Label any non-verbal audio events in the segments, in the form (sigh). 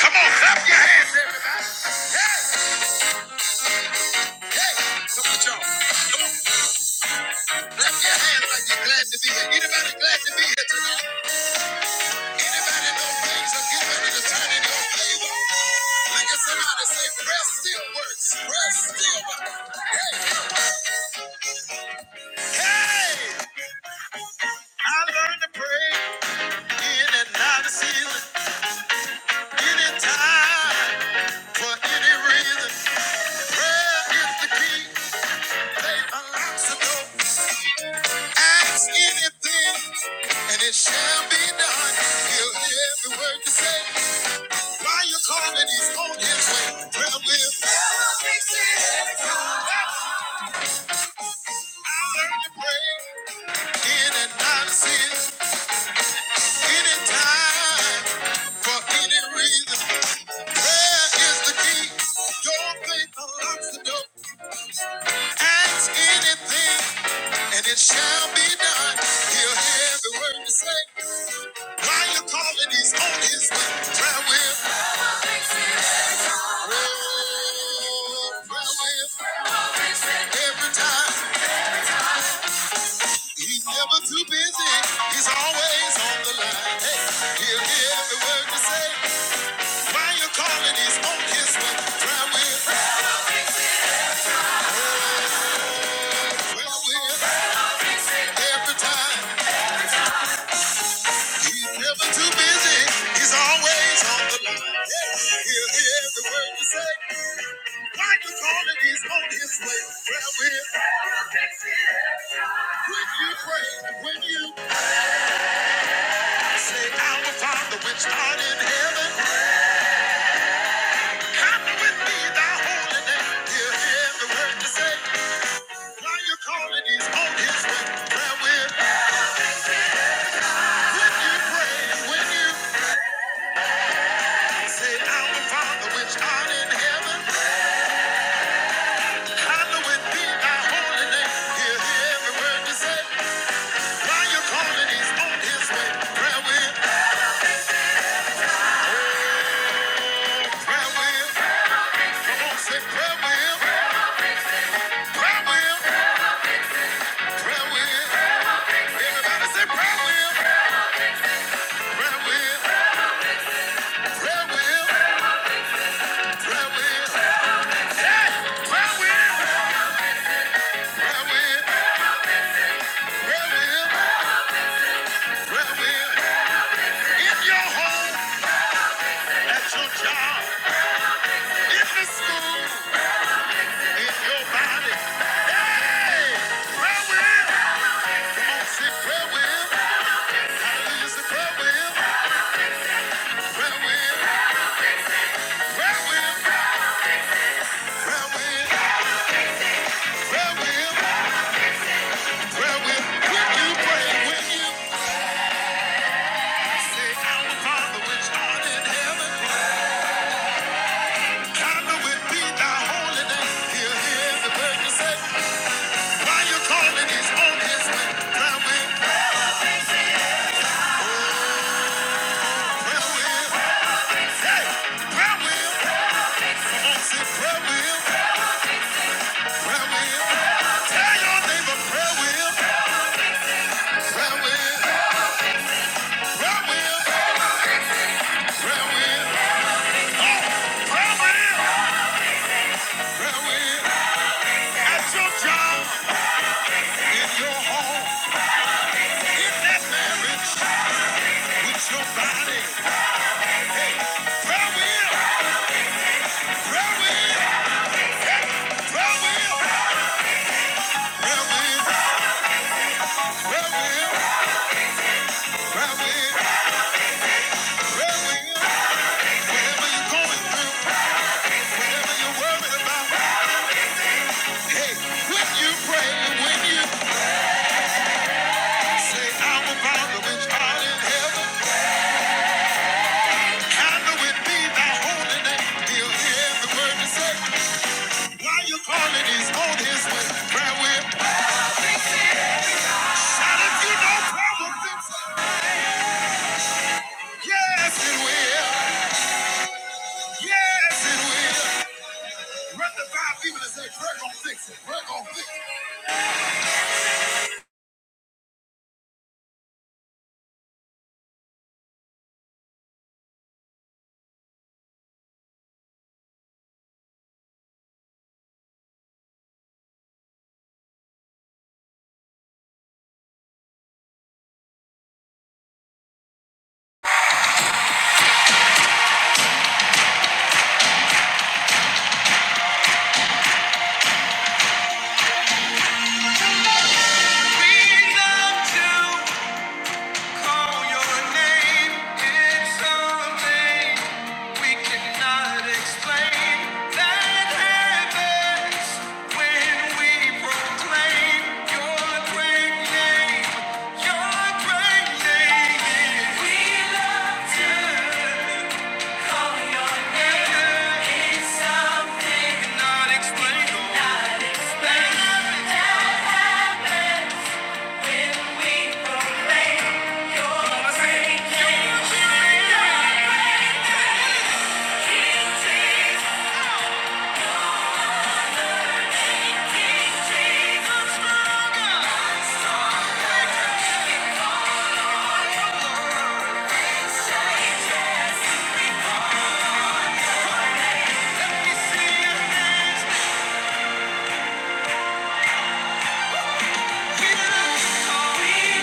Come on, clap your hands, everybody. Hey, hey, come on, y'all. Clap your hands like you're glad to be here. Anybody glad to be here tonight? Anybody know things are getting ready to turn in your favor? Look at somebody say, prayer still works. Prayer still works. Hey, I learned to pray in and out of season, anytime, for any reason. Prayer is the key. They unlock the door. Ask anything, and it shall be done. He'll hear every word you say. Why you calling? He's on his way. Well, we'll never fix it. I learned to pray in and out of sin, any time, for any reason. Prayer is the key. Your faith unlocks the door. Ask anything, and it shall be done. He'll hear the word you say. While you're calling, he's on his way. Prayer will, will, prayer will. Every time, he's never too busy. He's always on the line. Hey, he'll hear the word you say. While you're calling, he's on his way. Prayer will, prayer will. Every time. He's never too busy. He's always on the line. Yeah, He'll hear every word you say. Like a calling, he's on his way. Well, we're when you pray, when you say, Our Father, which art in heaven, hallowed with me, thy holy name. He'll hear every word you say. Like a calling, he's on his way. Well, we're when you pray, when you say, Our Father, which art in heaven. Hallowed be thy holy name. Hear every word you say. While you calling, he's on his way. Prayer will, prayer will. Come on, say prayer will, prayer will, prayer will. Everybody say prayer will, prayer will, prayer will, prayer will. Yeah, prayer will, prayer will, prayer will, prayer will. In your home, at your job, in the school, in your body. Hey, prayer will. Why you calling his own his way? Prayer will, prayer will, hey, prayer will. Come on, say prayer will, prayer will. Tell your neighbor prayer will, prayer will, prayer will. Say, Why you calling his own his way? Prayer will. And if you know prayer will fix it, yes it will. Yes it will. Run the five people and say prayer gon' fix it. Prayer gon' fix it. Freedom to. Call your name, it's something we cannot explain. That happens when we proclaim your great name. Your great name We love to call your name. It's something we Cannot explain. That happens. We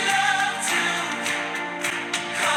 love to Name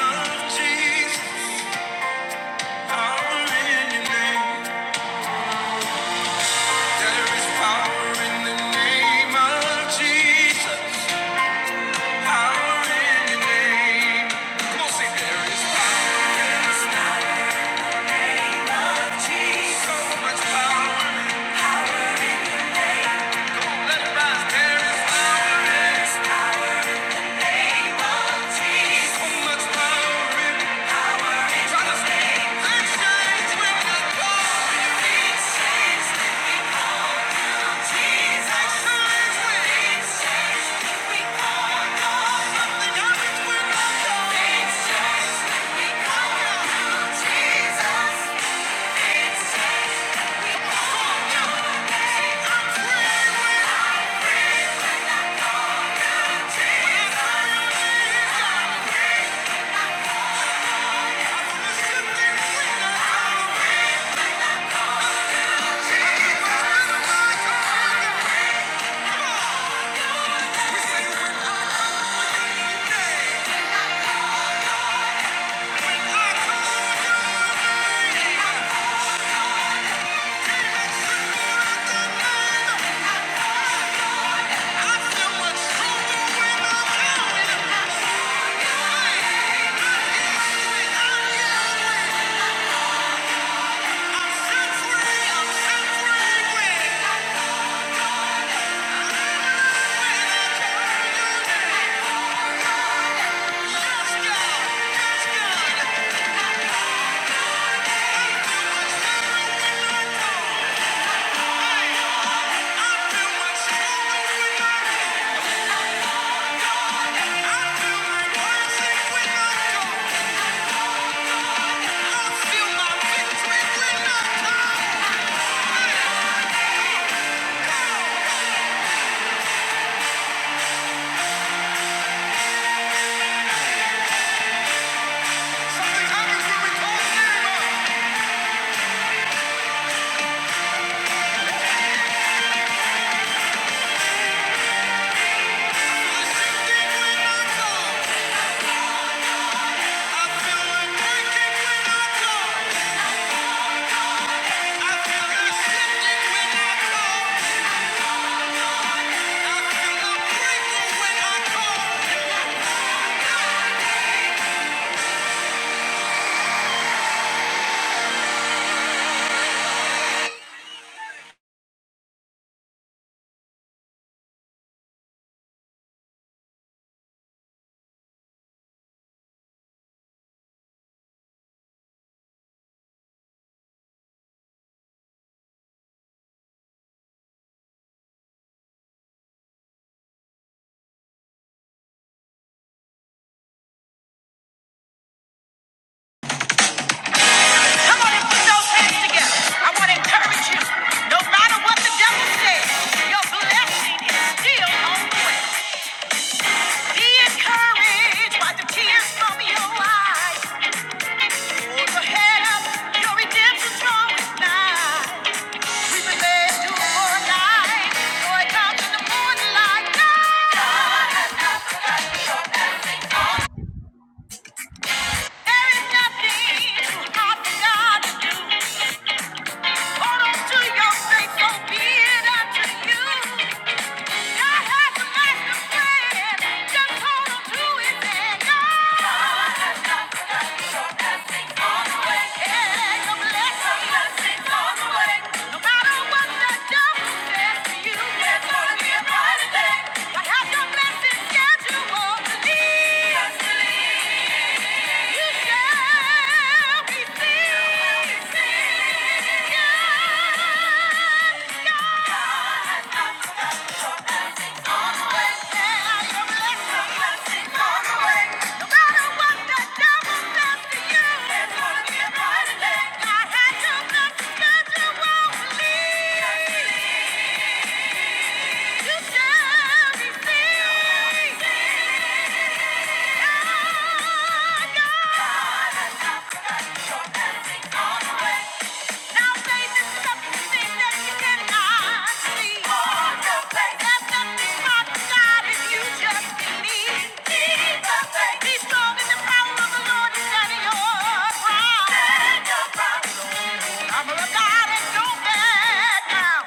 of Jesus. Thank you. Thank you. Somebody put those hands together. I want to encourage you. No matter what the devil says, your blessing is still on. Be encouraged by the tears from your eyes. Hold your head up, your redemption's drawing nigh. We relate to for a night, for it comes in the morning God has done. There is nothing too hard for to do. Hold on to your faith, so be it unto you. Yeah. Yeah. Be strong in the power of the Lord is at your right. I'm a darling, don't back down.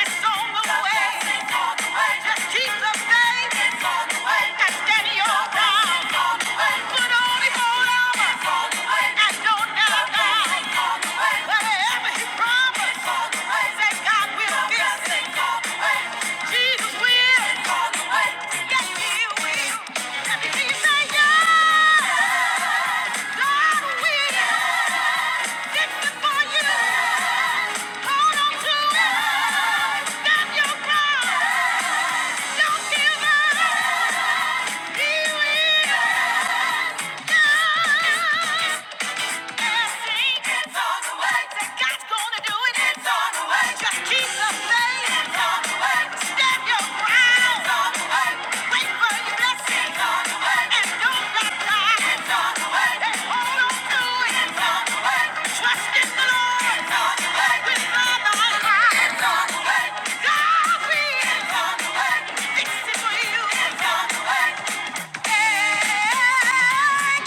It's on the way. Just keep on the Put on the whole armor. don't don't give up. He will. Trust in the Lord with all my heart. God will fix it for you. Hey,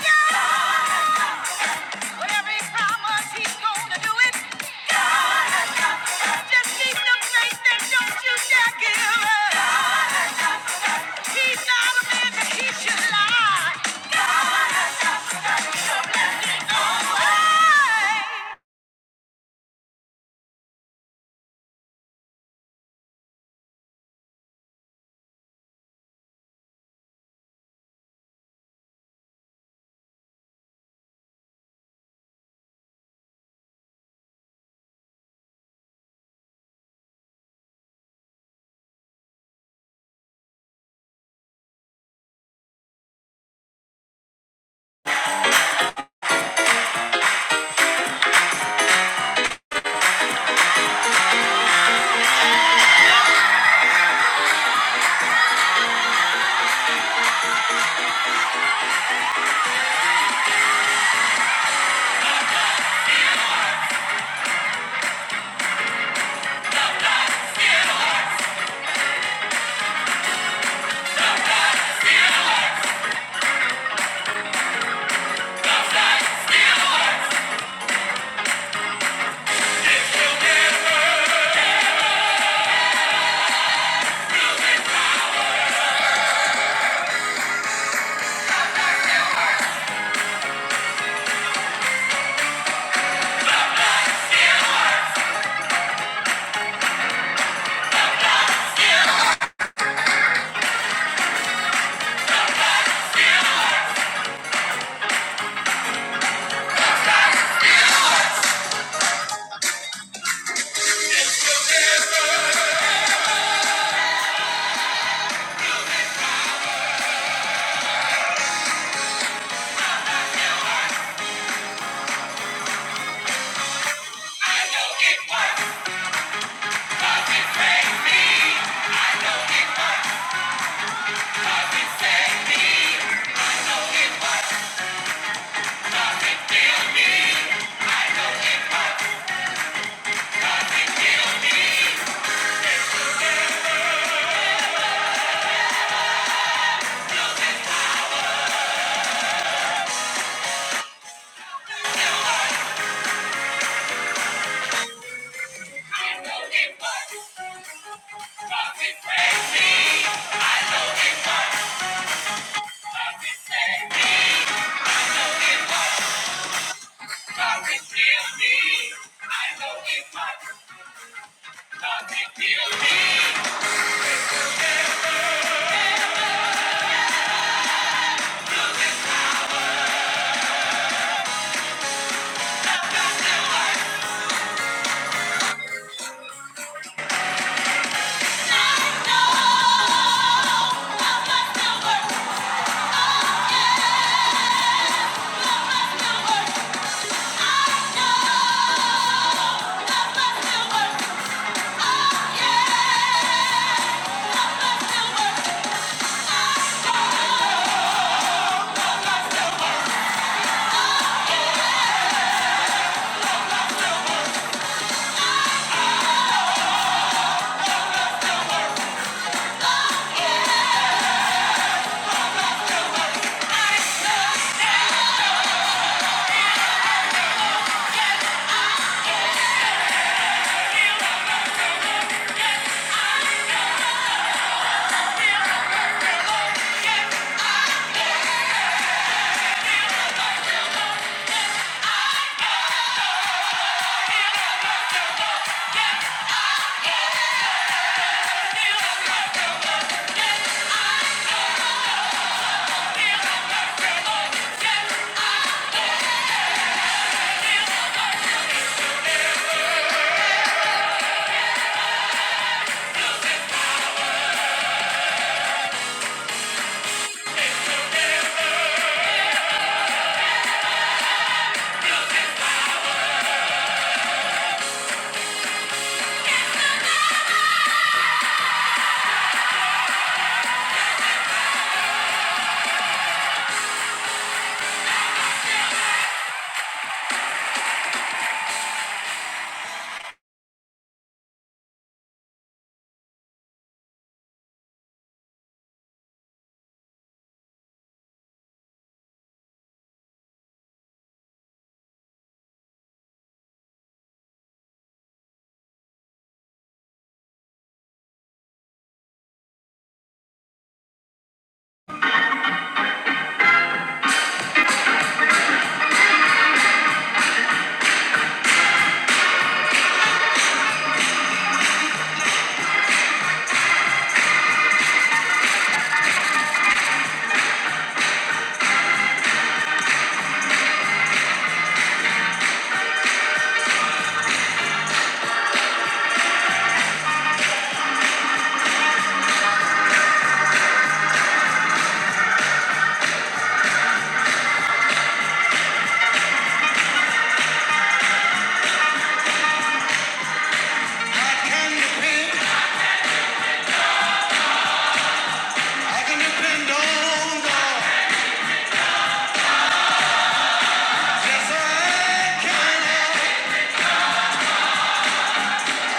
God. Whatever he he's gonna do it. God has done Just keep the faith and don't you dare give up. God has done He's not a man that he should lie. God has done it. No way. No, no, no, no, no, no, no, no. Yeah.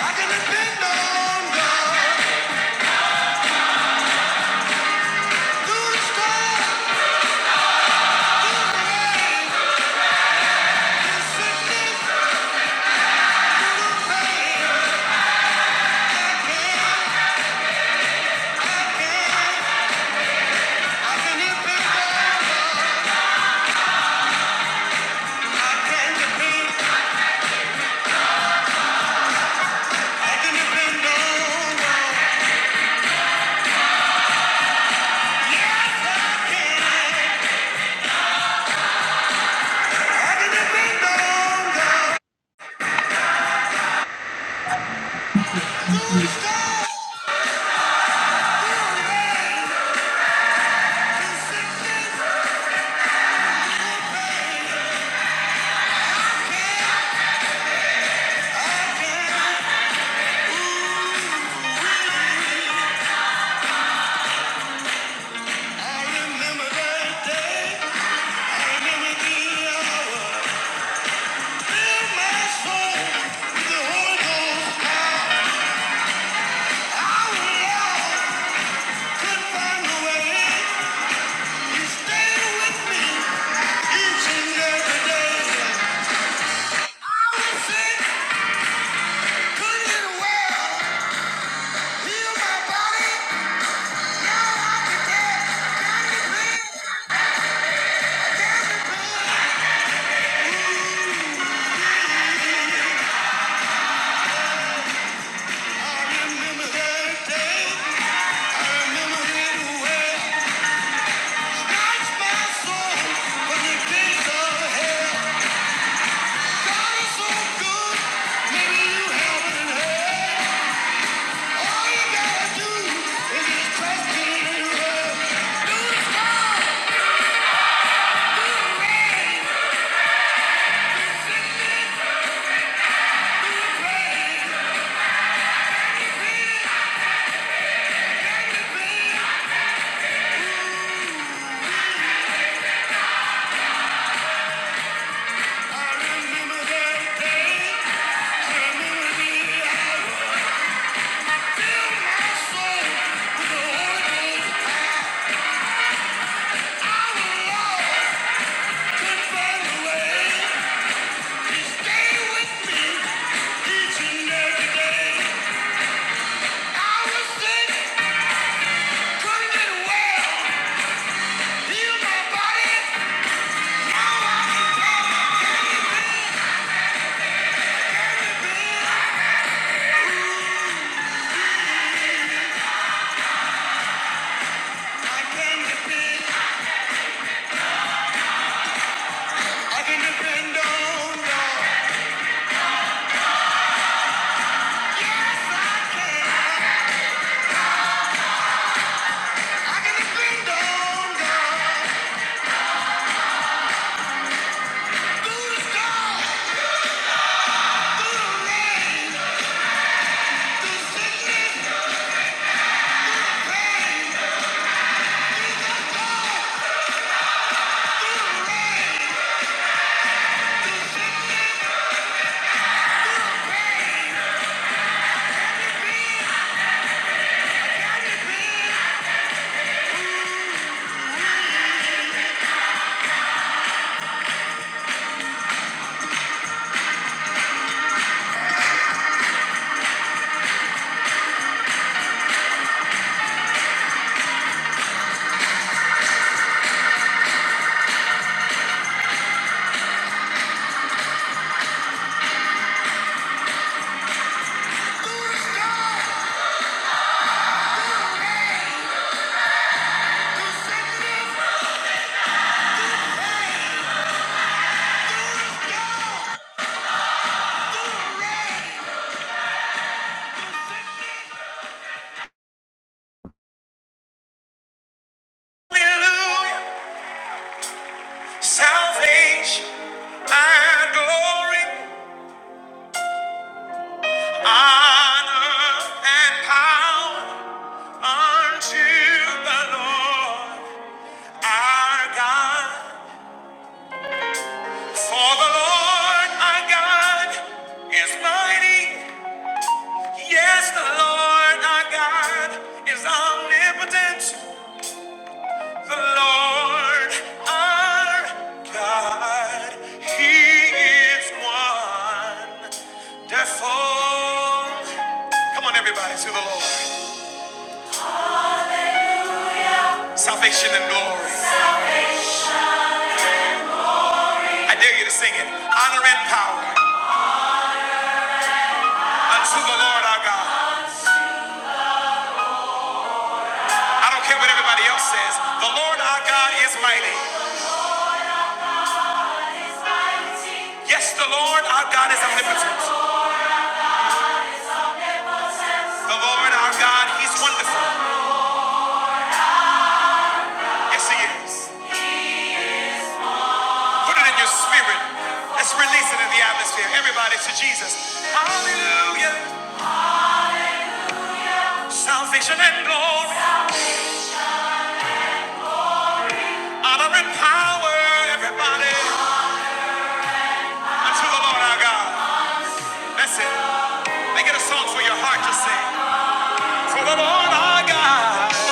I can depend on the storm, through the rain, through sickness, through the pain. I can, I can, I can depend on Maybe you haven't heard. All you gotta do is just trust in I remember that day. I remember the hour. Fill my soul with the Holy Ghost. Our Lord could find a way to stay with me each and every day. I was sick, couldn't get well. Heal my body. Yeah. Salvation and glory are now unto the Lord our God. For the Lord our God is mighty. Yes, the Lord our God is omnipotent. The Lord our God, He is wonderful. Come on, everybody, to the Lord. Salvation and glory. I dare you to sing it. Honor and power unto the Lord our God. I don't care what everybody else says. The Lord our God is mighty. Yes, the Lord our God is omnipotent. The Lord our God, He's wonderful. Yes, He is. Put it in your spirit. Let's release it in the atmosphere. Everybody to Jesus. Hallelujah. Salvation and glory, honor and power, everybody, unto the Lord our God. That's it. Make it a song for your heart to sing. For the Lord our God,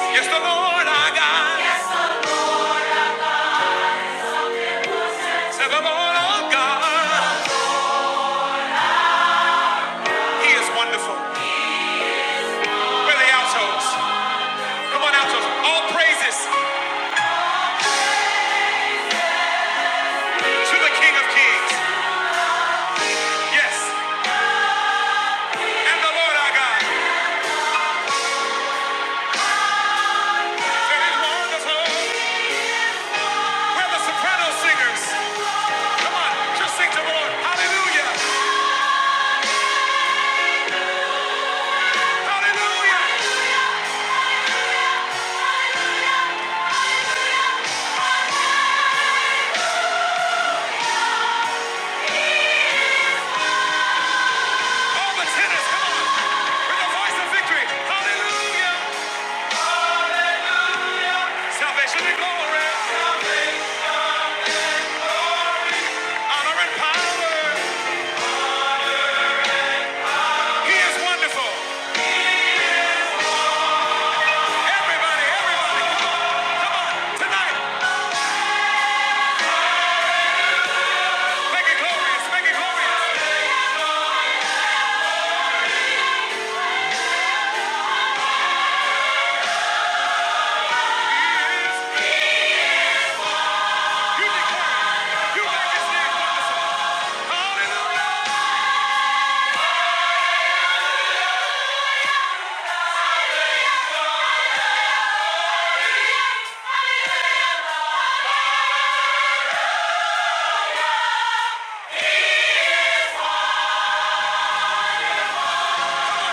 yes, the Lord our God, Yes. to the Lord our God, He is wonderful. Where are the altos? Come on, altos. All praises to the King of Kings. Yes, and the Lord our God. That is wonderful. Where are the soprano singers? Come on, just sing to the Lord. Hallelujah. Hallelujah. All the tenors, come With the voice of victory. Hallelujah. Salvation and glory. Honor and power. He is wonderful. Everybody, everybody. Tonight, make it glorious. Make it glorious. You declare. You make his name wonderful. Hallelujah.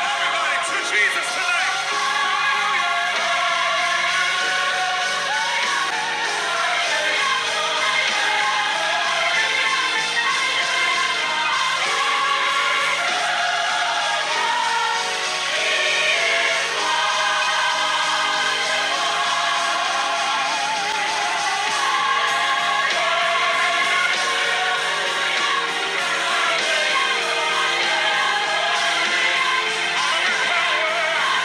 Everybody to Jesus tonight. Honor and power.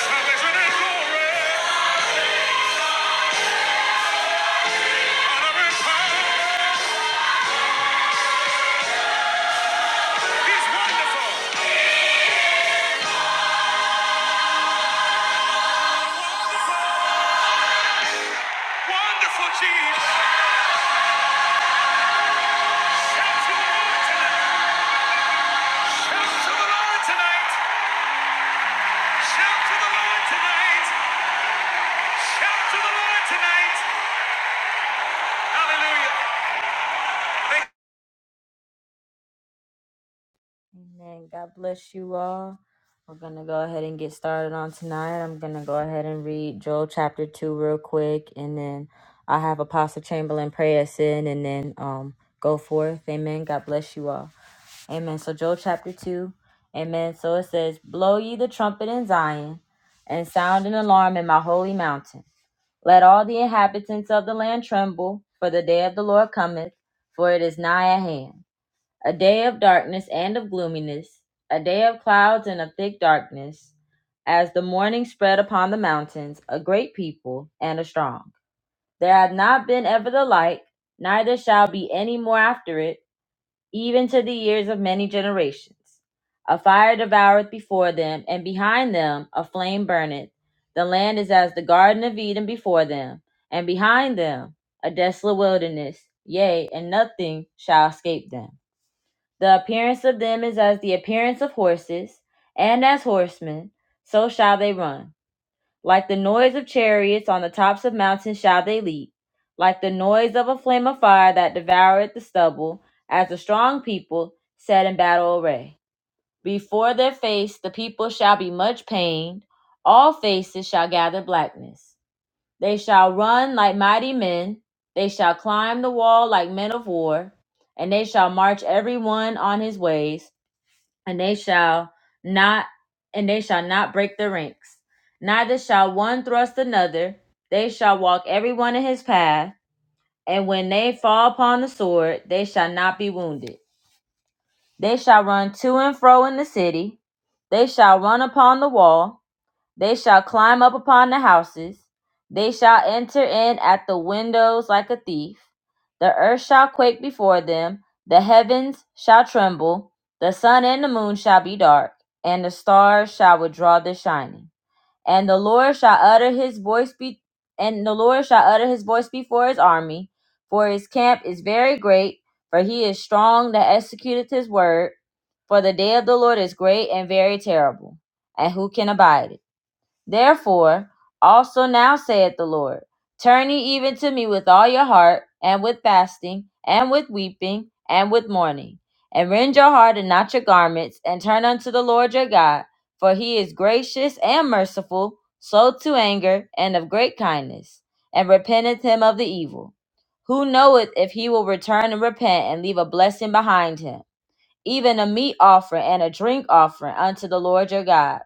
Salvation and glory. Honor and power. He's wonderful. Wonderful Jesus. Amen. God bless you all. We're going to go ahead and get started on tonight. I'm going to go ahead and read Joel chapter 2 real quick, and then I have Apostle Chamberlain pray us in, and then um, go forth. Amen. God bless you all. Amen. So, Joel chapter 2. Amen. So it says, Blow ye the trumpet in Zion, and sound an alarm in my holy mountain. Let all the inhabitants of the land tremble, for the day of the Lord cometh, for it is nigh at hand. A day of darkness and of gloominess, a day of clouds and of thick darkness, as the morning spread upon the mountains, a great people and a strong. There hath not been ever the like, neither shall be any more after it, even to the years of many generations. A fire devoureth before them, and behind them a flame burneth. The land is as the Garden of Eden before them, and behind them a desolate wilderness. Yea, and nothing shall escape them. The appearance of them is as the appearance of horses, and as horsemen, so shall they run. Like the noise of chariots on the tops of mountains shall they leap, like the noise of a flame of fire that devoureth the stubble, as a strong people set in battle array. Before their face the people shall be much pained, all faces shall gather blackness. They shall run like mighty men, they shall climb the wall like men of war, and they shall march every one on his ways, and they shall not and they shall not break their ranks. Neither shall one thrust another, they shall walk every one in his path, and when they fall upon the sword, they shall not be wounded. They shall run to and fro in the city. They shall run upon the wall. They shall climb up upon the houses. They shall enter in at the windows like a thief. The earth shall quake before them. The heavens shall tremble. The sun and the moon shall be dark, and the stars shall withdraw their shining and the Lord shall utter his voice be and the Lord shall utter his voice before his army, for his camp is very great, for he is strong that executeth his word, for the day of the Lord is great and very terrible, and who can abide it? Therefore, also now saith the Lord, turn ye even to me with all your heart, and with fasting, and with weeping, and with mourning, and rend your heart and not your garments, and turn unto the Lord your God, for he is gracious and merciful, slow to anger, and of great kindness, and repenteth him of the evil. Who knoweth if he will return and repent and leave a blessing behind him, even a meat offering and a drink offering unto the Lord your God?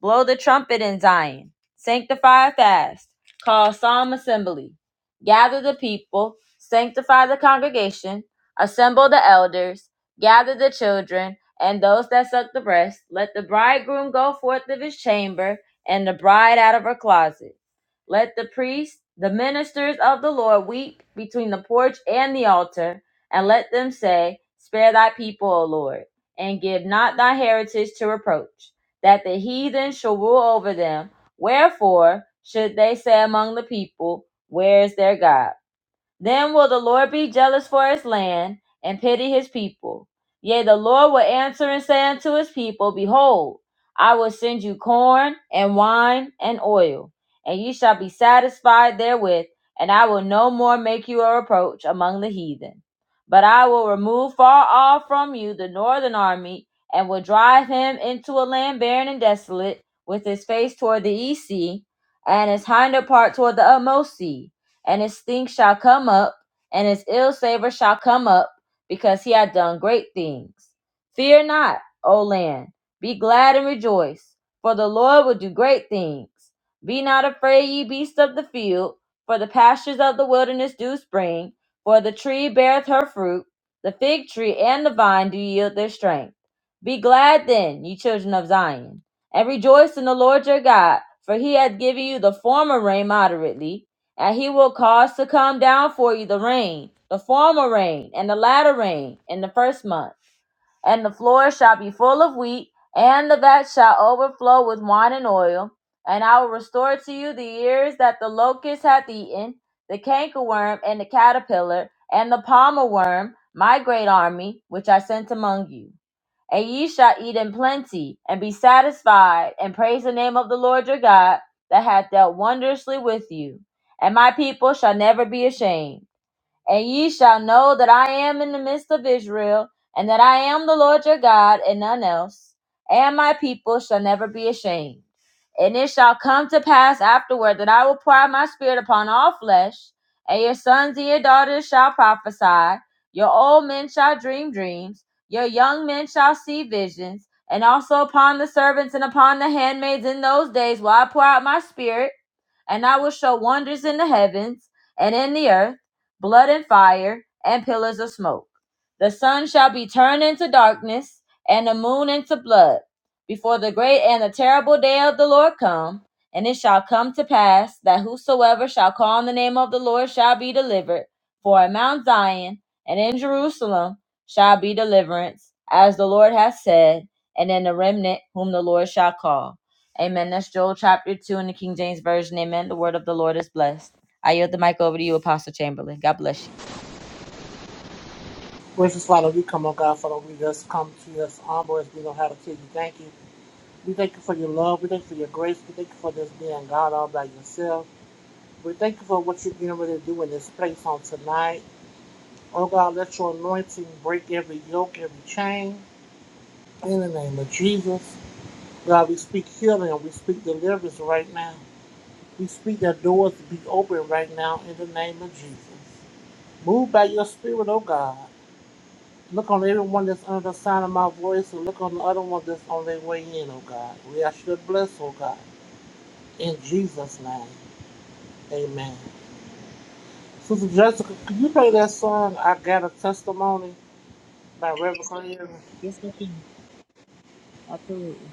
Blow the trumpet in Zion. Sanctify a fast. Call solemn assembly. Gather the people. Sanctify the congregation. Assemble the elders. Gather the children and those that suck the breast. Let the bridegroom go forth of his chamber and the bride out of her closet. Let the priests, the ministers of the Lord, weep between the porch and the altar, and let them say, Spare thy people, O Lord, and give not thy heritage to reproach that the heathen shall rule over them. Wherefore should they say among the people, Where is their God? Then will the Lord be jealous for his land and pity his people. Yea, the Lord will answer and say unto his people, Behold, I will send you corn and wine and oil, and ye shall be satisfied therewith, and I will no more make you a reproach among the heathen. But I will remove far off from you the northern army, and will drive him into a land barren and desolate, with his face toward the east sea, and his hinder part toward the utmost sea and his stink shall come up, and his ill savor shall come up, because he hath done great things. Fear not, O land, be glad and rejoice, for the Lord will do great things. Be not afraid, ye beasts of the field, for the pastures of the wilderness do spring, for the tree beareth her fruit, the fig tree and the vine do yield their strength. Be glad then, ye children of Zion, and rejoice in the Lord your God, for he hath given you the former rain moderately and he will cause to come down for you the rain, the former rain, and the latter rain in the first month. And the floor shall be full of wheat, and the vat shall overflow with wine and oil. And I will restore to you the years that the locust hath eaten, the cankerworm, and the caterpillar, and the palmer worm, my great army, which I sent among you. And ye shall eat in plenty, and be satisfied, and praise the name of the Lord your God, that hath dealt wondrously with you. And my people shall never be ashamed. And ye shall know that I am in the midst of Israel, and that I am the Lord your God, and none else. And my people shall never be ashamed. And it shall come to pass afterward that I will pour out my spirit upon all flesh, and your sons and your daughters shall prophesy, your old men shall dream dreams, your young men shall see visions, and also upon the servants and upon the handmaids in those days will I pour out my spirit, and I will show wonders in the heavens and in the earth blood and fire, and pillars of smoke. The sun shall be turned into darkness, and the moon into blood, before the great and the terrible day of the Lord come. And it shall come to pass that whosoever shall call on the name of the Lord shall be delivered. For in Mount Zion and in Jerusalem shall be deliverance, as the Lord hath said, and in the remnant whom the Lord shall call. Amen. That's Joel chapter 2 in the King James Version. Amen. The word of the Lord is blessed. I yield the mic over to you, Apostle Chamberlain. God bless you. Gracious Father, we come, oh God, Father, we just come to us humble as we know how to tell you thank you. We thank you for your love. We thank you for your grace. We thank you for this being God all by yourself. We thank you for what you're getting ready to do in this place on tonight. Oh God, let your anointing break every yoke, every chain. In the name of Jesus. God, we speak healing. We speak deliverance right now. We speak that doors be open right now in the name of Jesus. Move by your spirit, oh God. Look on everyone that's under the sign of my voice, and look on the other one that's on their way in, oh God. We ask you to bless, oh God. In Jesus' name, amen. Sister Jessica, could you play that song, I Got a Testimony by Reverend Clear? Yes, I can. Absolutely.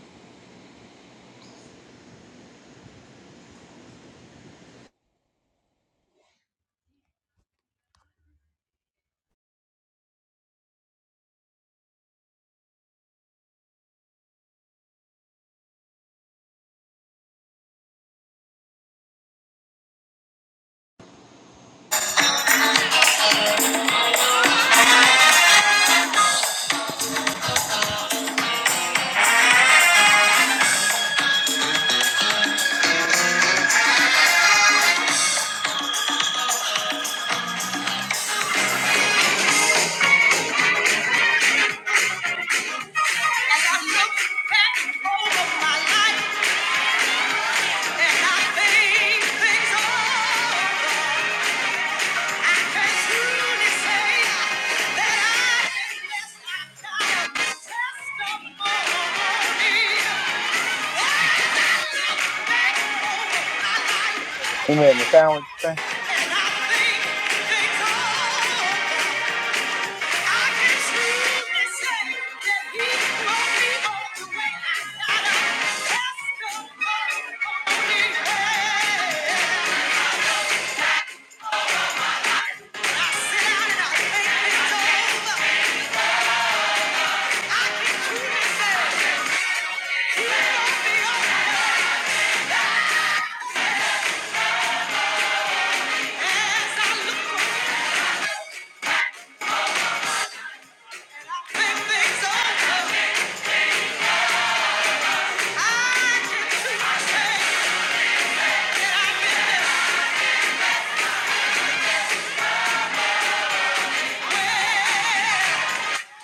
Who made my sandwich? (laughs) Yeah.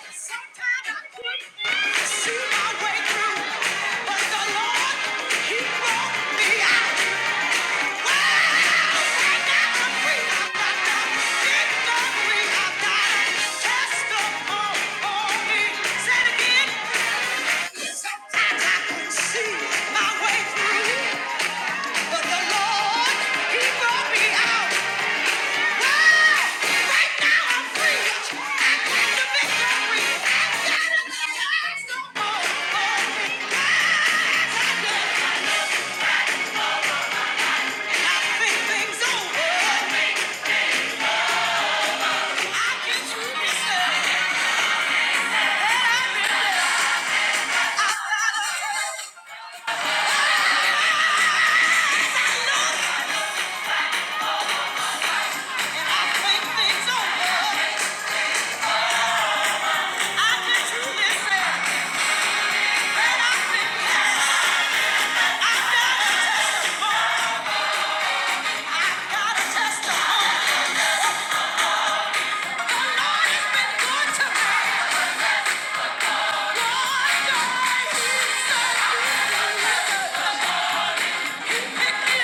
See my way through. But the Lord, He brought me out. Hey, Right now I'm free. I got the victory. I got it. There's no more for me. I think things over. I can truly say that I've been outside. And I think things over. I can truly say that I've been blessed. I got a testimony. The Lord has been good to me. Started me on my way, though he picked me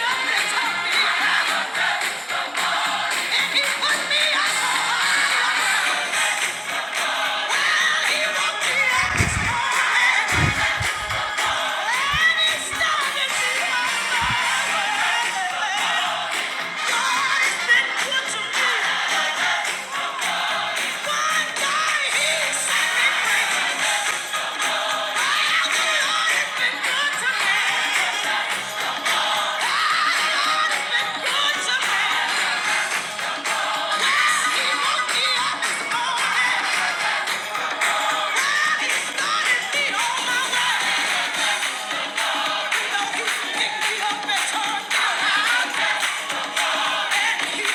up and turned me around. Wait a minute,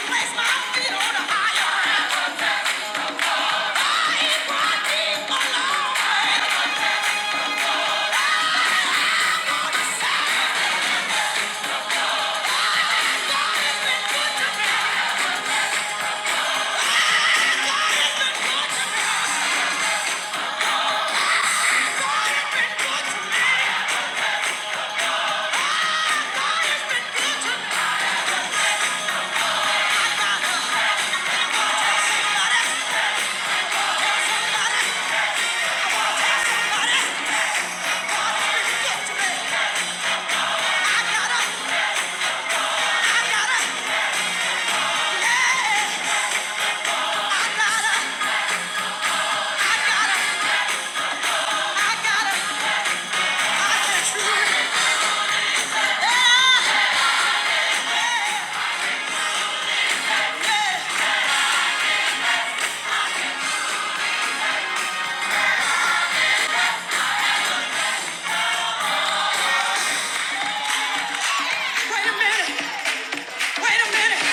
wait a minute.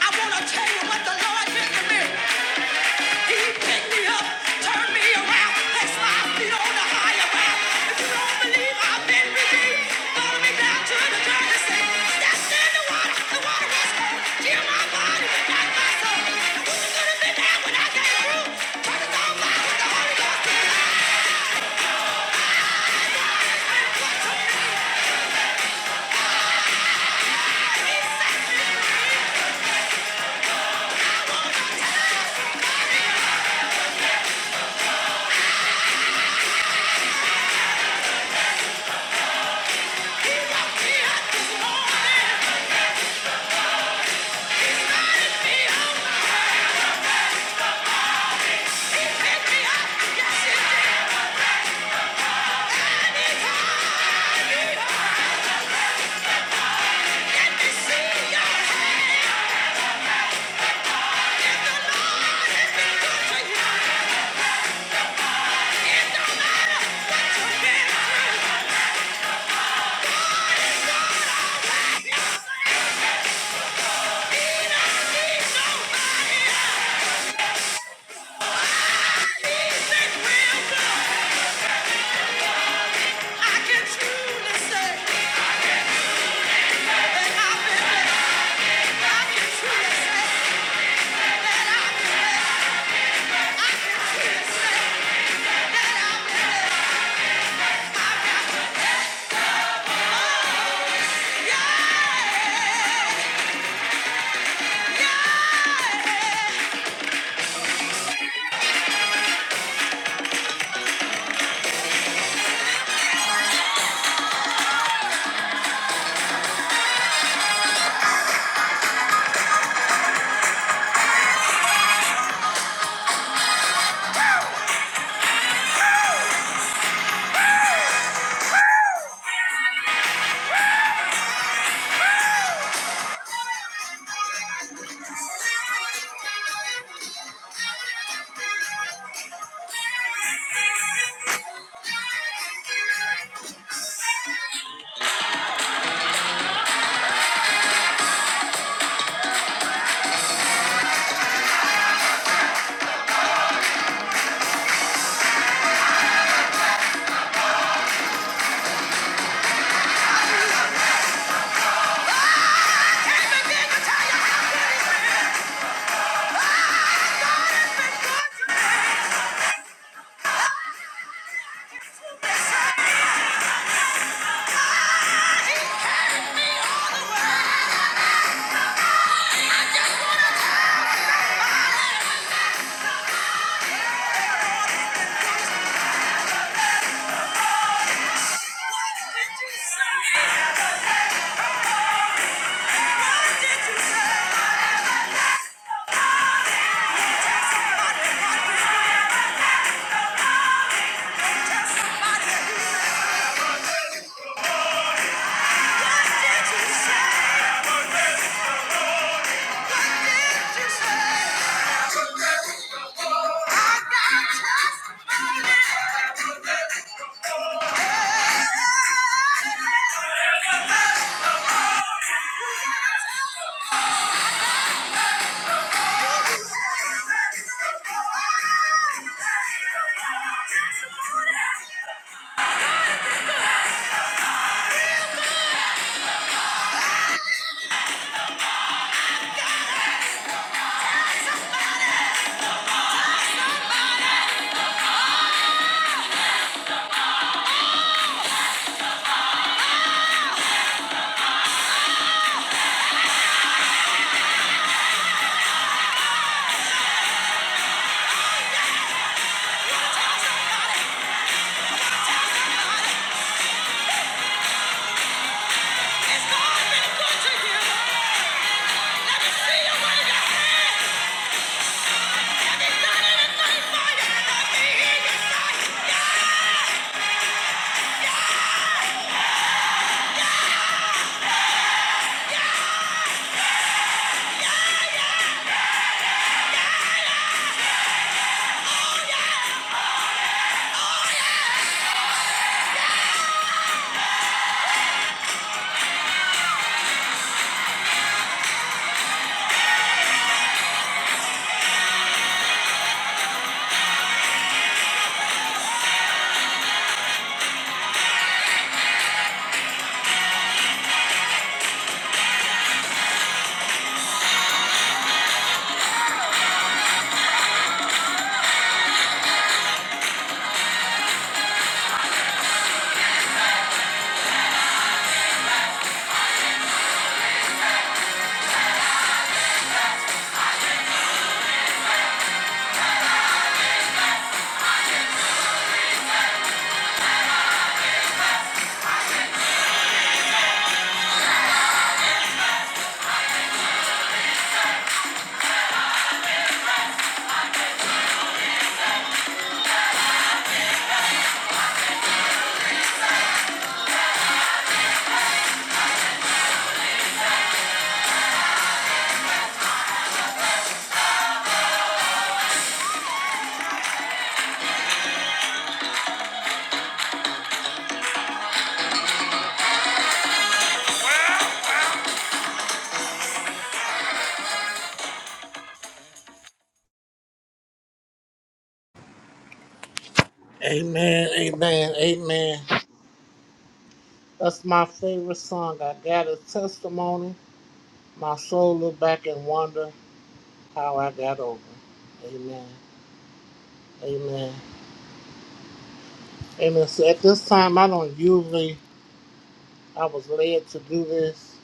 I want to tell you what the Lord did to me. He picked me up, turned me around, placed my feet on the higher ground. If you don't believe I've been redeemed, follow me down to the dirty sea. in the water, the water was cold. Dear my body, not my soul. I wouldn't have there when I came through. Turns on fire, don't be undeceived. I can truly say that I've been blessed. I can truly say that I've been blessed. I can truly say that I've been blessed. Amen, amen, amen. That's my favorite song, I Got a Testimony. My soul look back and wonder how I got over. Amen, amen. Amen. So at this time, I don't usually, I was led to do this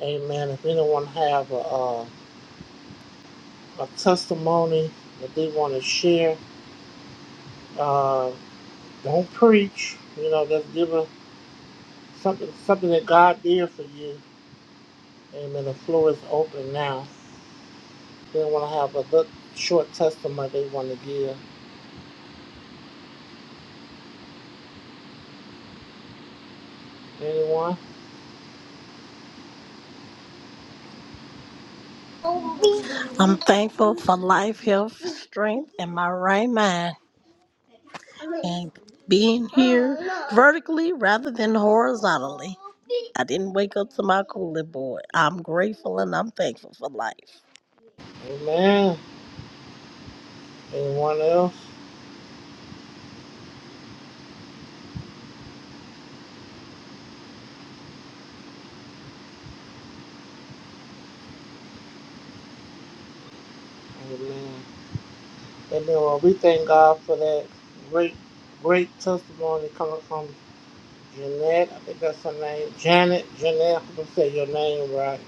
Amen. If anyone have a, uh, a testimony that they want to share, uh, don't preach. You know, just give a, something something that God did for you. Amen. The floor is open now. If they want to have a good, short testimony they want to give. Anyone? I'm thankful for life, health, strength, and my right mind, and being here vertically rather than horizontally. I didn't wake up to my cooler boy. I'm grateful and I'm thankful for life. Amen. Anyone else? Amen. Amen. Well, we thank God for that great, great testimony coming from Jeanette. I think that's her name. Janet. Jeanette. I'm going to say your name right.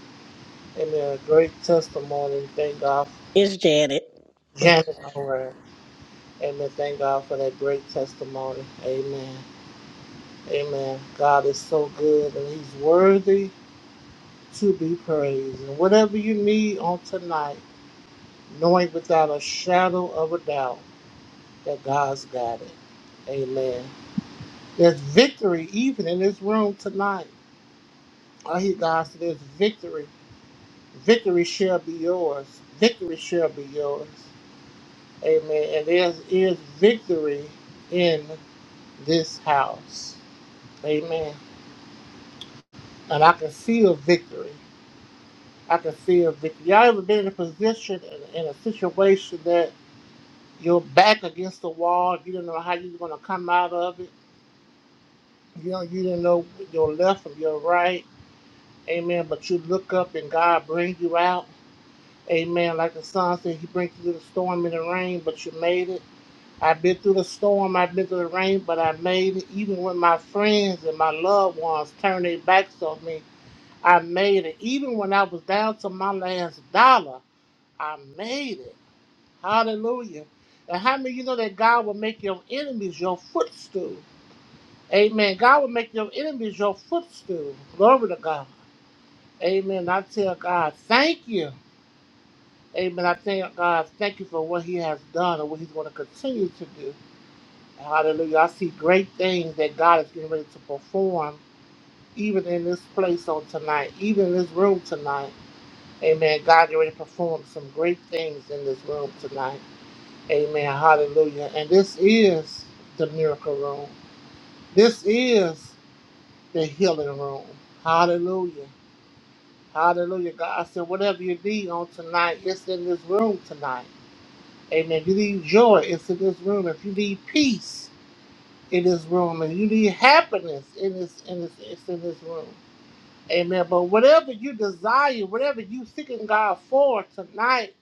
Amen. A great testimony. Thank God. for It's Janet. Janet Owen. Amen. Thank God for that great testimony. Amen. Amen. God is so good and He's worthy to be praised. And whatever you need on tonight, knowing without a shadow of a doubt that God's got it. Amen. There's victory even in this room tonight. I hear God say there's victory. Victory shall be yours. Victory shall be yours. Amen. And there is victory in this house. Amen. And I can see a victory. I can see a victory. Y'all ever been in a position, in, in a situation that you're back against the wall, you don't know how you're going to come out of it? You know, you don't know your left from your right. Amen. But you look up and God brings you out. Amen. Like the song said, He brings you through the storm and the rain, but you made it. I've been through the storm, I've been through the rain, but I made it. Even when my friends and my loved ones turned their backs on me, I made it. Even when I was down to my last dollar, I made it. Hallelujah. And how many of you know that God will make your enemies your footstool? Amen. God will make your enemies your footstool. Glory to God. Amen. I tell God, thank you. Amen. I thank God, thank you for what He has done and what He's going to continue to do. Hallelujah. I see great things that God is getting ready to perform, even in this place on tonight, even in this room tonight. Amen. God is ready to perform some great things in this room tonight. Amen. Hallelujah. And this is the miracle room. This is the healing room. Hallelujah. Hallelujah. God said, whatever you need on tonight, it's in this room tonight. Amen. If you need joy, it's in this room. If you need peace, in this room, and you need happiness in this in this it's in this room. Amen. But whatever you desire, whatever you seeking God for tonight,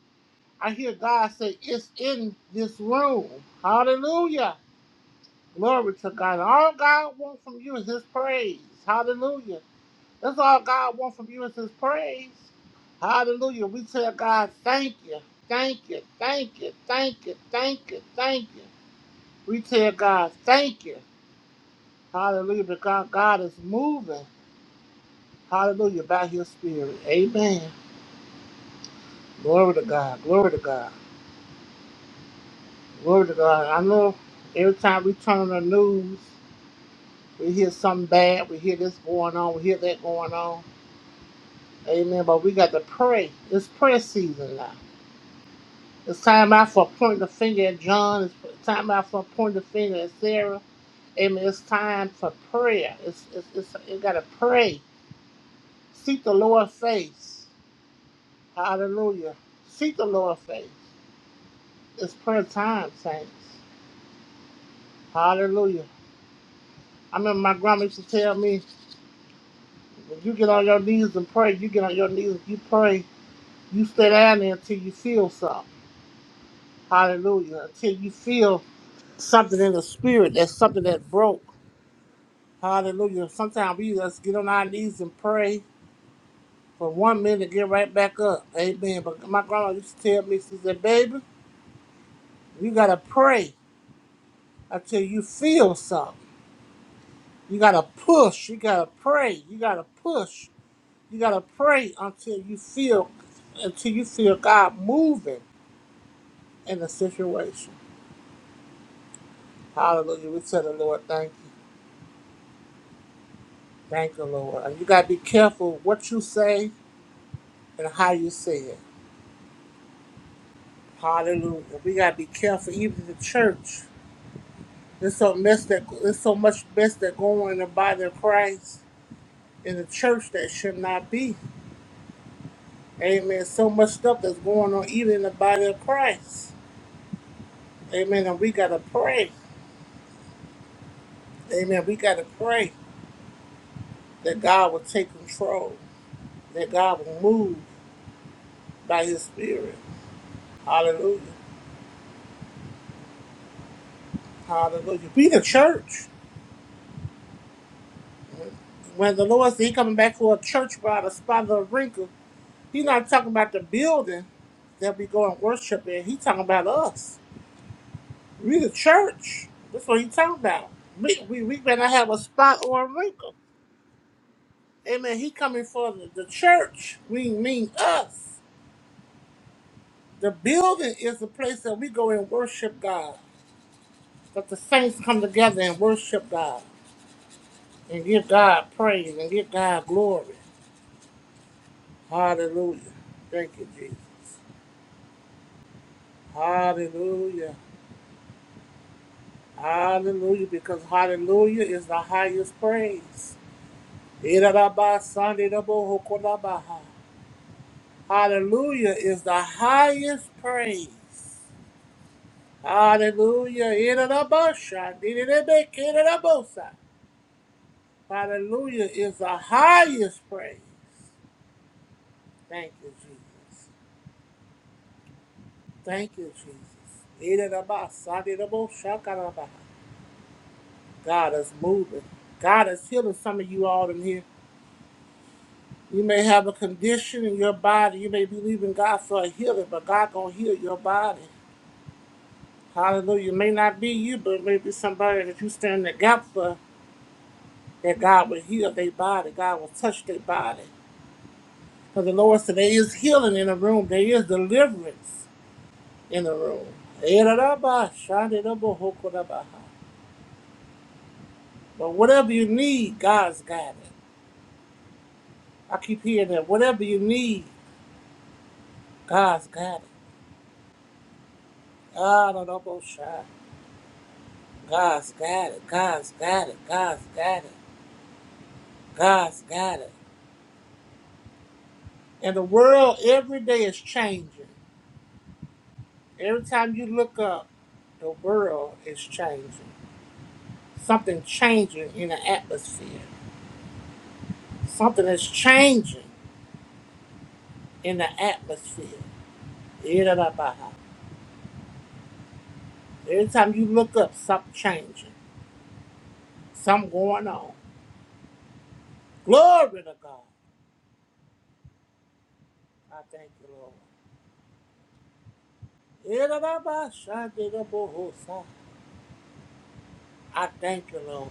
I hear God say it's in this room. Hallelujah. Glory to God. All God wants from you is His praise. Hallelujah. That's all God wants from you is His praise. Hallelujah. We tell God, thank you, thank you, thank you, thank you, thank you, thank you. We tell God, thank you. Hallelujah. But God, God is moving. Hallelujah. By his spirit. Amen. Glory to God. Glory to God. Glory to God. I know every time we turn on the news, we hear something bad. We hear this going on. We hear that going on. Amen. But we got to pray. It's prayer season now. It's time out for pointing the finger at John. It's time out for pointing the finger at Sarah. Amen. It's time for prayer. It's, it's, it's you got to pray. Seek the Lord's face. Hallelujah. Seek the Lord's face. It's prayer time, saints. Hallelujah. I remember my grandma used to tell me, when you get on your knees and pray, you get on your knees, you pray, you stay down there until you feel something. Hallelujah. Until you feel something in the spirit. That's something that broke. Hallelujah. Sometimes we just get on our knees and pray for one minute, get right back up. Amen. But my grandma used to tell me, she said, baby, you got to pray until you feel something. You gotta push. You gotta pray. You gotta push. You gotta pray until you feel, until you feel God moving in the situation. Hallelujah. We tell the Lord, thank you, thank you, Lord. And you gotta be careful what you say and how you say it. Hallelujah. We gotta be careful, even the church. There's so mess that there's so much mess that going on in the body of Christ in the church that should not be. Amen. So much stuff that's going on even in the body of Christ. Amen. And we got to pray. Amen. We got to pray that God will take control, that God will move by his spirit. Hallelujah. Hallelujah. Be the church. When the Lord said he coming back for a church without a spot or a wrinkle, He not talking about the building that we go and worship in. He talking about us. We the church. That's what he talking about. We, we, we better have a spot or a wrinkle. Amen. He coming for the, the church. We mean us. The building is the place that we go and worship God. That the saints come together and worship God and give God praise and give God glory. Hallelujah. Thank you, Jesus. Hallelujah. Hallelujah. Because hallelujah is the highest praise. Irarabasanirabohokorabaha. Hallelujah is the highest praise. Hallelujah. Irarabasha, dirirebekerarabosa. Hallelujah is the highest praise. Thank you, Jesus. Thank you, Jesus. Idaraba, sadirabo, shakaraba. God is moving. God is healing some of you all in here. You may have a condition in your body. You may believe in God for a healing, but God gonna heal your body. Hallelujah. It may not be you, but it may be somebody that you stand in the gap for that God will heal their body. God will touch their body. Because the Lord said there is healing in the room. There is deliverance. in a row. Eraraba, shandirabo, hokorabaha. But whatever you need, God's got it. I keep hearing that. Whatever you need, God's got it. Ararabo, sha. God's got it. God's got it. God's got it. God's got it. And the world every day is changing. Every time you look up, the world is changing. Something changing in the atmosphere. Something is changing in the atmosphere. Every time you look up, something changing, something going on. Glory to God. I thank you, Lord. I thank you, Lord.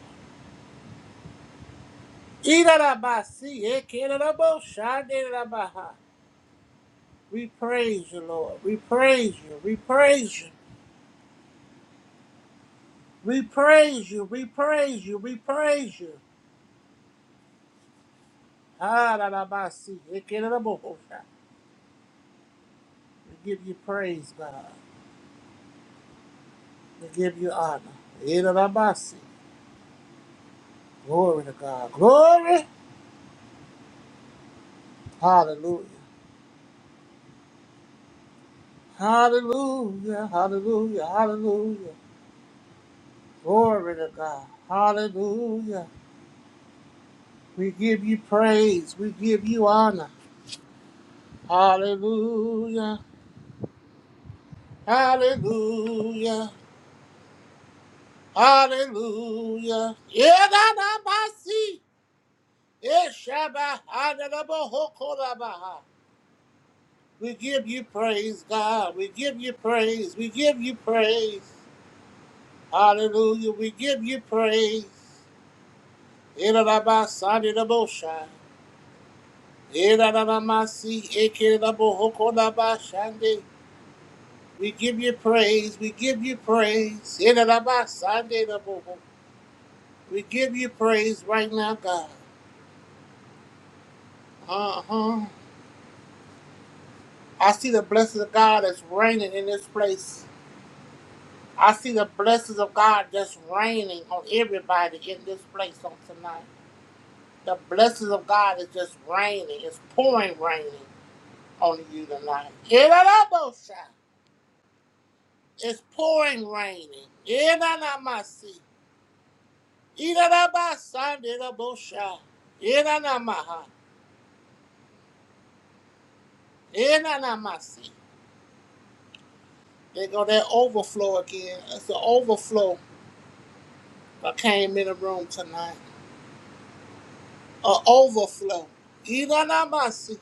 We praise you, Lord. We praise you. We praise you. We praise you. We praise you. We praise you. Ararabasiyekerabosha. We give you praise, God. We give you honor. Irarabasi. Glory to God. Glory. Hallelujah. Hallelujah. Hallelujah. Hallelujah. Glory to God. Hallelujah. We give you praise. We give you honor. Hallelujah. Hallelujah. Hallelujah. Yedadabasi. Eshabahadadabohokorabaha. We give you praise, God. We give you praise. We give you praise. Hallelujah. We give you praise. Erabasa de Erarabasarerabosha. Eraramasi ekerabohokorabashande. We give you praise. We give you praise. Erabasa de Erarabasanderabo. We give you praise right now, God. Uh-huh. I see the blessings of God that's raining in this place. I see the blessings of God that's raining on everybody in this place on tonight. The blessings of God is just raining. It's pouring raining on you tonight. Erarabosha. It's pouring raining. Inanamasi. Inanamasandinabosha. Inanamaha. Inanamasi. They go that overflow again. It's an overflow that came in the room tonight. An overflow. Inanamasi.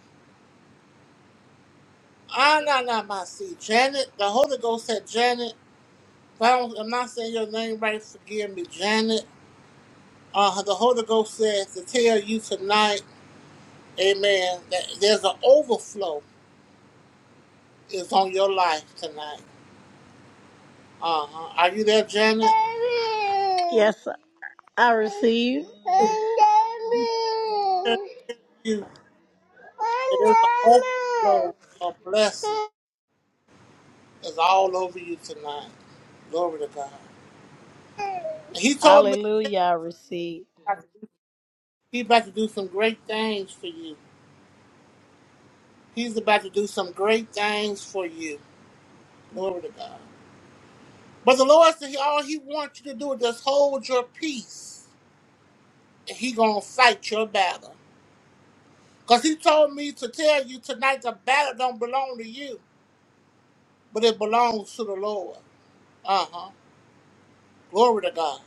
Ananamasi. Janet, the Holy Ghost said, Janet, if I don't, I'm not saying your name right, forgive me, Janet. Uh, the Holy Ghost says to tell you tonight, amen, that there's an overflow is on your life tonight. Uh-huh. Are you there, Janet? Yes, I receive. I tell You, there is an overflow of blessing is all over you tonight. Glory to God. And he told me to tell Hallelujah, I you receive. tonight. He's about to do some great things for you. He's about to do some great things for you. Glory to God. But the Lord said all he wants you to do is just hold your peace. And he gonna fight your battle. Because he told me to tell you tonight the battle don't belong to you. but it belongs to the Lord. Uh huh. Glory to God.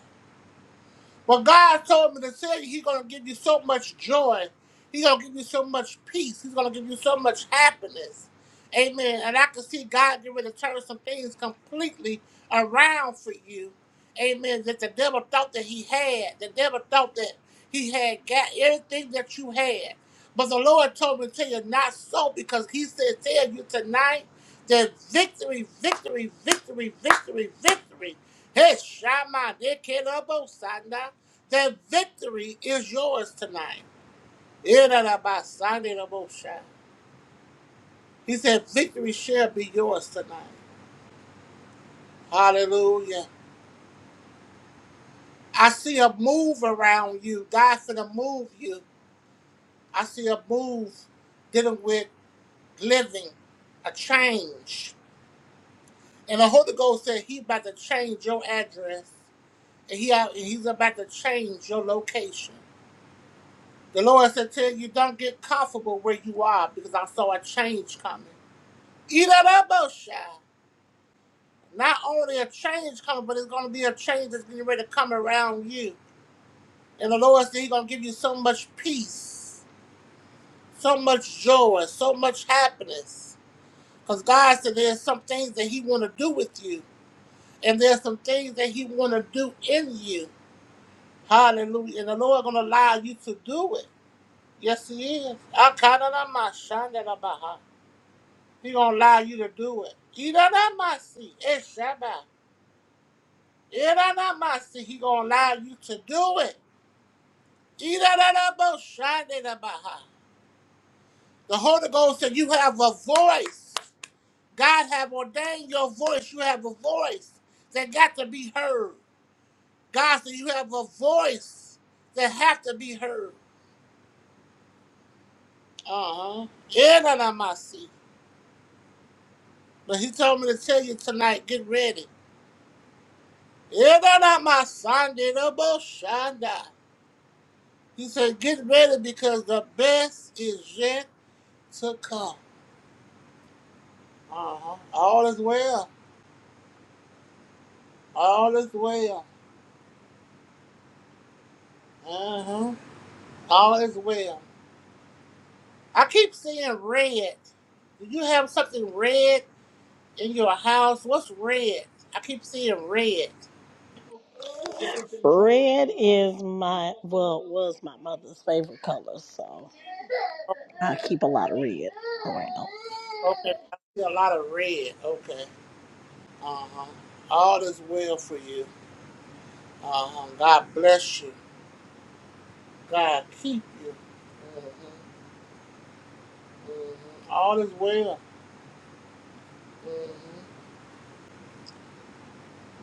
But God told me to tell you, He's gonna give you so much joy. He's gonna give you so much peace. He's gonna give you so much happiness. Amen. And I can see God getting ready to turn some things completely around for you. Amen. That the devil thought that he had. The devil thought that he had got everything that you had. But the Lord told me to tell you not so because he said tell you tonight the victory, victory, victory, victory, victory. Hey, Shama, they can't Sanda. The victory is yours tonight. Irarabasandiraboshai. He said, Victory shall be yours tonight. Hallelujah. I see a move around you. God's gonna move you. I see a move dealing with living, a change. And the Holy Ghost said he about to change your address. and he out, and he's about to change your location. The Lord said, "Tell you don't get comfortable where you are, because I saw a change coming." Eat that up, Not only a change coming, but it's going to be a change that's getting ready to come around you. And the Lord said, He's going to give you so much peace, so much joy, so much happiness. Because God said there's some things that He want to do with you, and there's some things that He want to do in you. Hallelujah. And the Lord going to allow you to do it. Yes, he is. I count it on my son that I'm behind. He gonna allow you to do it. He don't have my seat. It's Shabbat. He don't have my seat. He gonna allow you to do it. He don't have my son that i behind. The Holy Ghost said you have a voice. God have ordained your voice. You have a voice that got to be heard. God said you have a voice that have to be heard. Uh huh. He don't have my seat. But he told me to tell you tonight. Get ready. Era my Sunday Shanda. He said, get ready because the best is yet to come. Uh-huh. All is well. All is well. Uh-huh. All is well. I keep seeing red. Do you have something red in your house? What's red? I keep seeing red. Red is my well was my mother's favorite color, so. Oh, I keep a lot of red around. Okay. I see a lot of red. Okay. Uh-huh. All is well for you. Uh-huh. God bless you. God keep you. Mm-hmm. Mm-hmm. All is well. Mm-hmm.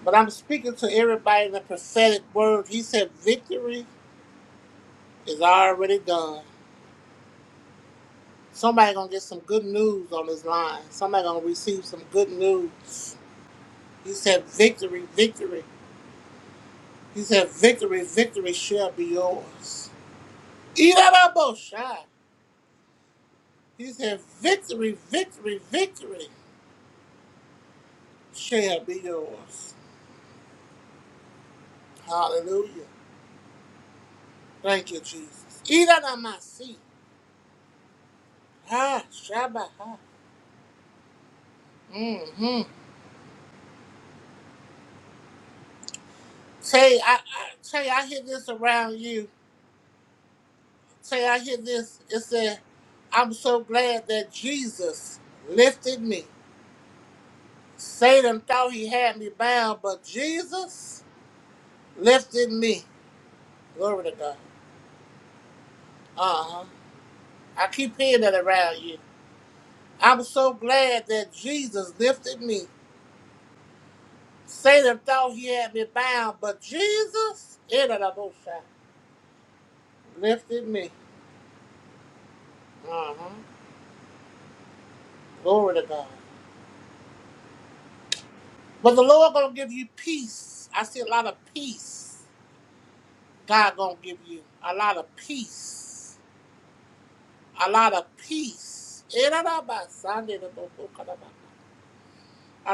But I'm speaking to everybody in the prophetic word. He said victory is already done. Somebody gonna get some good news on this line. Somebody gonna receive some good news. He said victory, victory. He said victory, victory shall be yours. Irababosha. He said victory, victory, victory shall be yours. Hallelujah. Thank you, Jesus. Iranamasi. Ha, Shabbat. Mm-hmm. Say, I, I, say, I hear this around you. Say, I hear this. It said, I'm so glad that Jesus lifted me. Satan thought he had me bound, but Jesus lifted me. Glory to God. Uh huh. I keep hearing that around you. I'm so glad that Jesus lifted me. Satan thought he had me bound, but Jesus, lifted me. Uh-huh. Glory to God. But the Lord gonna give you peace. I see a lot of peace. God gonna give you a lot of peace. A lot of peace. A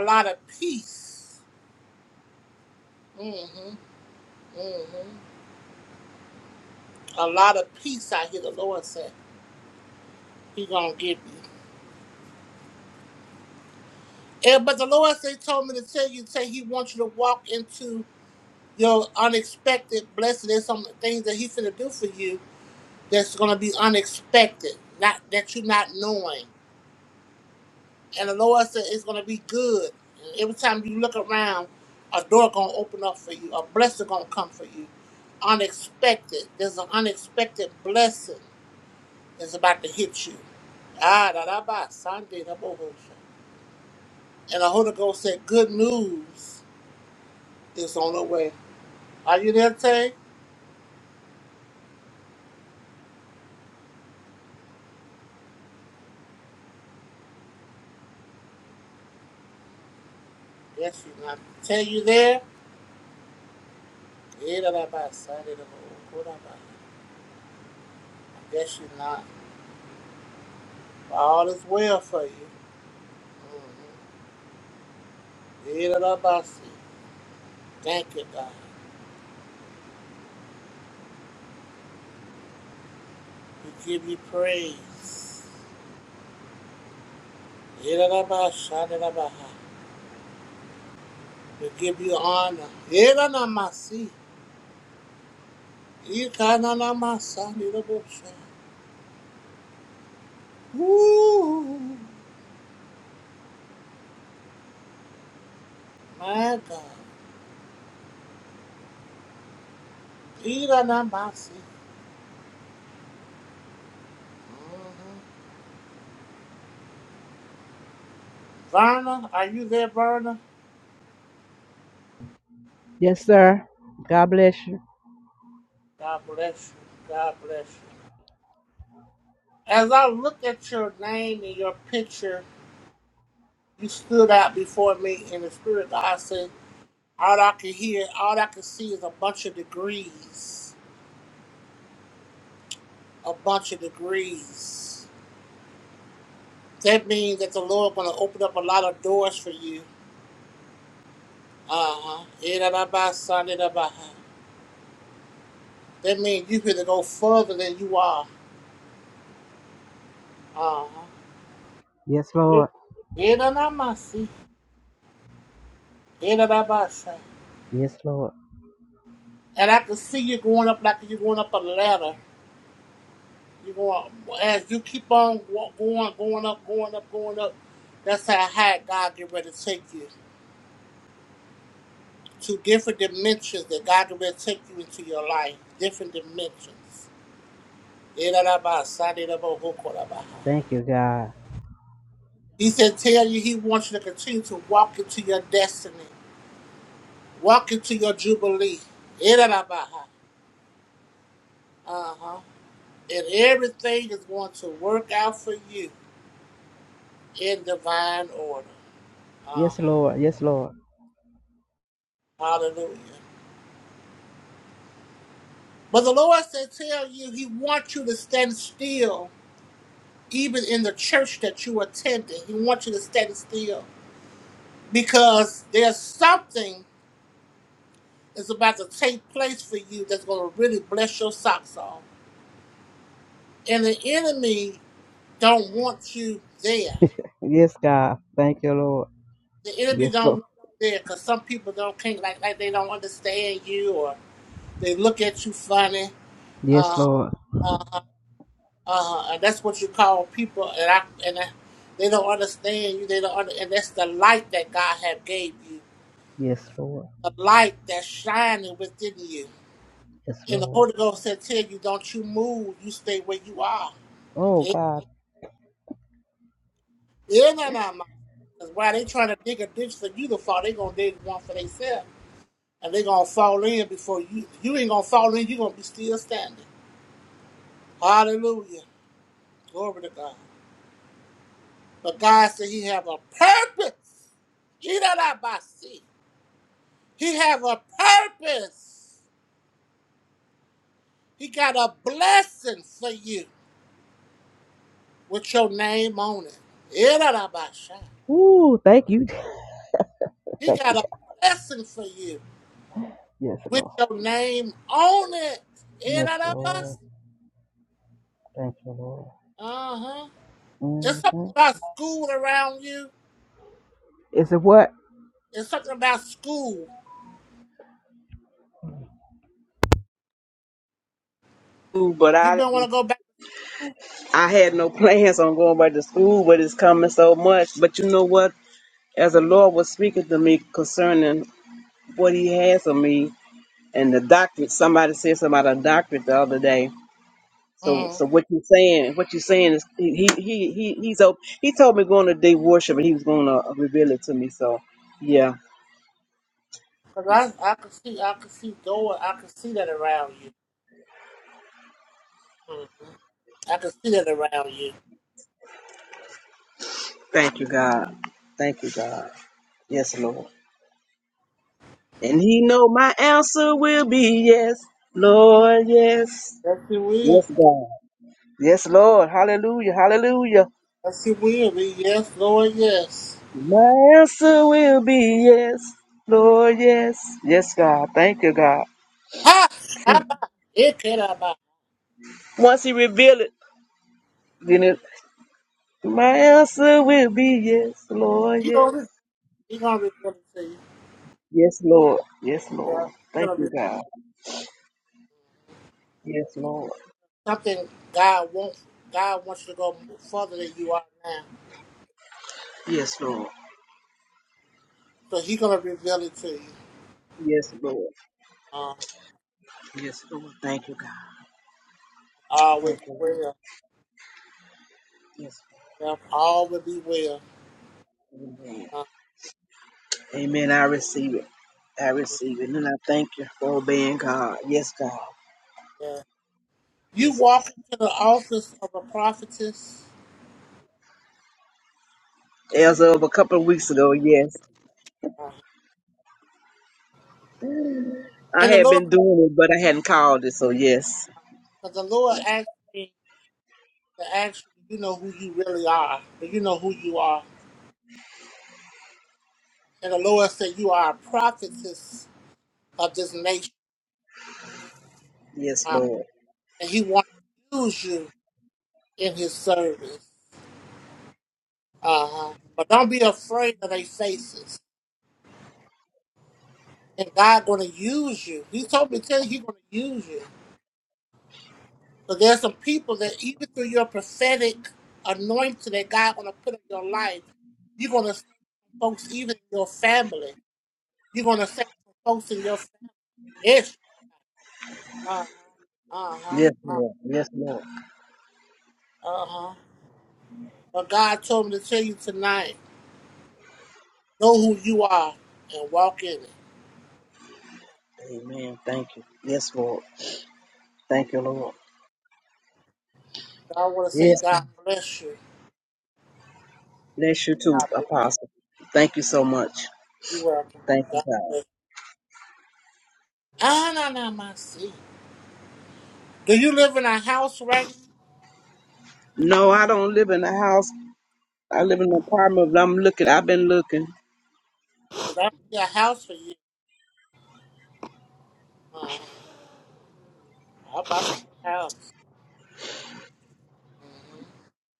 lot of peace. Mm-hmm. Mm-hmm. A lot of peace I hear the Lord say. He gonna give you. And, but the Lord say told me to tell you, say he wants you to walk into your unexpected blessing. There's some things that he's gonna do for you that's going to be unexpected, not that you're not knowing. And the Lord said it's going to be good. And every time you look around, a door going to open up for you. A blessing going to come for you. Unexpected. There's an unexpected blessing that's about to hit you. Ah, da da ba, Sunday, da bo ho sha. And the Holy Ghost said, good news is on the way. Are you there, Tay? Yes, you're not. Tay, you there? Eh, da da ba, Sunday, da bo ho, ko da ba. Yes, you're not. All is well for you. Mhm. Yidarabasi. Thank you, God. We give you praise. Yidarabashandarabaha. We give you honor. Yidanamasi. Yikananamasandirabusa. Ooh, my God. Yidanamasi. Mhm. Verna, are you there, Verna? Yes, sir. God bless you. God bless you. God bless you. As I look at your name and your picture, You stood out before me in the spirit. God said, all I can hear, all I can see is a bunch of degrees. A bunch of degrees. That means that the Lord going to open up a lot of doors for you. Uh-huh. Irababa, sanirabaha. That means you going to go further than you are. Uh-huh. Yes, Lord. Iranamasi, irababasa. Yes, Lord. And I can see you going up like you're going up a ladder. You go as you keep on wa- going, going up, going up, going up. That's how high God get ready to take you to different dimensions that God get ready to take you into your life. Different dimensions. He Thank you, God. said, "Tell you, He wants you to continue to walk into your destiny, walk into your jubilee." Uh huh. And everything is going to work out for you in divine order. Uh Yes, huh. Lord. Yes, Lord. Hallelujah. But the Lord said, Tell you, He wants you to stand still, even in the church that you attended. He wants you to stand still because there's something that's about to take place for you that's going to really bless your socks off. And the enemy don't want you there. Yes, God. Thank you, Lord. The enemy Yes, don't Lord. want you there because some people don't think like, like they don't understand you or they look at you funny. Uh, Yes, Lord. Uh, and that's what you call people, and I and I, they don't understand you. They don't, under, and that's the light that God have gave you, Yes, Lord. the light that's shining within you. Yes, And the Lord. Holy Ghost said, "Tell you, don't you move. You stay where you are." Oh, Yeah, God. yeah, nah, nah, nah. Cause why they trying to dig a ditch for you to fall? They gonna dig one for themselves, and they gonna fall in before you. You ain't gonna fall in. You gonna be still standing. Hallelujah, glory to God. But God said He have a purpose. He not that by sea. He have a purpose. He got a blessing for you with your name on it. Irarabasha. Ooh, thank you. (laughs) He thank got you, a God. blessing for you Yes, with Lord. your name on it. Yes, Lord. Irarabasha. Thank you, Lord. Uh-huh. It's something hmm about school around you. Is it what? It's something about school. Ooh, but You I been want to go back. I had no plans on going back to school, but it's coming so much. But you know what? As the Lord was speaking to me concerning what He has of me, and the doctorate. Somebody said something about a doctorate the other day. So, Mm. so what you saying? What you saying is he he he he- he's op- he told me going to day worship and he was going to reveal it to me. So, yeah, Cause I, I can see, I can see going. I can see that around you. hmm I can see that around you. thank you God, thank you God, yes Lord, and He know my answer will be yes, Lord, yes, Yes, you will. yes God, yes Lord, Hallelujah, Hallelujah. Yes, you will. yes, Lord, yes. My answer will be yes, Lord, yes, yes God, thank you God. Ha! Rabba! Ikeraba. Once He revealed it. Then it, my answer will be yes, Lord, You yes. gonna you gonna reveal it to you. Yes, Lord. Yes, Yeah. Lord. You Thank gonna re- you, God. Yes, Lord. something God wants. God wants you to go further than you are now. Yes, Lord. So He gonna reveal it to you. Yes, Lord. Uh, Yes, Lord. Thank you, God. all will Thank be you, Lord. well. Yes, Yeah. All will be well. Lord. Amen. Uh, Amen. I receive it. I receive it. And I thank you for obeying God. Yes, God. yeah. You Yes, walk God. into the office of a prophetess, As of a couple of weeks ago, yes. uh, and I the had Lord, been doing it, but I hadn't called it, so yes. the Lord asked me to ask you, you know who you really are. Do You know who you are, and the Lord said you are a prophetess of this nation. Yes, Uh, Lord. and he wants to use you in his service. Uh-huh. But don't be afraid of their faces. And God gonna use you. He told me to tell you he's gonna use you. So there's some people that even through your prophetic anointing that God gonna put in your life, you're gonna save folks even in your family. You're gonna save some folks in your family. Yes. Uh-huh. Uh-huh. Yes, Uh-huh. Lord. Yes, Lord. Uh-huh. But God told me to tell you tonight, know who you are and walk in it. Amen. Thank you. Yes, Lord. Thank you, Lord. I want to say Yes, God ma'am. bless you. bless you too, God bless Apostle. Thank you so much. you. You're welcome. Thank you, God God. bless you. Ah, no, no, my seat. Do you live in a house right now? No, I don't live in a house. I live in an apartment, but I'm looking. I've been looking. Because I see a house for you. Uh, yep, I see a house. Mm-hmm.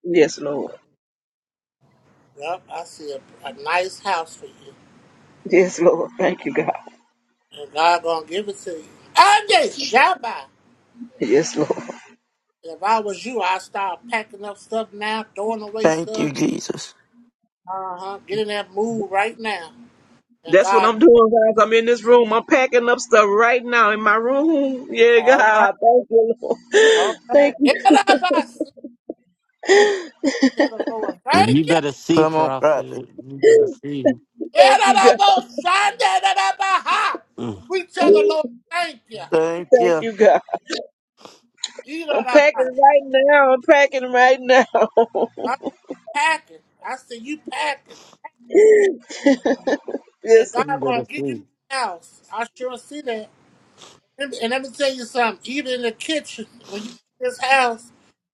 Yes, Lord. Yep, I see a, a nice house for you. Yes, Lord. Thank you, God. And God going to give it to you. I'm just Shabbat. Yes, Lord. If I was you, I'd start packing up stuff now, throwing away Thank stuff. you, Jesus. Uh huh. Get in that mood right now. And That's what God, I'm doing, guys. I'm in this room. I'm packing up stuff right now in my room. Yeah, all right, God. Thank you, Lord. (laughs) all right. Thank you. Get up, I see. Tell the Lord, thank you. You better see, Come on, Prophet. prophet. You better see. Thank you, God. Yadadabosandabaha. Mm. We tell the Lord, thank you. Thank Thank you. you, God. I'm packing Yadadabaha. right now. I'm packing right now. I'm packing. I see you packing. (laughs) And yes, God Lord. You gonna better give you see. the house. I sure see that. And and let me tell you something, even in the kitchen, when you get this house,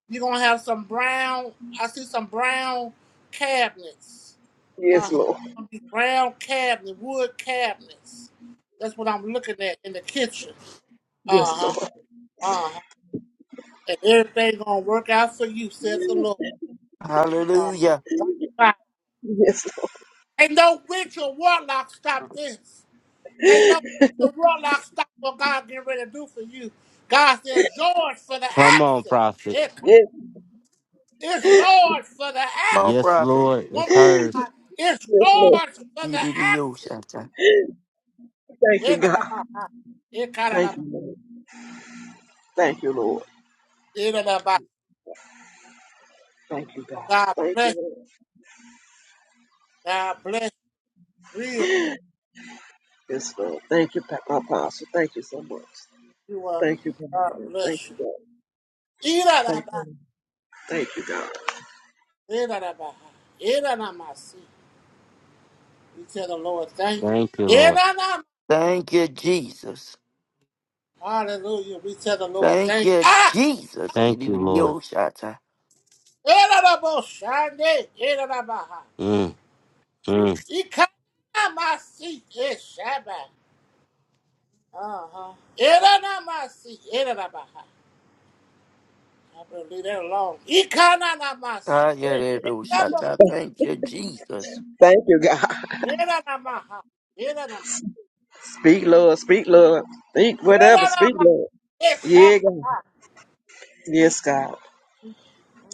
you're gonna have some brown I see some brown cabinets. Yes, Uh-huh. Lord. Gonna be Brown cabinet, wood cabinets. That's what I'm looking at in the kitchen. Yes, Uh-huh. Lord. Uh-huh. And everything gonna work out for you, says the Lord. Uh, Hallelujah. Watch God. Yes, Lord. Ain't no witch or warlock stop this. Can't no witch or warlock stop what God getting ready to do for you. God says, yours for the Come on, accent. Prophet. It, Yes, it's yours for the Come on, Yes, accent. prophet. Lord. It's Woman of hers. God, it's yes, Lord. yours for the accent. Yididiyoshata. Thank you, It, God. uh, it kind of Thank about, you, Lord. Thank you, Lord. it about. Thank you, God. God Thank bless you. you, Lord. God bless you. Real. Yes, Lord. Thank you, Pa- Apostle. Thank you so much. You are. Thank you, God. God Thank bless you. you, God. It Thank about. you. Thank you, God. Eranabaha. Eranamasi. We tell the Lord thank Thank you, you. Lord. Eranam- Thank you, Jesus. Hallelujah. We tell the Lord Thank thank you. you, Ah! Jesus. Thank you, Lord. Yididiyoshata. Eranaboshande. Eranabaha. Mm, mm, Ikanamasi. Eshaba. Uh-huh. Eranamasi. Eranabaha. I'm going to leave that alone. Ikanamasi. Eh, Eranabo. Tayaderoshata. Thank you, Jesus. Thank you, God. Eranamaha. Eranam- (laughs) Speak, Lord. Speak, Lord. Speak whatever. Speak, Eranamasi. Lord. Eshaba. Yeah, God. Yes, God.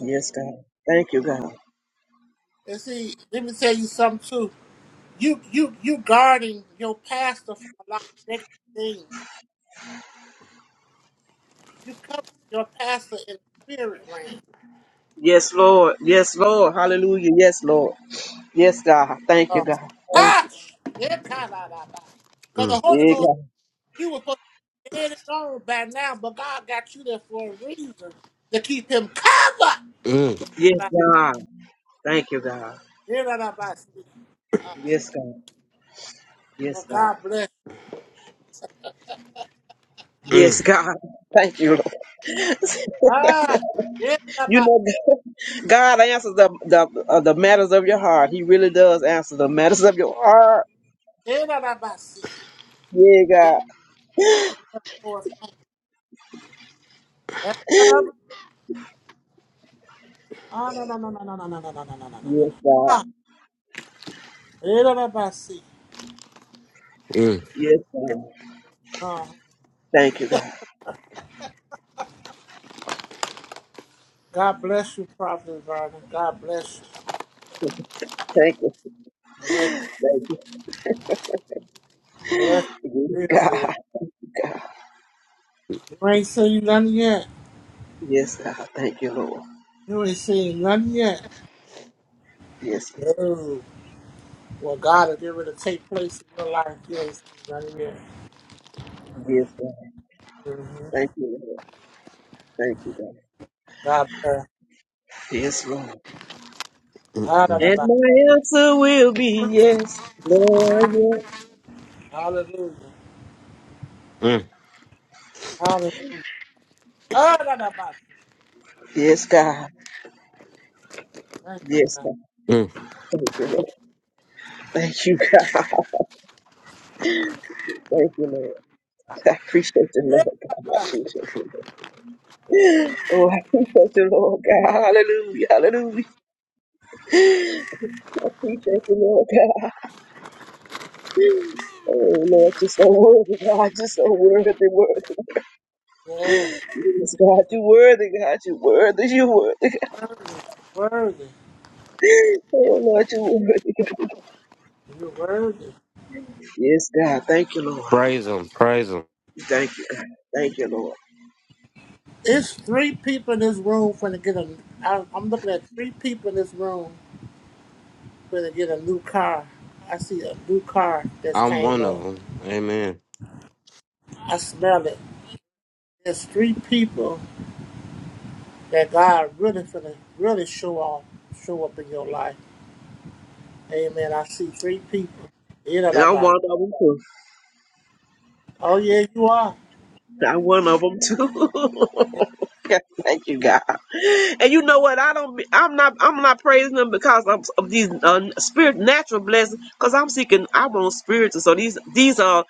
Yes, God. Thank you, God. And see, let me tell you something too. You you you guarding your pastor from a lot of negative things. You cover your pastor in the spirit land. Yes, Lord. Yes, Lord. Hallelujah. Yes, Lord. Yes, God. Thank you, Oh. mm, God. Thank Ah, you. yeah, kind of Because mm, the Holy Yeah, Ghost, God. he was supposed to be dead and gone by now, but God got you there for a reason to keep him covered. Yes, God. Thank you, God. Yeah, da, da, ba, see. Yes, God. Yes, Well, God. God bless. Yes, mm, God. Thank you, Lord. Ah, yeah, (laughs) da, you ba, know, God God answers the the uh, the matters of your heart. He really does answer the matters of your heart. yeah, da, da, ba, see. Yeah, God. Lord, yeah, da, da, ba. Ah, no, no, no, no, no, no, no, no, no, no, no, no, no. Yes, God. Ah, yeah, da, da, ba, see. mm, Yes, God. Thank you, God. God bless you, Prophet Vernon. God bless you. Thank you. Bless, Thank you. bless you real Yes, good. God. You ain't seen nothing yet. Yes, God. Thank you, Lord. You ain't seen nothing yet. Yes, Lord. No. Well, God is able to take place in your life. You ain't seen nothing yet. Yes, God. hmm Thank you, Lord. Thank you, God. God bless. Yes, Lord. And Hallelujah. my answer will be yes, Lord. Yes, Hallelujah. mm, Hallelujah. Hallelujah. Yes, God. Thank you, Yes, God. God. mm. Thank you, Lord. Thank you, God. (laughs) Thank you, Lord. I appreciate the Lord, God. I appreciate the Lord. Oh, I appreciate the Lord, God. Hallelujah. Hallelujah. I appreciate the Lord, God. Oh, Lord, you're so worthy, God. You're so worthy, worthy. Hallelujah. Yes. Yes, God, You're you're worthy, God. You're worthy. You're worthy. worthy. You're worthy. Oh, Lord, you're worthy, God. You're worthy. Yes, God. Thank you, Lord. Praise him. Praise him. Thank you, God. Thank you, Lord. It's three people in this room finna get a. I, I'm looking at three people in this room gonna get a new car. I see a new car that's I'm came one up. of them. Amen. I smell it. There's three people that God really finna really show off, show up in your life. Amen. I see three people. You know And that I'm about. one of them, too. Oh yeah, you are. I'm one of them, too. (laughs) Yeah. (laughs) Thank you, God. And you know what? I don't. Be, I'm not. I'm not praising them because I'm, of these uh, spirit natural blessings. Because I'm seeking. I want spiritual. So these these are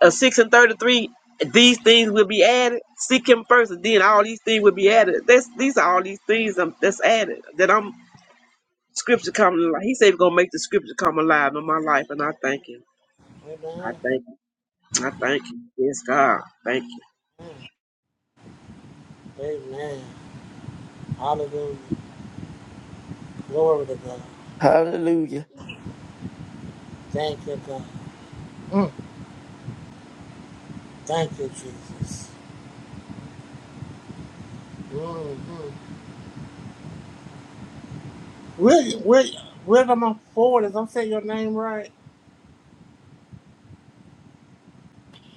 uh, six and thirty three. These things will be added. Seek Him first, and then all these things will be added. That's these are all these things um, that's added. That I'm scripture come alive. He said He's gonna make the scripture come alive in my life, and I thank Him. I Amen. thank Him. I thank Him. Yes, God. Thank. Amen. Hallelujah. Glory to God. Hallelujah. Thank you, God. Mm. Thank you, Jesus. Mm-hmm. William, William, William, I'm forward. Is I'm saying your name right?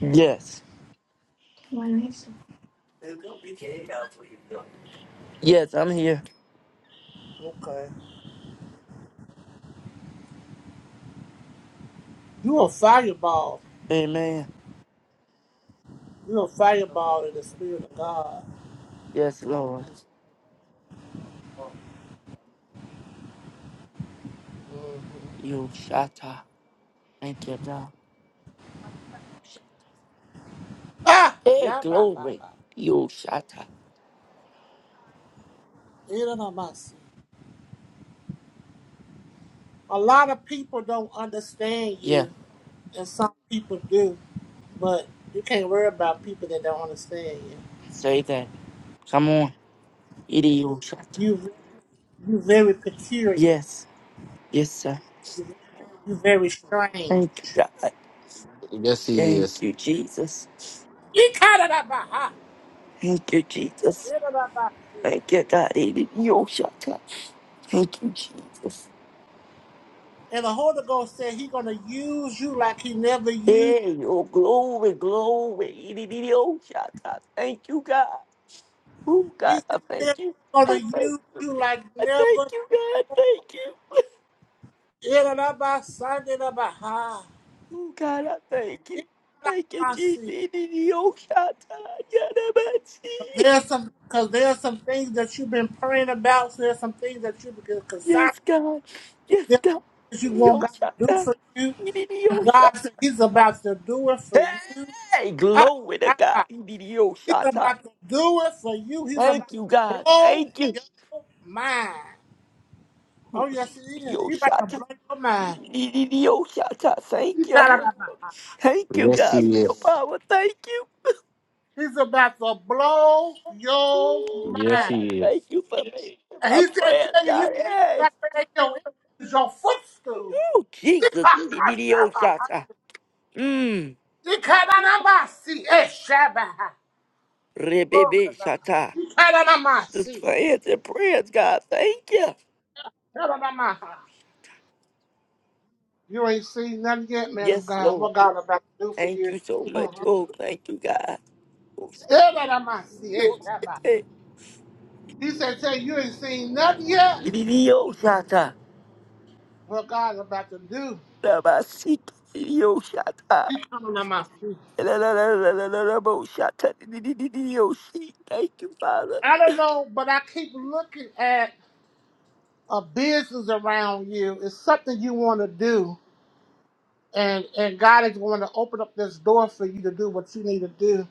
Yes. Yes, I'm here. Okay. You a fireball. Amen. You're a fireball in the spirit of God. Yes, Lord. Mm. Yoshata. Thank you, God. Ah! Hey, Yeah, bah, bah, glory. bah. Yoshata. It ain't on my seat. A lot of people don't understand Yeah, you, and some people do, but you can't worry about people that don't understand you. say that. Come on. Idiota. You very, you very peculiar. Yes, yes, sir. You very, you very strange. Thank you, God. Yes, he Thank is. you, Jesus. You kind of that bah. Thank you, It Jesus. ain't on my seat. Thank you, God. Idiota. Thank you, Jesus. And the Holy Ghost said He gonna use you like He never used. Hey, oh, glory, glory. Idiota. Thank you, God. Oh, He God, I said thank He's you. gonna I thank use you. you like I thank never. you, God. Thank you. (laughs) There's Oh, God, I thank you. Thank you, Jesus. Idiota. Yadabasi. some because there's some things that you've been praying about. So there's some things that you've been Yes, concerned. God. Yes, There's God. some things you want Yo, God shut to do up. for you, and Yo, shut God up. said He's about to do it for you. Hey, Ah, glory to God. Shabbat. Yo, He's shut up. about to do it for you. He's about Thank you, to God. blow Thank you. your mind. Oh yes, He is. Yo, He's about to shut up. blow your mind. Yo, shut up. He Thank got it you. Thank you, Yes, God, he for your is. power. Thank you. He's about to blow your Mm, God, mind. Yes, I he is. thank you for me. And My he said, prayers, tell you, God. he's Hey. got to make your enemies your footstool. (laughs) Oh, Jesus. Yo, shut up. Mmm. Ikaranamasi, eshabaha. Glory to Rebebe, God. shut This Ikaranamasi, for answering prayers, God. Thank you. karanamaha. You ain't seen nothing yet, man of Yes, God. Lord. What God about to do for Thank you? you so much. Mhm. Oh, thank you, God. Oh, Ikaranamasi, yo, eshabaha. shit. He said, tell you, you ain't seen nothing yet. Yo, shata. What God about to do? Lama, seek. Yo, shata. He coming out my seat. La, la, la, la, la, la, la, bo, shata. Yo, she. Thank you, Father. I don't know, but I keep looking at a business around you. It's something you want to do, and and God is going to open up this door for you to do what you need to do.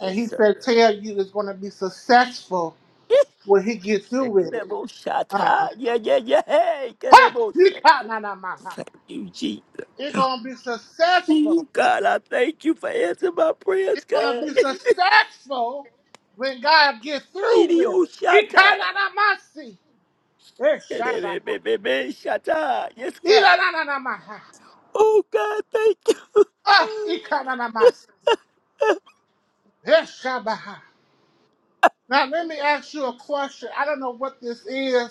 And Yes, He sir. said, "Tell you it's going to be successful Yes, when He get through with it." Lebo, Uh-huh. shata. Yeah, yeah, yeah. Hey, Ha! lebo, You shata. got- nah, nah, nah, nah. Thank you, Jesus. It's going to be successful. Ooh, God, I thank you for answering my prayers, It's going to God. be successful when God get (laughs) through with Idiot, it. shut up. Ikananamasi. Eshabaha. Shata. Yes, God. Ilananamamaha. Oh, God, thank you. Ah, ikananamasi. Now, let me ask you a question. I don't know what this is,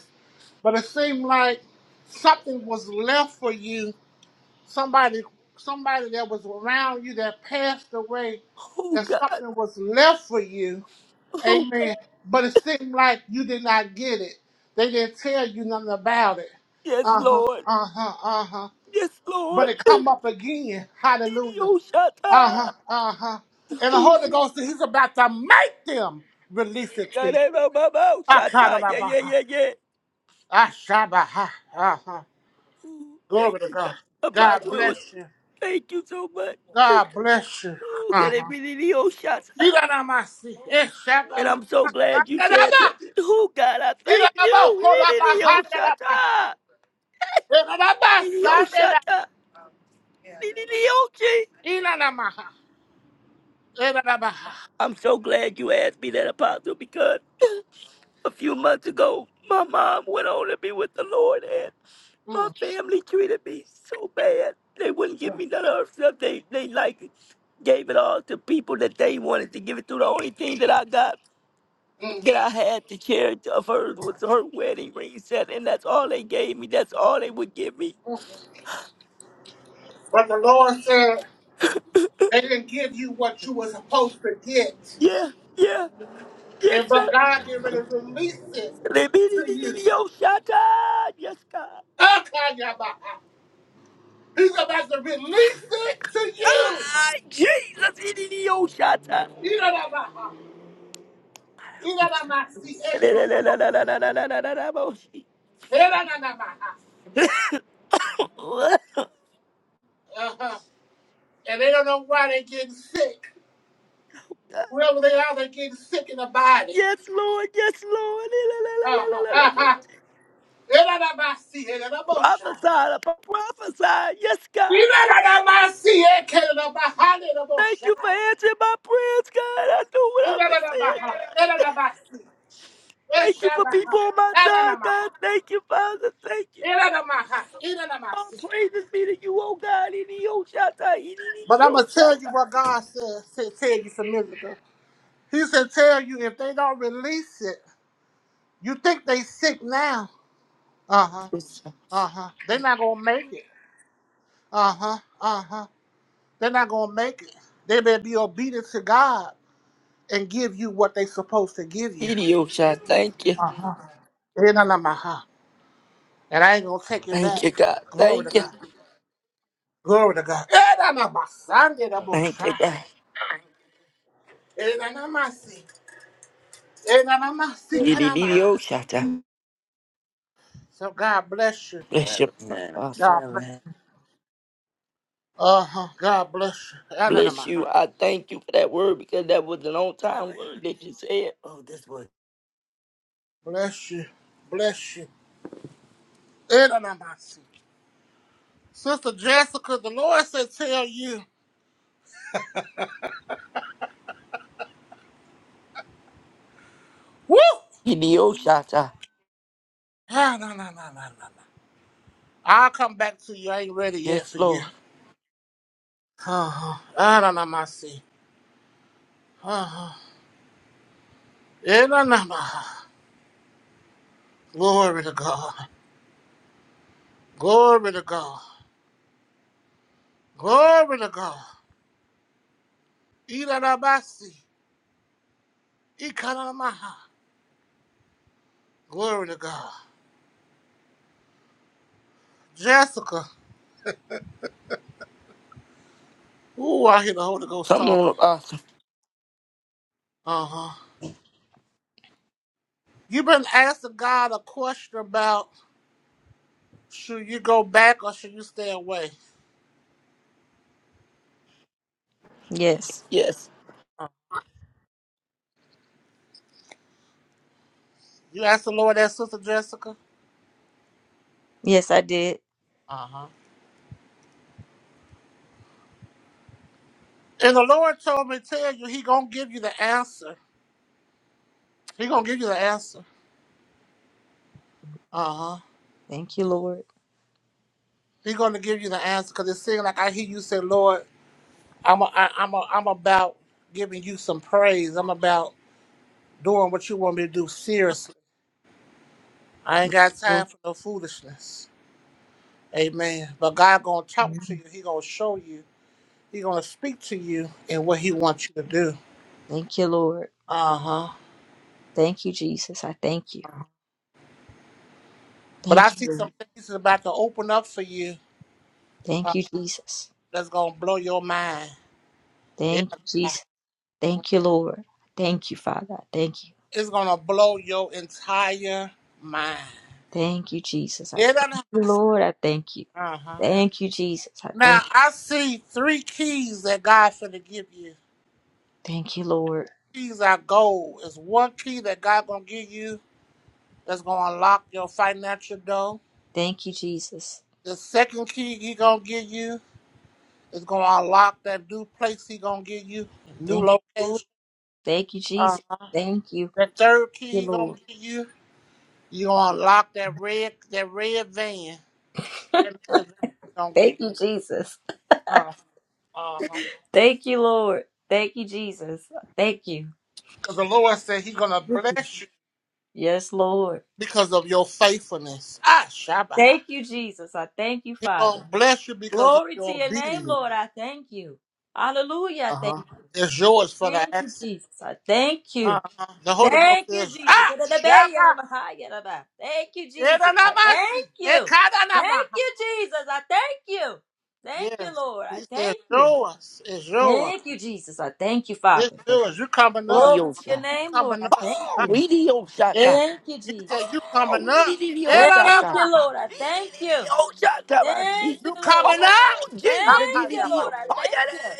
but it seemed like something was left for you. Somebody, somebody that was around you that passed away, Oh, and God. something was left for you. Oh, Amen. God. But it seemed like you did not get it. They didn't tell you nothing about it. Yes, Uh huh. Lord. Uh huh. Uh huh. Yes, But Lord. it come up again. Hallelujah. Idio Uh huh. Shata. Uh huh. And the Holy Ghost, He's about to make them release it to you. God, I love my mouth. Shata. Yeah, yeah, Akadabaha. yeah, yeah. Ashabaha. Uh-huh. Ooh, Thank Glory to you, God. God. God Apostle, it was bless you. Thank you so much. God bless you. Ooh, can it Uh-huh. be the old shots? Iranamasi. And Eshabama. I'm so glad you said that. Akadaba. Oh God, I thank Iranaba. you. Hit the old shot. The old shot. Iranamaha. Iranabaha. I'm so glad you asked me that, Apostle, because (laughs) a few months ago, my mom went on to be with the Lord, and my Mm. family treated me so bad. They wouldn't give me none of her stuff. They, they like gave it all to people that they wanted to give it to. The only thing that I got, that I had to charity of hers was her wedding ring set, and that's all they gave me. That's all they would give me. But the Lord said they didn't give you what you were supposed to get. Yeah, yeah, yes, And sir. but (laughs) God get ready to release it to you. Yes, God. Akayabaha. He's about to release it to you. Ah, Jesus, idiota. Iraramaha, iraramasi, eshamaha, erananamaha. Uh-huh. And they don't know why they're getting sick. Wherever they are, they're getting sick in the body. Yes, Lord, yes, Lord. Uh-huh. Uh-huh. Eranamasi, eranamosha. Prophesy, prophesy, yes, God. Irararabasi, ekeramaha, Thank eranamosha. you for answering my prayers, God. I know what I was saying, Irararabaha, God. eranamasi, Thank you for eshamaha, people on my side, God. eranamaha, Thank you, Father. Thank you. eranamaha, All iranamasi. praises be to you, oh God. In the Oshata, in But I'm gonna tell the you what God said. said tell you some minutes ago. He said, "Tell you if they don't release it, you think they sick now? Uh huh, Oshata. uh huh. They're not gonna make it. Uh huh, uh huh. They're not gonna make it. They better be obedient to God and give you what they supposed to give you. Idiosha, thank you. Eh, nah, nah, my heart. And I ain't gonna take it Thank back. you, God. Glory to Thank you. God. Glory to God. Eh, nah, nah, my Sunday, nah, my Thank you, shy. God. Eh, nah, nah, my seek. Eh, nah, nah, my seek, nah, of my heart. Idiosha. So God bless you. Bless you, God bless Apostle. you. Uh huh. God bless you. Bless Ananamaha. you. I thank you for that word because that was an on time word that you said. Oh, this was Bless you. Bless you. Ananamasi. Sister Jessica, the Lord said, tell you. Woo! Idiosha. Ah, no, no, no, no, no, no. I'll come back to you. I ain't ready yet Yes, for you. Lord. Uh huh. Ananamasi. Uh huh. Ananamaha. Glory to God. Glory to God. Glory to God. Iranamasi. Ikanamaha. Glory to God. Jessica. Ooh, I hear the Holy Ghost Come talking. on, awesome, Uh huh. you been asking God a question about should you go back or should you stay away? Yes, Yes. You asked the Lord that, Sister Jessica? Uh huh. And the Lord told me to tell you, He gonna give you the answer. He gonna give you the answer. Uh huh. He gonna give you the answer because it seems like I hear you say, Lord, I'm a, I, I'm a, I'm about giving you some praise. I'm about doing what you want me to do seriously. I ain't got time for no foolishness. Amen. But God gonna talk to you. He gonna show you He's gonna speak to you and what he wants you to do. Uh huh. But I see some things that's about to open up for you uh, that's gonna blow your mind. It, Lord. Thank you, Father. Thank you. it's gonna blow your entire mind. Thank you, Jesus. I It, uh thank you, Lord. huh. Thank you, Jesus. Now I see three keys that God's gonna give you. Lord. Keys are gold. It's one key that God gonna give you that's gonna unlock your financial door. Thank you, Jesus. The second key he gonna give you It's gonna unlock that new place he gonna give you, new Thank, location. thank you, Uh, Jesus. Thank you. that third key he gonna give you, you gonna unlock that red that red van. That red van he gonna get. Thank you, Jesus. Uh, uh uh-huh. Thank you, Lord. Thank you, Jesus. Thank you. Because the Lord said He gonna bless you Yes, Lord. because of your faithfulness. Ah, Shabbat. Thank you, Jesus. I thank you, He gonna Father. bless you because of Glory to your your name, obedience. Lord. I thank you. Hallelujah. I Uh Thank huh. you. It's yours for the Thank you, accent. Jesus. I thank you. Uh huh. The Holy Ghost Thank you, says, Jesus. Ah, Thank Shabbat. you, Jesus. I thank Edanamasi, you. Ekadanama. Thank you, Jesus. I thank you. Thank you, Yes. Lord. He I said, thank you. Show us. It's yours. Thank you, Jesus. I thank you, It's Father. Yes. yours. You coming up. Glory to your Idiosha. You name, Lord. coming I up. thank Oh, Ah, you. Idiosha. Thank you, He Jesus. said, You coming Oh, up. Thank di-di-di-di-oh-shaka. you, Elalabaha. Lord. I thank you. Di-di-di-di-oh-shaka, my Thank seat. you, You Lord. coming up. Oh, Jesus. Thank Akayabaha. you, Di-di-di-di-oh. Lord. I Oh, oh, yeah, thank you.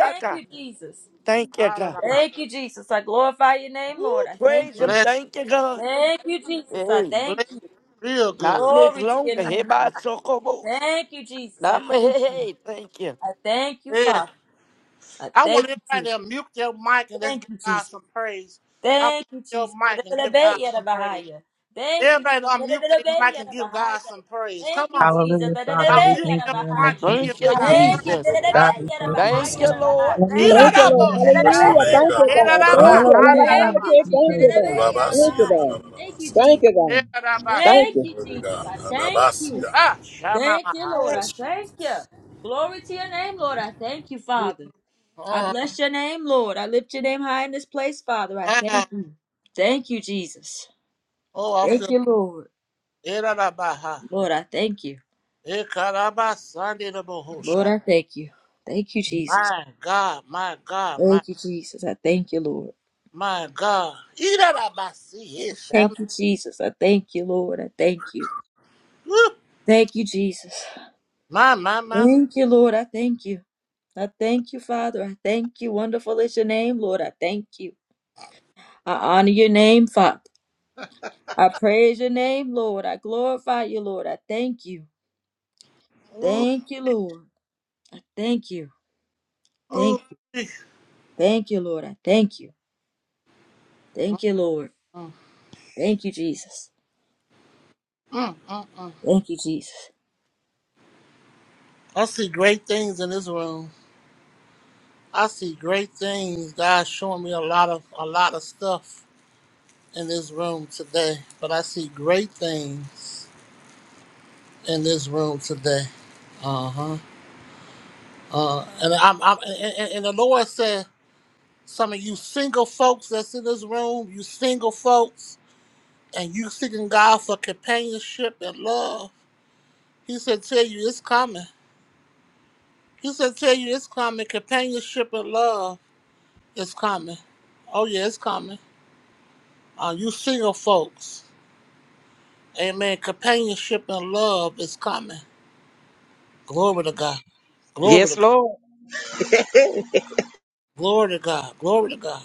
Thank you, Jesus. Thank you, God. Alalabaha. Thank you, Jesus. I glorify your name, Woo, Lord. I praise thank Him. you. Bless Thank you, God. Thank you, Jesus. I Hey, you. thank Bless you. you real not good. much Glory to your longer. Hey, name. by Lord. Sokobos. Thank you, Jesus. I Not my thank hey, you. hey. Thank you. I thank you, Yeah. Father. I I want thank you, everybody Jesus. to mute their mic and let's Thank give you, God Jesus. some praise. Unmute Thank you, your Jesus. mic and give God some praise. Da-da-da-da-ba-ya-da-ba-ha-ya. Thank you, Everybody Jesus. unmute their mic and give God Da-da-da-da-ba-ya-da-ba-ha-ya. some praise. Come Thank you, on. Jesus. Hallelujah, Father. We Unmute thank your you in the mic Da-da-da-da-ba-ya-da-ba-ha-ya. and give Thank Jesus you, God name. Thank you. Jesus. praise. God, we thank you, Bless Thank you, Father. Lord. Da-da-da-da-ba-ya-da-ba-ha-ya-da-ba-ha. Thank Hallelujah. you, Thank you, Jesus. Lord. Irarabo your Hallelujah. name, shade, Thank God. you, God. Da-da-da-da-ba-ya-da-ba-ha-ya. Thank iraraba you. Nararaba. La, la, Hallelujah. la, la. Thank God. handaraba, you, Okay. We Jesus. Thank praise you, you. God. Thank you, Orabasia, Da-da-da-da-ba-ya-da-ba-ha-ya. God. Thank you, nararabasata. Thank Jesus. you, God. Thank Thank irarabasi. you. you, Glory to Jesus. God. I thank you. Anabasia. Ah, Thank you, shamamaha. Lord. I Yes, thank you. Jesus. Glory to your name, Lord. I thank you, Father. I Mm, bless your name, Lord. I lift your name high in this place, Father. I thank ah, you. Thank you, Jesus. Oh, I Thank feel you, Lord. irarabaha. Lord, I thank you. Ikaraba Lord, sandirabahusha. I thank you. Thank you, Jesus. My God, my God, my Thank you, Jesus. I thank you, Lord. my God. Irarabasi, isham. Thank you, Jesus. I thank you, Lord. I thank you. Woo. Thank you, Jesus. My, my, my, my. Thank you, Lord. I thank you. I thank you, Father. I thank you. Wonderful is your name, Lord. I thank you. I honor your name, Father. I praise your name, Lord. I glorify you, Lord. I thank you. Ooh, Thank you, Lord. Thank you. ooh. Thank you. Thank you, Lord. I thank you. Thank you, Lord. Mm, Thank you, Jesus. mm, mm, mm. Thank you, Jesus. I see great things in this room. I see great things. God's showing me a lot of a lot of stuff. in this room today, but I see great things in this room today. Uh-huh. Uh and I'm, I'm and, and and the Lord said, some of you single folks that's in this room, you single folks, and you seeking God for companionship and love. He said, tell you it's coming. He said, tell you it's coming. Companionship and love is coming. Oh yeah, it's coming. Uh, you single folks, amen. Companionship and love is coming. Glory to God. Glory to Yes, God. Lord. Glory to God. Glory to God.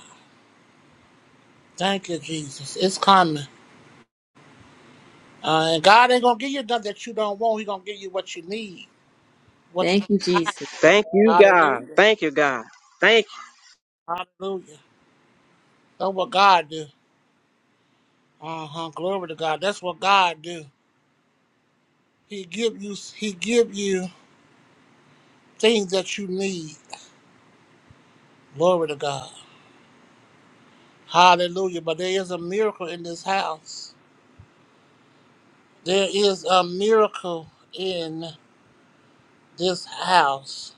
Thank you, Jesus. It's coming. Uh, and God ain't gonna give you nothing that you don't want. He gonna give you what you need. What you Thank you, got. Jesus. Thank you, God. Hallelujah. Thank you, God. Thank you. Hallelujah. That's what God do. Uh huh. Glory to God. That's what God do. He give you. He give you things that you need. Glory to God. Hallelujah. But there is a miracle in this house. There is a miracle in this house.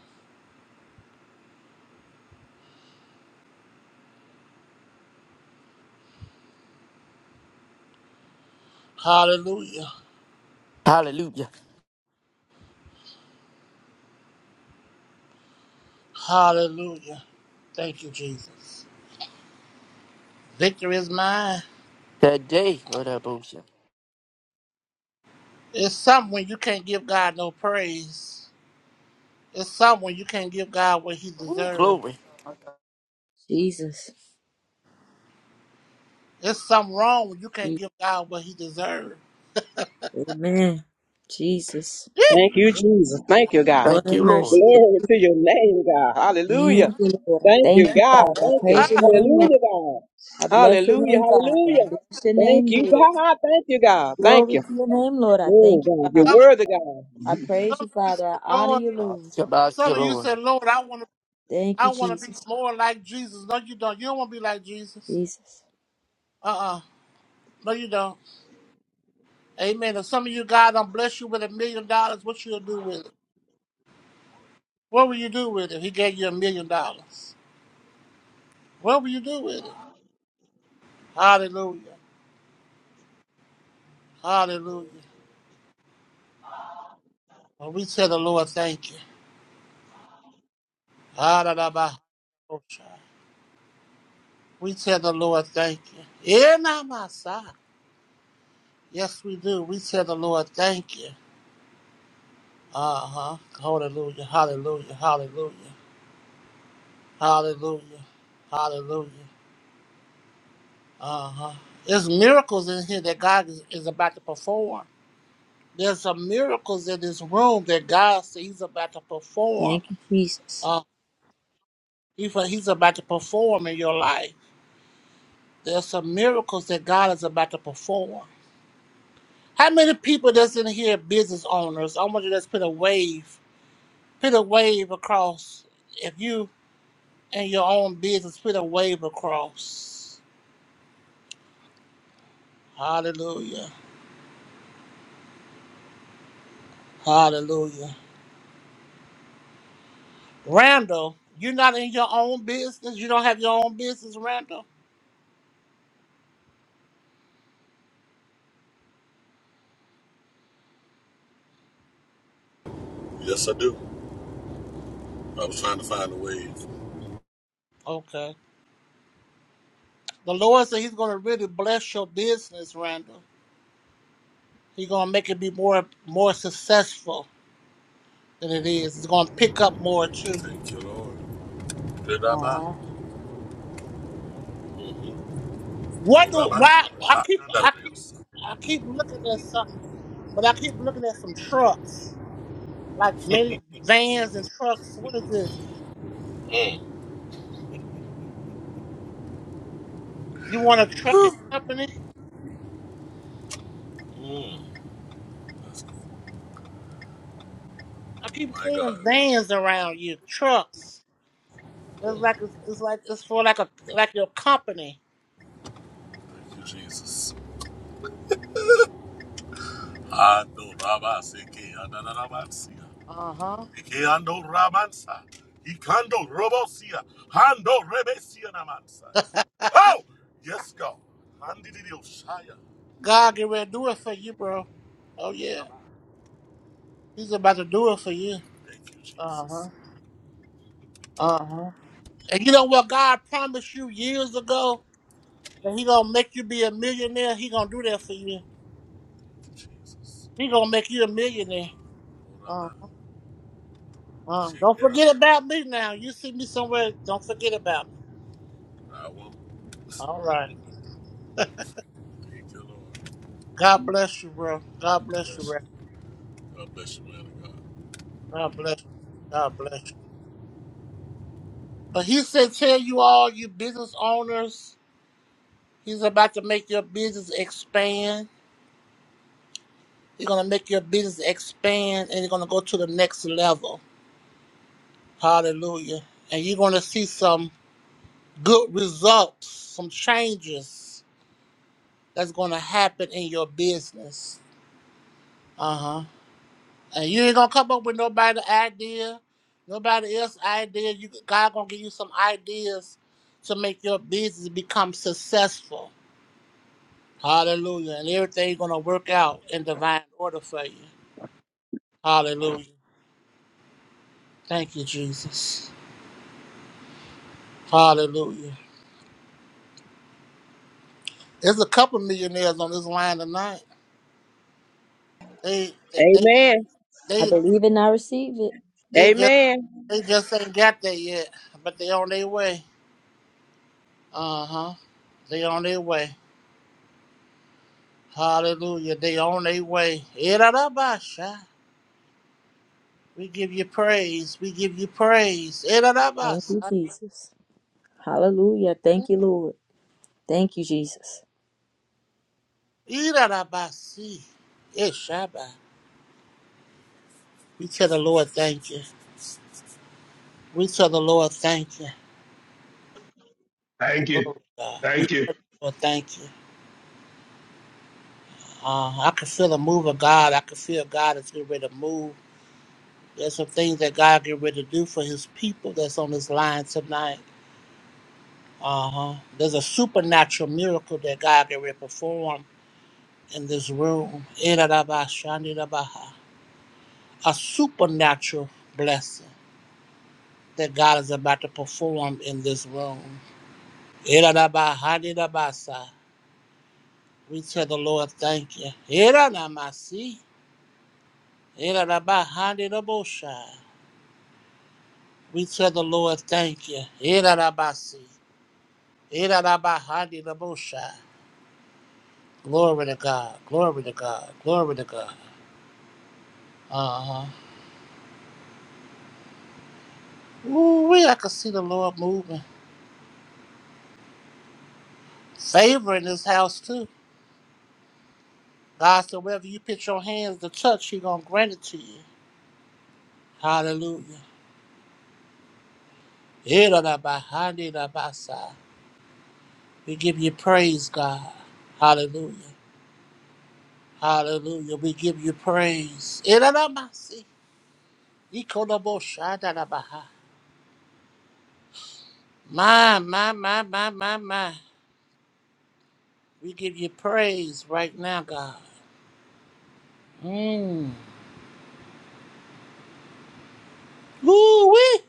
Hallelujah. Hallelujah. Hallelujah. Thank you, Jesus. Victory is mine. Today, Lord, I boast you. It's something when you can't give God no praise. It's something when you can't give God what he Woo, deserves. glory. Jesus. It's something wrong when you can't Jesus. give God what he deserves. Amen. Jesus. Thank you, Jesus. Thank you, God. Lord Thank have you, Lord. mercy. Thank Glory to your name, God. Hallelujah. thank you, Lord. I Thank thank you, you, God. Father. I Thank you. Ah, praise your name, Lord. Hallelujah, God. I bless your Hallelujah. name, Father. I Hallelujah. bless your Thank name, you, Lord. God. Thank you, God. Thank Glory you. to your name, Lord. I thank Oh, you, God. You're Father. some of, worthy, God. I praise some you, of you Father. said, I honor Lord, you, Lord. Shabbat you, some of you Lord. said, Lord, I want to Thank you, I want to be Jesus. more like Jesus. No, you don't. You don't want to be like Jesus. Jesus. Uh-uh. No, you don't. Amen. If some of you, God, don't bless you with a million dollars, what you'll do with it? What will you do with it? If He gave you a million dollars. What will you do with it? Hallelujah. Hallelujah. And we tell the Lord thank you. Hallelujah. We tell the Lord thank you. In our side. Yes, we do. We tell the Lord thank you. Uh huh. Hallelujah. Hallelujah. Hallelujah. Hallelujah. Hallelujah. Uh huh. There's miracles in here that God is, is about to perform. There's some miracles in this room that God says He's about to perform. Thank you, Jesus. Uh, he- He's about to perform in your life. There's some miracles that God is about to perform. How many people that's in here business owners? I want you to just put a wave, put a wave across. If you in your own business, put a wave across. Hallelujah. Hallelujah. Randall, you're not in your own business. You don't have your own business, Randall. Yes, I do. I was trying to find a way. Okay. The Lord said He's going to really bless your business, Randall. He's going to make it be more more successful than it is. It's going to pick up more too. Thank you, Lord. Dedaba. What do why Orabasia. I Shaka, keep I keep nararabasa. I keep looking at something, but I keep looking at some trucks, like many vans and trucks. What is this? You want a trucking company? That's cool. I keep My seeing God. vans around you, trucks. It's Oh, like it's, it's like it's for like a like your company. thank you, Jesus. Adorabaseke, anarabasia. Uh huh. Ikeando Ramansa. Ikando Robosia. Hando Rebesia Namansaya. Oh! Yes, God. Handidio Shaya. God get ready to do it for you, bro. Oh yeah, Rabba. He's about to do it for you. Thank you, Uh huh. Jesus. Uh huh. And you know what God promised you years ago? And he gonna make you be a millionaire. He gonna do that for you. Jesus. He gonna make you a millionaire. Uh, Rabba. uh, don't Shekera forget about man. me now. You see me somewhere. Don't forget about me. I won't. All right. Thank you, Lord. God bless you, bro. God God bless you, bless bro. you. God bless you, man of God. God bless you. God bless you. But he said, tell you all, you business owners, he's about to make your business expand. He's gonna make your business expand, and you're gonna go to the next level. Hallelujah. And you're gonna see some good results, some changes that's gonna happen in your business. Uh huh. And you ain't gonna come up with nobody idea, nobody else idea. You God gonna give you some ideas to make your business become successful. Hallelujah. And everything gonna work out in divine order for you. Hallelujah. Thank you, Jesus. Hallelujah. There's a couple millionaires on this line tonight. They they Amen. I they they, believe and I receive it. they just Amen. they just ain't got there yet, but they on their way. Uh huh. They on their way. Hallelujah. They on their way. Irarabasha. We give you praise. We give you praise. Thank you, Irarabasa. Jesus. Hallelujah. Thank you, Lord. Thank you, Jesus. Irarabasi. Ishaba. We tell the Lord thank you. We tell the Lord thank you. Thank you. God. We Thank you. tell the Lord thank you. Uh, I can feel the move of God. I can feel God is getting ready to move. There's some things that God get ready to do for his people that's on this line tonight. Uh huh. There's a supernatural miracle that God can perform in this room. Irarabashandirabaha. A supernatural blessing that God is about to perform in this room. Irarabahadirabasa. We tell the Lord, thank you. Iranamasi. Irarabahadirabosha. We tell the Lord, thank you. Irarabasi. Irarabahadirabosha. Glory to God. Glory to God. Glory to God. Uh huh. Ooh, we I could see the Lord moving. Favor in this house too. God said, wherever you put your hands to touch, He gonna grant it to you. Hallelujah. Iradabahadidabasa. We give you praise, God. Hallelujah. Hallelujah. We give you praise. bo Iradabasi. Ikodoboshadadabaha. My, my, my, my, my, my. We give you praise right now, God. Mm. Ooh, wee.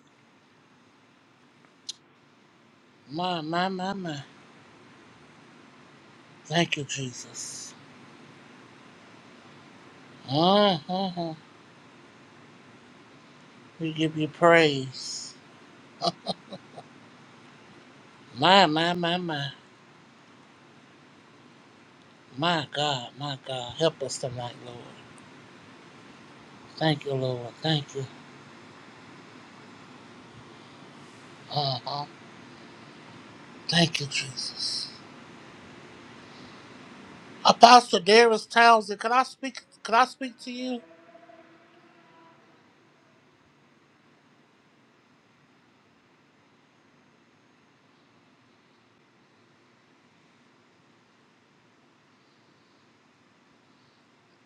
My, my, my, my. Thank you, Jesus. Uh-huh. We give you praise. My, my, my, my. My God, my God. Help us tonight, Lord. Thank you, Lord. Thank you. Uh-huh. Thank you, Jesus. Apostle Darius Townsend, can I speak can I speak to you?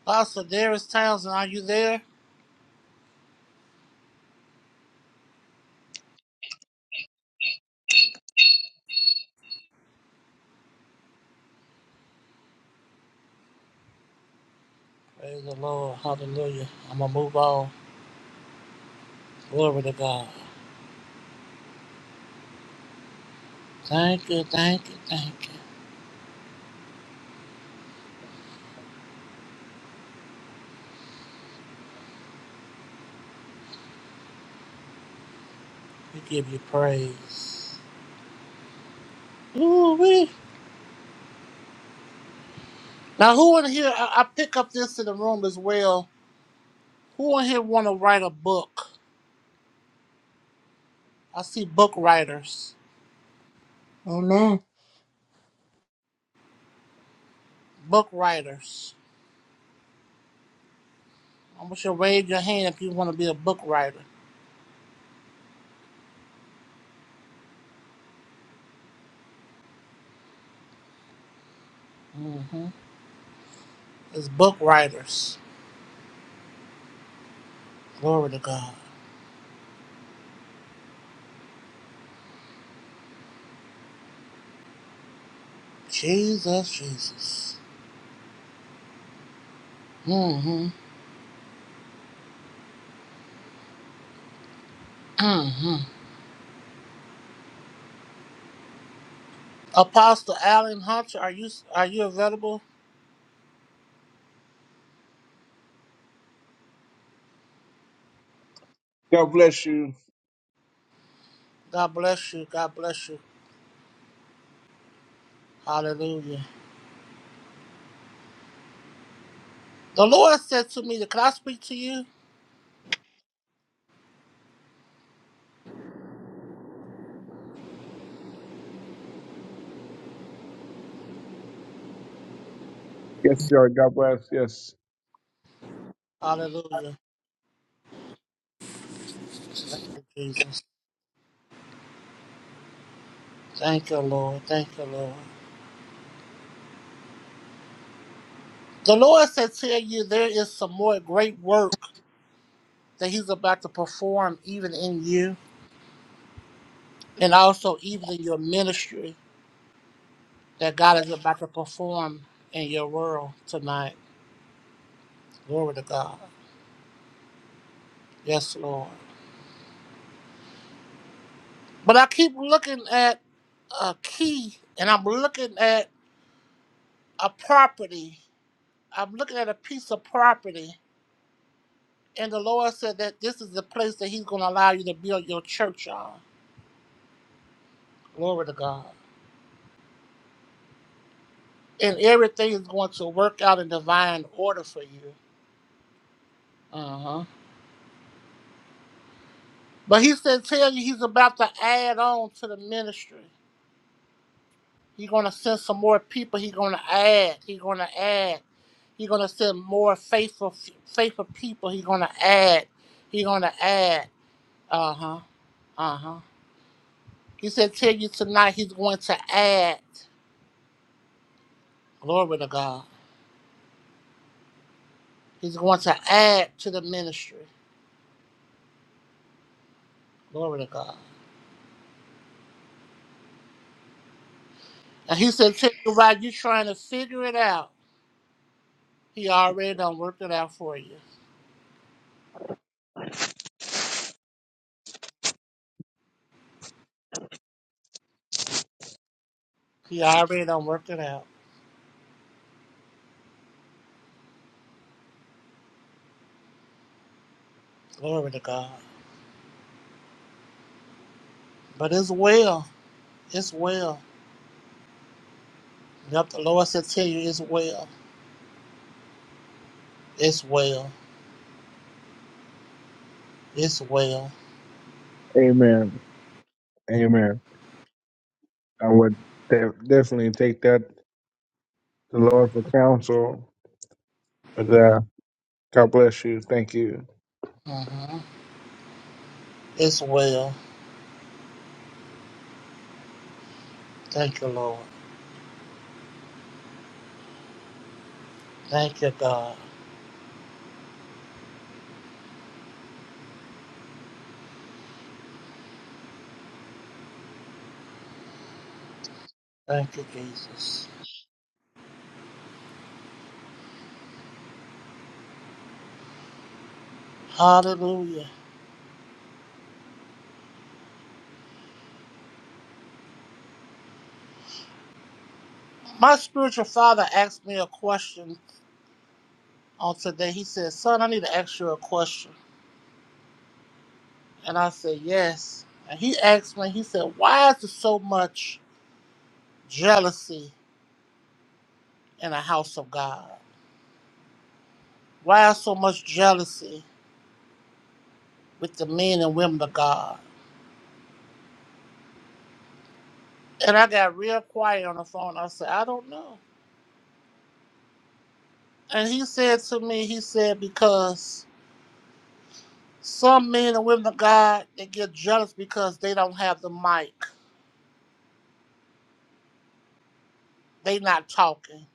Apostle Darius Townsend, are you there? Praise the Lord. Hallelujah. I'm gonna move on. Glory to God. Thank you, thank you, thank you. We give you praise. Ooh, we. Now, who in here? I, I pick up this in the room as well. Who in here want to write a book? I see book writers. Book writers. I want you to raise your hand if you want to be a book writer. hmm It's book writers. Glory to God. Jesus, Jesus. hmm hmm Apostle Allen Hunter, are you are you available? God bless you. God bless you. God bless you. Hallelujah. The Lord said to me, "Can I speak to you?" Yes, sir. God bless. Yes. Hallelujah. Thank you, Jesus. Thank you, Lord. Thank you, Lord. The Lord said, Tell you there is some more great work that He's about to perform even in you and also even in your ministry that God is about to perform in your world tonight. Glory to God. Yes, Lord. But I keep looking at a key and I'm looking at a property. I'm looking at a piece of property. And the Lord said that this is the place that He's going to allow you to build your church on. Glory to God. and everything is going to work out in divine order for you. Uh huh. But he said, tell you he's about to add on to the ministry. He's going to send some more people. He's going to add. He's going to add. He's going to send more faithful, faithful people. He's going to add. He's going to add. Uh huh. Uh huh. He said, tell you tonight he's going to add. Glory to God. He's going to add to the ministry. Glory to God. And he said, tell you why you're trying to figure it out. He already done worked it out for you. He already done worked it out. Glory to God. But it's well. It's well. Yep, the Lord said tell you it's well. It's well. It's well. Amen. Amen. I would de- definitely take that to the Lord for counsel. But uh, God bless you. Thank you. hmm It's well. Thank you, Lord. Thank you, God. Thank you, Jesus. Hallelujah. My spiritual father asked me a question on today. He said, Son, I need to ask you a question. And I said, Yes. And he asked me, he said, Why is there so much jealousy in the house of God? Why is so much jealousy with the men and women of God? And I got real quiet on the phone. I said, I don't know. And he said to me, he said, because some men and women of God, they get jealous because they don't have the mic. They not talking.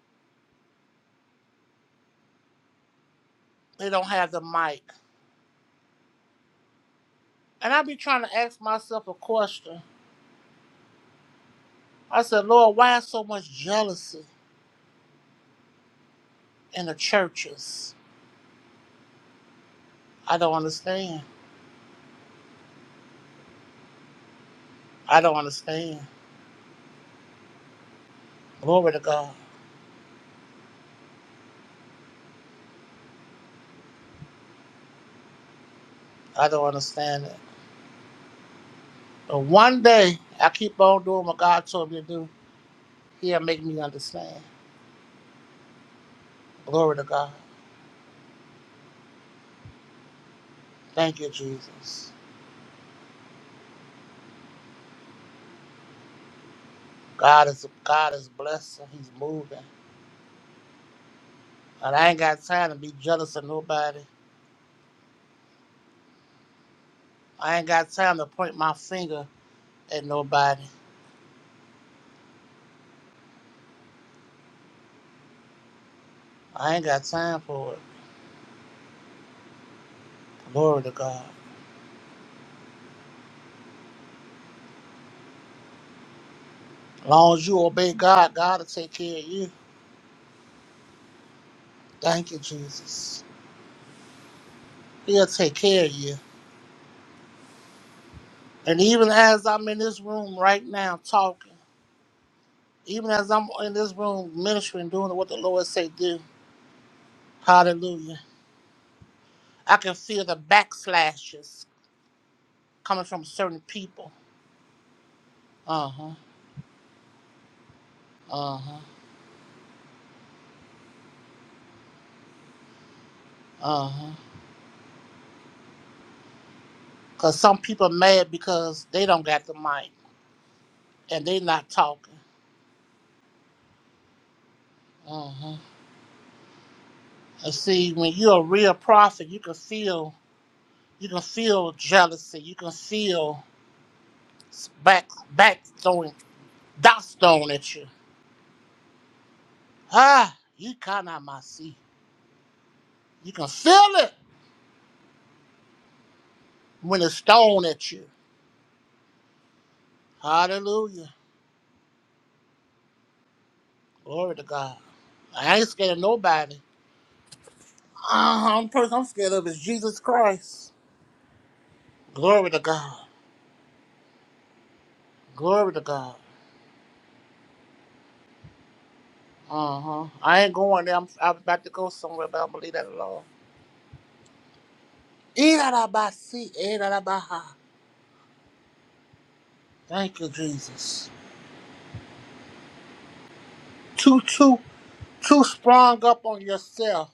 They don't have the mic. And I be trying to ask myself a question. I said, Lord, why is so much jealousy in the churches? I don't understand. I don't understand. Glory to God. I don't understand it. But one day, I keep on doing what God told me to do. He'll make me understand. Glory to God. Thank you, Jesus. God is God is blessed and He's moving. And I ain't got time to be jealous of nobody. I ain't got time to point my finger at nobody. I ain't got time for it. Glory to God. As long as you obey God, God will take care of you. Thank you, Jesus. He'll take care of you. And even as I'm in this room right now talking. Even as I'm in this room ministering, doing what the Lord say do, hallelujah, I can feel the backslashes coming from certain people. Uh huh, uh huh, uh huh. Because some people mad because they don't got the mic and they not talking. Uh huh. And see, when you're a real prophet, you can feel, you can feel jealousy. You can feel s- back, back throwing, dots thrown at you. Ah, you cannot my see. You can feel it when it's thrown at you. Hallelujah. Glory to God. I ain't scared of nobody. Uh, only person I'm scared of is Jesus Christ. Glory to God. Glory to God. Uh huh. I ain't going there. I'm, I'm about to go somewhere, but I don't believe that at all. Irarabasi, irarabaha. Thank you, Jesus. Too, too, too sprung up on yourself.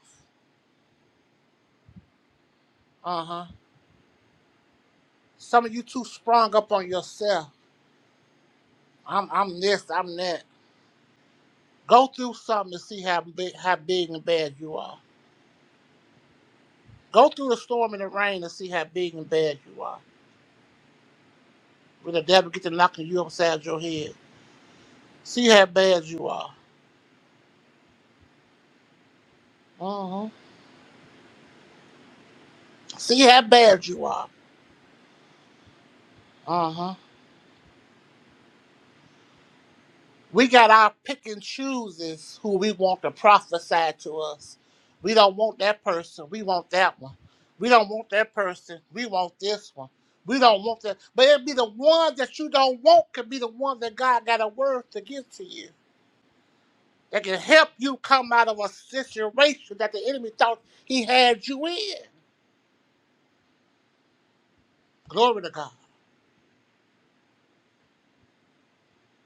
Uh huh. Some of you too sprung up on yourself. I'm, I'm this, I'm that. Go through something to see how big, how big and bad you are. Go through the storm and the rain and see how big and bad you are. When the devil get to knocking you upside your head, see how bad you are. uh See how bad you are. uh We got our pick and chooses who we want to prophesy to us. We don't want that person. We want that one. We don't want that person. We want this one. We don't want that. But it'll be the one that you don't want could be the one that God got a word to give to you. that can help you come out of a situation that the enemy thought he had you in. Glory to God.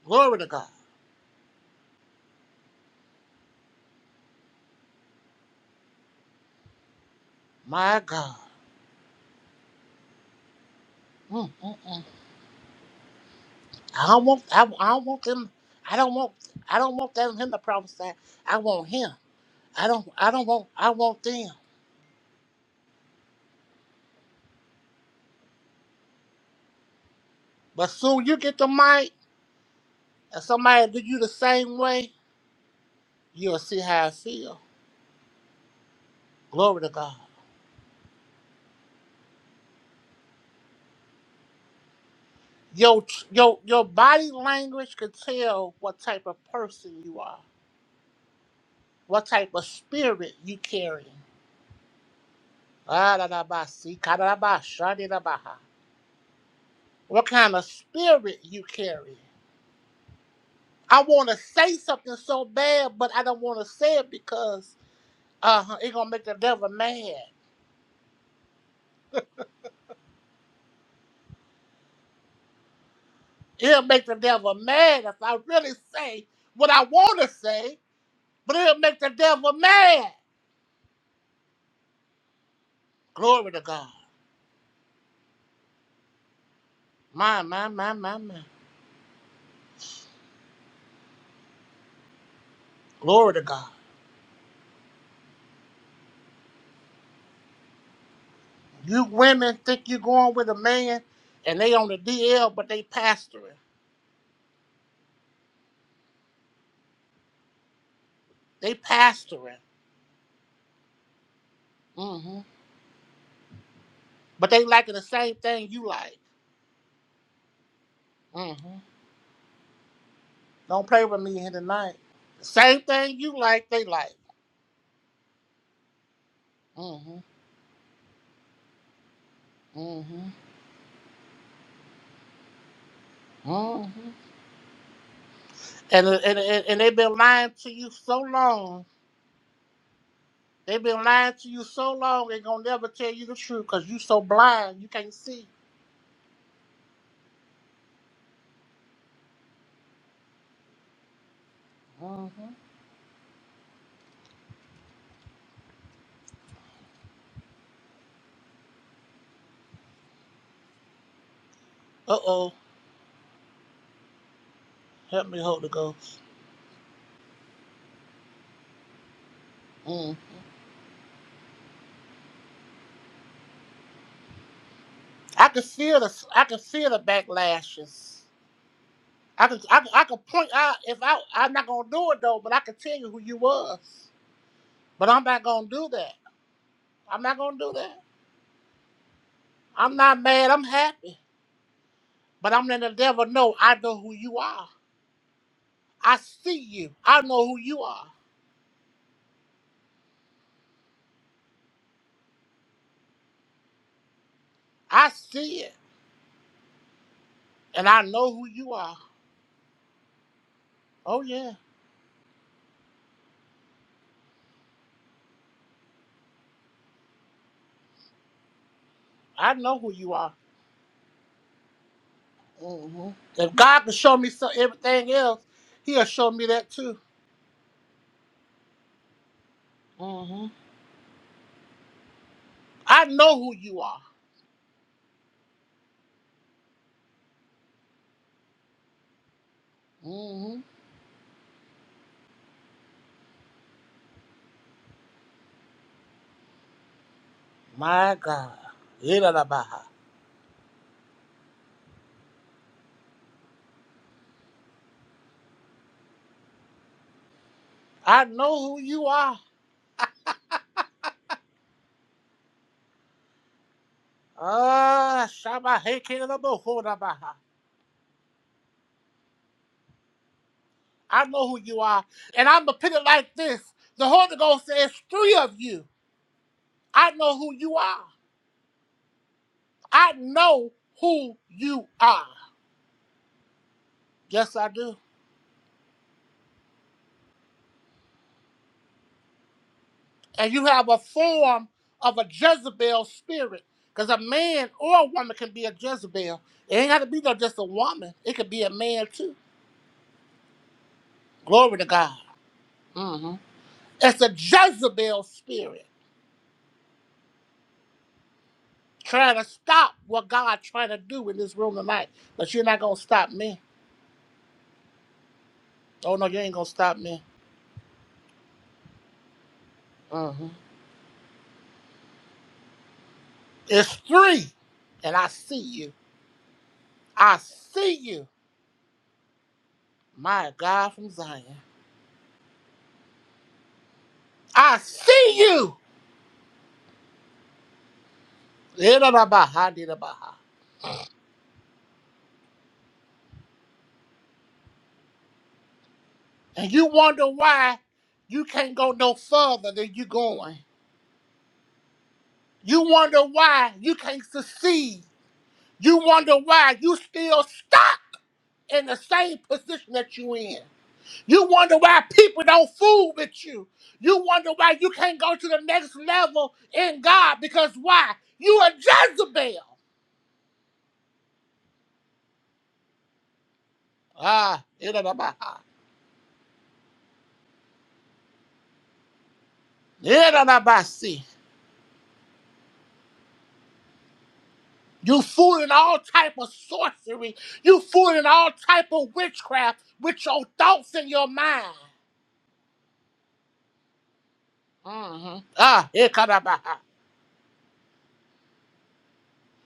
Glory to God. My God. Mm, mm, mm. I don't want. I, I don't want them. I don't want. I don't want them him to prophesy. I want him. I don't. I don't want. I want them. But soon you get the mic, and somebody do you the same way. You'll see how I feel. Glory to God. Your your your body language can tell what type of person you are. what type of spirit you carrying. Ah, da, da, ba, si, ka, da, da, ba, sha, di, da, ba, ha. What kind of spirit you carry? I want to say something so bad, but I don't want to say it because uh, it's going to make the devil mad. It'll make the devil mad if I really say what I want to say, but it'll make the devil mad. Glory to God. My, my, my, my, my. Glory to God. You women think you're going with a man and they on the DL, but they pastoring. They pastoring. hmm But they liking the same thing you like. hmm Don't play with me here tonight. The same thing you like, they like. hmm hmm hmm And, uh, and, and, and they've been lying to you so long. They've been lying to you so long, they going to never tell you the truth because you so blind, you can't see. hmm Uh-oh. Help me, Holy Ghost. Mm. I can feel the, I can feel the backlashes. I could, I could, I could point out if I, I'm not gonna do it though, but I could tell you who you was. But I'm not gonna do that. I'm not gonna do that. I'm not mad. I'm happy. But I'm letting the devil know I know who you are. I see you. I know who you are. I see it, and I know who you are. Oh yeah, I know who you are. hmm If God can show me so everything else, He'll show me that too. hmm I know who you are. hmm My God. Yidda-da-ba-ha. I know who you are. Ah, Shama Heke Labo Baha. I know who you are. And I'm going to put it like this The Holy Ghost says, three of you. I know who you are. I know who you are. Yes, I do. And you have a form of a Jezebel spirit. Because a man or a woman can be a Jezebel. It ain't got to be no just a woman, it could be a man too. Glory to God. hmm It's a Jezebel spirit. trying to stop what God's trying to do in this room tonight. But you're not gonna stop me. Oh no, you ain't gonna stop me. hmm It's three, and I see you. I see you, my God from Zion. I see you. Yidda-da-ba-ha, yidda-ba-ha. And you wonder why you can't go no further than you going. You wonder why you can't succeed. You wonder why you still stuck in the same position that you in. You wonder why people don't fool with you. You wonder why you can't go to the next level in God because why? You a Jezebel. Ah, itadabaha. Itadabasi. you fooling all type of sorcery. You fooling all type of witchcraft with your thoughts in your mind. Mm-hmm. Ah, itadabaha.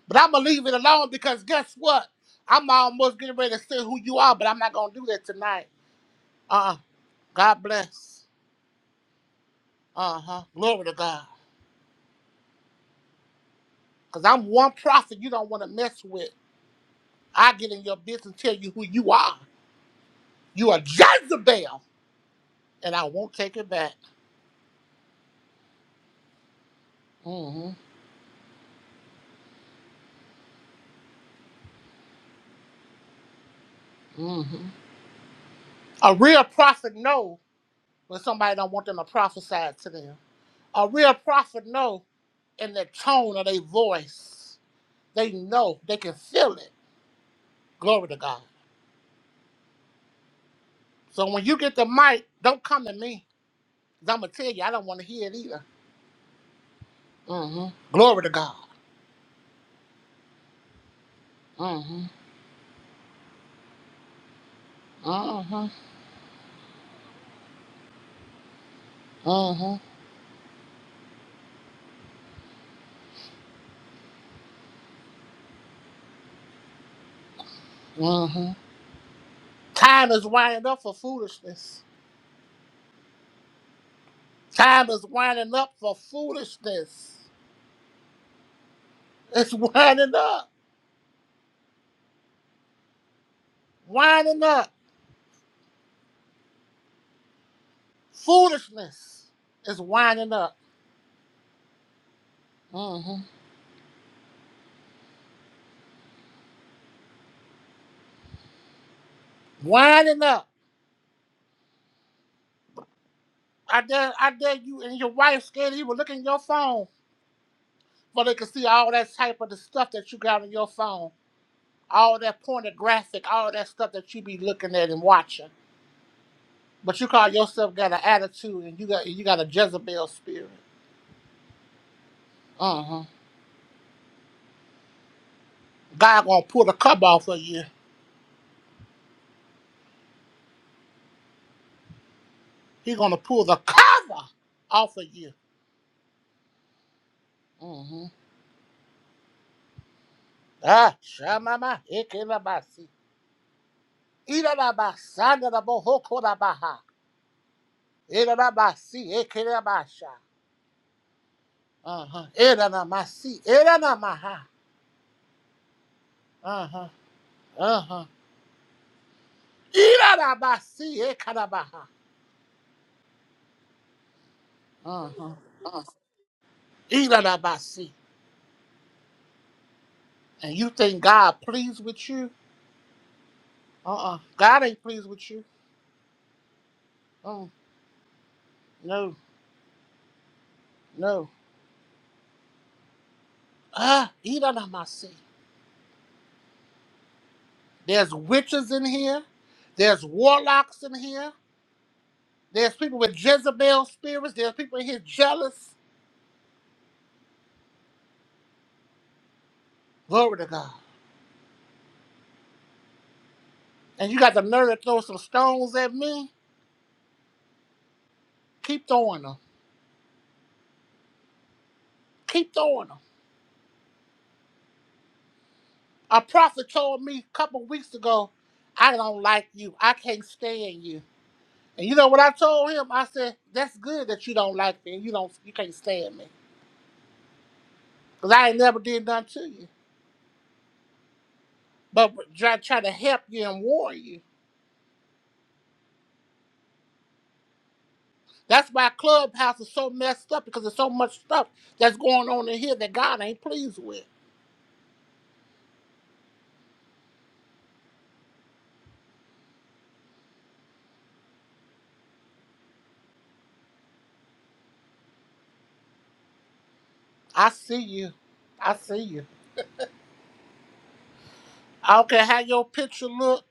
but I'm gonna leave it alone because guess what? I'm almost getting ready to say who you are, but I'm not gonna do that tonight. Uh, uh God bless. Uh-huh. Glory to God. Because I'm one prophet you don't want to mess with. I get in your business and tell you who you are. You are Jezebel. And I won't take it back. hmm hmm A real prophet know when somebody don't want them to prophesy to them. A real prophet know in the tone of their voice. They know. They can feel it. Glory to God. So when you get the mic, don't come to me. Because I'm going to tell you, I don't want to hear it either. hmm Glory to God. hmm hmm Mm-hmm. Mm-hmm. Time is winding up for foolishness. Time is winding up for foolishness. It's winding up. Winding up. Foolishness is winding up. Mm-hmm. Winding up. I dare, I dare you and your wife scared you will look in your phone, but they could see all that type of the stuff that you got on your phone. All that pornographic, all that stuff that you be looking at and watching. But you call yourself got an attitude and you got you got a Jezebel spirit. God gonna pull the cover off of you. He gonna pull the cover off of you. Mm-hmm. Ah, shamama, ekelabasi, ilalaba, sandarabo, hokodabaha, ilalabasi, ekelabasha. Uh-huh. Ilalabasi, ilalamaha. Uh-huh. Uh-huh. Ilalabasi, ekalabaha. Uh-huh. Ilalabasi. And you think God pleased with you? Uh-uh. God ain't pleased with you. Mm, no, no. Ah, ilalabasi. There's witches in here. There's warlocks in here. There's people with Jezebel spirits. There's people in here jealous. Glory to God. And you got the nerve to throw some stones at me? Keep throwing them. Keep throwing them. A prophet told me a couple weeks ago, I don't like you. I can't stand you. And you know what I told him? I said, that's good that you don't like me and you don't you can't stand me. Because I ain't never did nothing to you. But try, try to help you and warn you. That's why Clubhouse is so messed up because there's so much stuff that's going on in here that God ain't pleased with. I see you. I see you. I don't care how your picture look.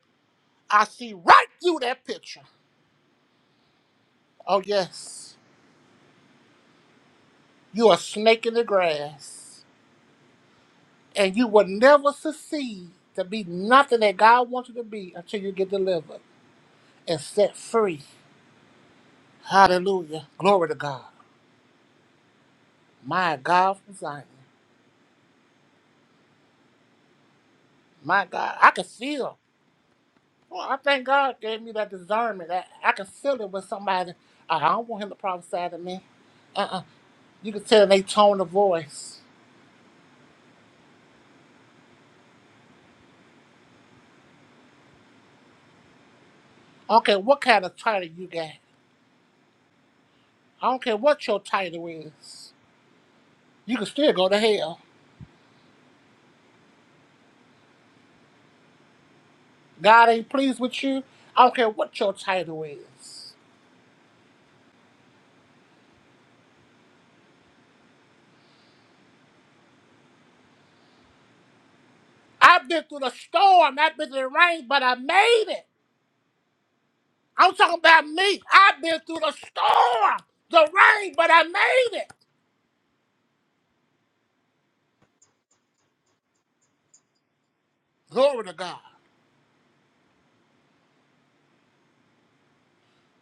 I see right through that picture. Oh yes, you a snake in the grass, and you will never succeed to be nothing that God wants you to be until you get delivered and set free. Hallelujah. Glory to God. My God from Zion. My God, I can feel. Well, I thank God gave me that discernment. I, I can feel it when somebody, "Uh, I don't want him to prophesy to me. Uh-uh. You can tell they tone of voice. I don't care what kind of title you got. I don't care what your title is. You can still go to hell. God ain't pleased with you. I don't care what your title is. I've been through the storm. I've been through the rain, but I made it. I'm talking about me. I've been through the storm, the rain, but I made it. Glory to God.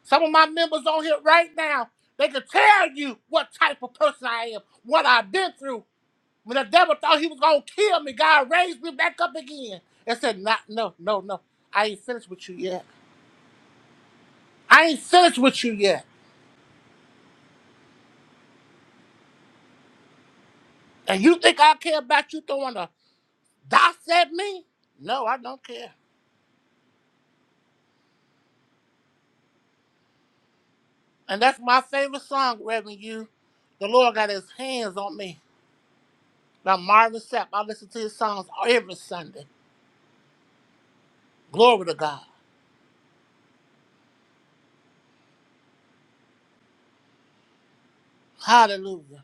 Some of my members on here right now, they can tell you what type of person I am, what I've been through. When the devil thought he was gonna kill me, God raised me back up again and said, "Not, no, no, no. I ain't finished with you yet. I ain't finished with you yet. And you think I care about you throwing a dots at me? No, I don't care. And that's my favorite song, Reverend. You, the Lord got His hands on me by Marvin Sapp. I listen to his songs every Sunday. Glory to God. Hallelujah.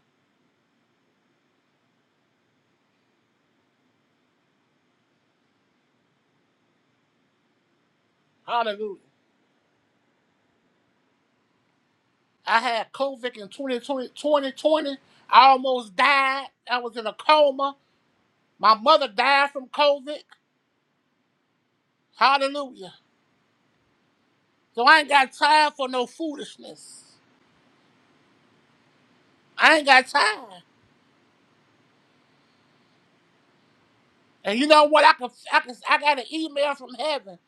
Hallelujah. I had COVID in 2020, I almost died. I was in a coma. My mother died from COVID. Hallelujah. So I ain't got time for no foolishness. I ain't got time. And you know what? I can, I can, I got an email from heaven.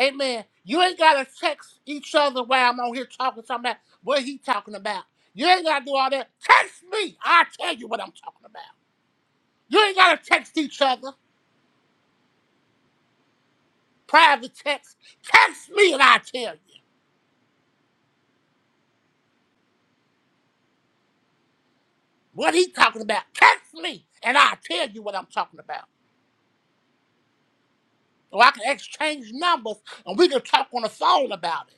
Amen. You ain't gotta text each other while I'm on here talking something about what he talking about. You ain't gotta do all that. Text me. I'll tell you what I'm talking about. You ain't gotta text each other. Private text. Text me and I'll tell you. What he talking about? Text me, and I'll tell you what I'm talking about. Or I can exchange numbers, and we can talk on the phone about it.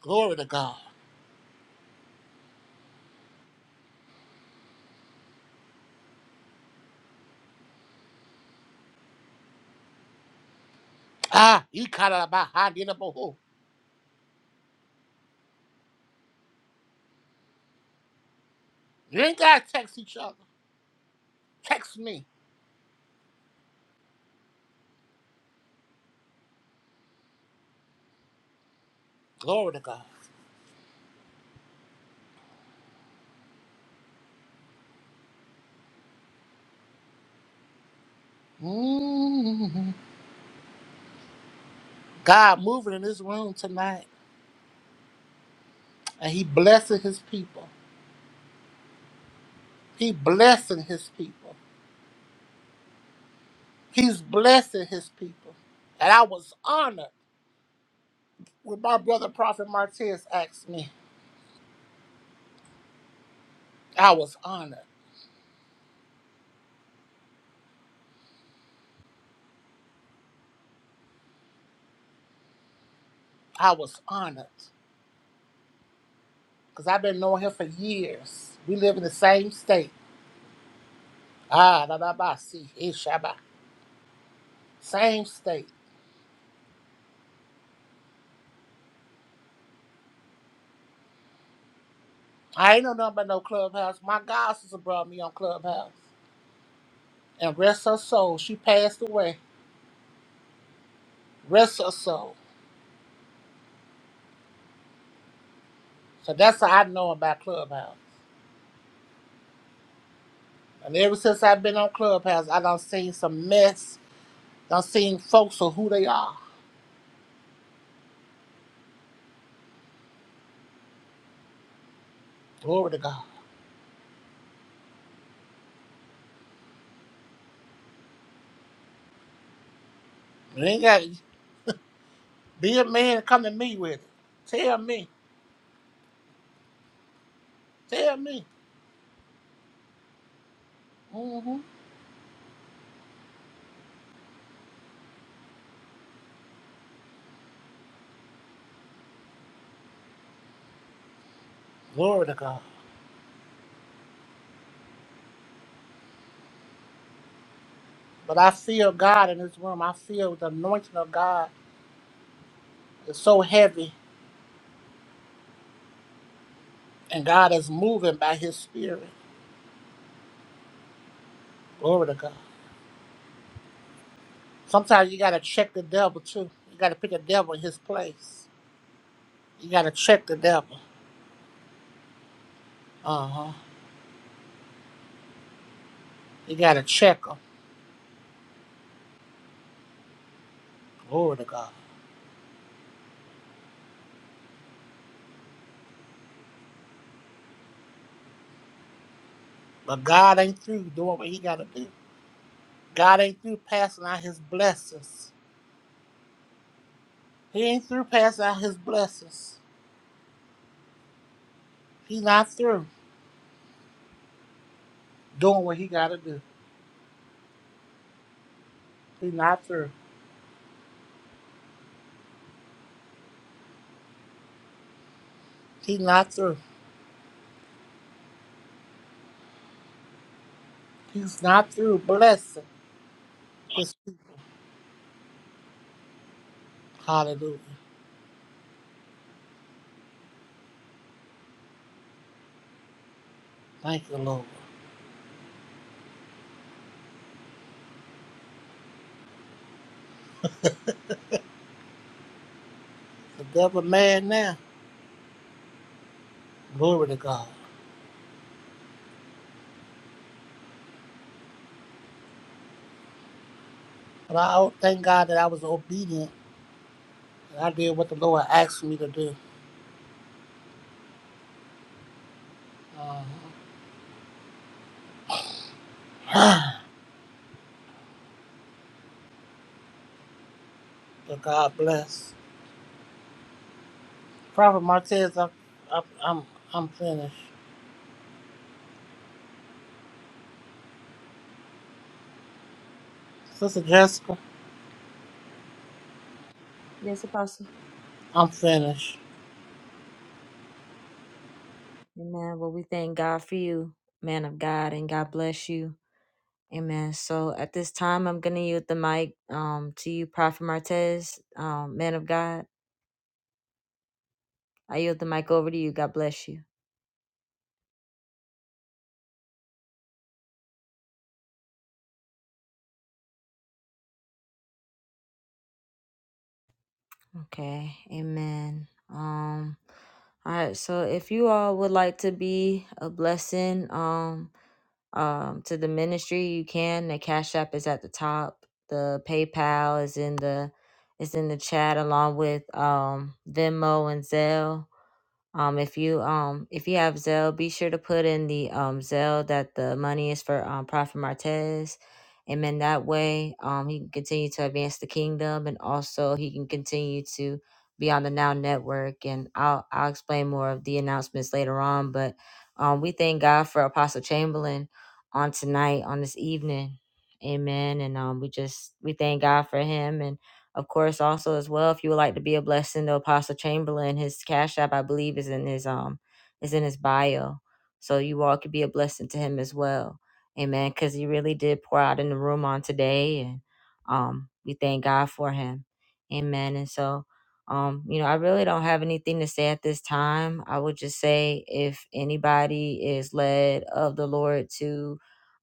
Glory to God. Ah, you caught out about how did You ain't gotta text each other. Text me. Glory to God. Mm-hmm. God moving in this room tonight, and He blessing His people. He blessing His people. He's blessing His people. And I was honored when my brother Prophet Martez asked me. I was honored. I was honored because I've been knowing him for years. We live in the same state. Ah, da da ba see, ishaba. Same state. I ain't know nothing about no clubhouse. My God sister brought me on clubhouse. And rest her soul, she passed away. Rest her soul. So that's how I know about clubhouse. And ever since I've been on clubhouse, I done seen some mess. Done seen folks for who they are. Glory to God. You ain't got be a man and come to me with it. Tell me. Tell me. hmm Glory to God. But I feel God in this room. I feel the anointing of God is so heavy, and God is moving by His Spirit. Glory to God. Sometimes you got to check the devil too. You got to put the devil in his place. You got to check the devil. Uh huh. You got to check him. Glory to God. But God ain't through doing what He got to do. God ain't through passing out His blessings. He ain't through passing out His blessings. He not through doing what He got to do. He not through. He not through. He's not through blessing. His people. Hallelujah. Thank you, Lord. The devil mad now. Glory to God. But I oh, thank God that I was obedient and I did what the Lord asked me to do. Uh, so God bless. Prophet Martez, I, I, I'm I'm finished. Sister Jessica, Yes, Apostle. I'm finished. Amen. Well, we thank God for you, man of God, and God bless you. Amen. So at this time, I'm going to yield the mic um, to you, Prophet Martez, um, man of God. I yield the mic over to you. God bless you. Okay. Amen. Um, all right. So if you all would like to be a blessing, um, um, to the ministry. You can. The Cash App is at the top. The PayPal is in the is in the chat along with um, Venmo and Zelle. Um, if you um if you have Zelle, be sure to put in the um Zelle that the money is for um Prophet Martez. And then that way um he can continue to advance the kingdom and also he can continue to be on the Now Network and I'll I'll explain more of the announcements later on. But um we thank God for Apostle Chamberlain on tonight, on this evening. Amen. And um we just we thank God for him of course, also as well, if you would like to be a blessing to Apostle Chamberlain, his cash app I believe is in his um is in his bio, so you all could be a blessing to him as well. Amen. Because he really did pour out in the room on today, and um we thank God for him. Amen. And so. Um, you know, I really don't have anything to say at this time. I would just say if anybody is led of the Lord to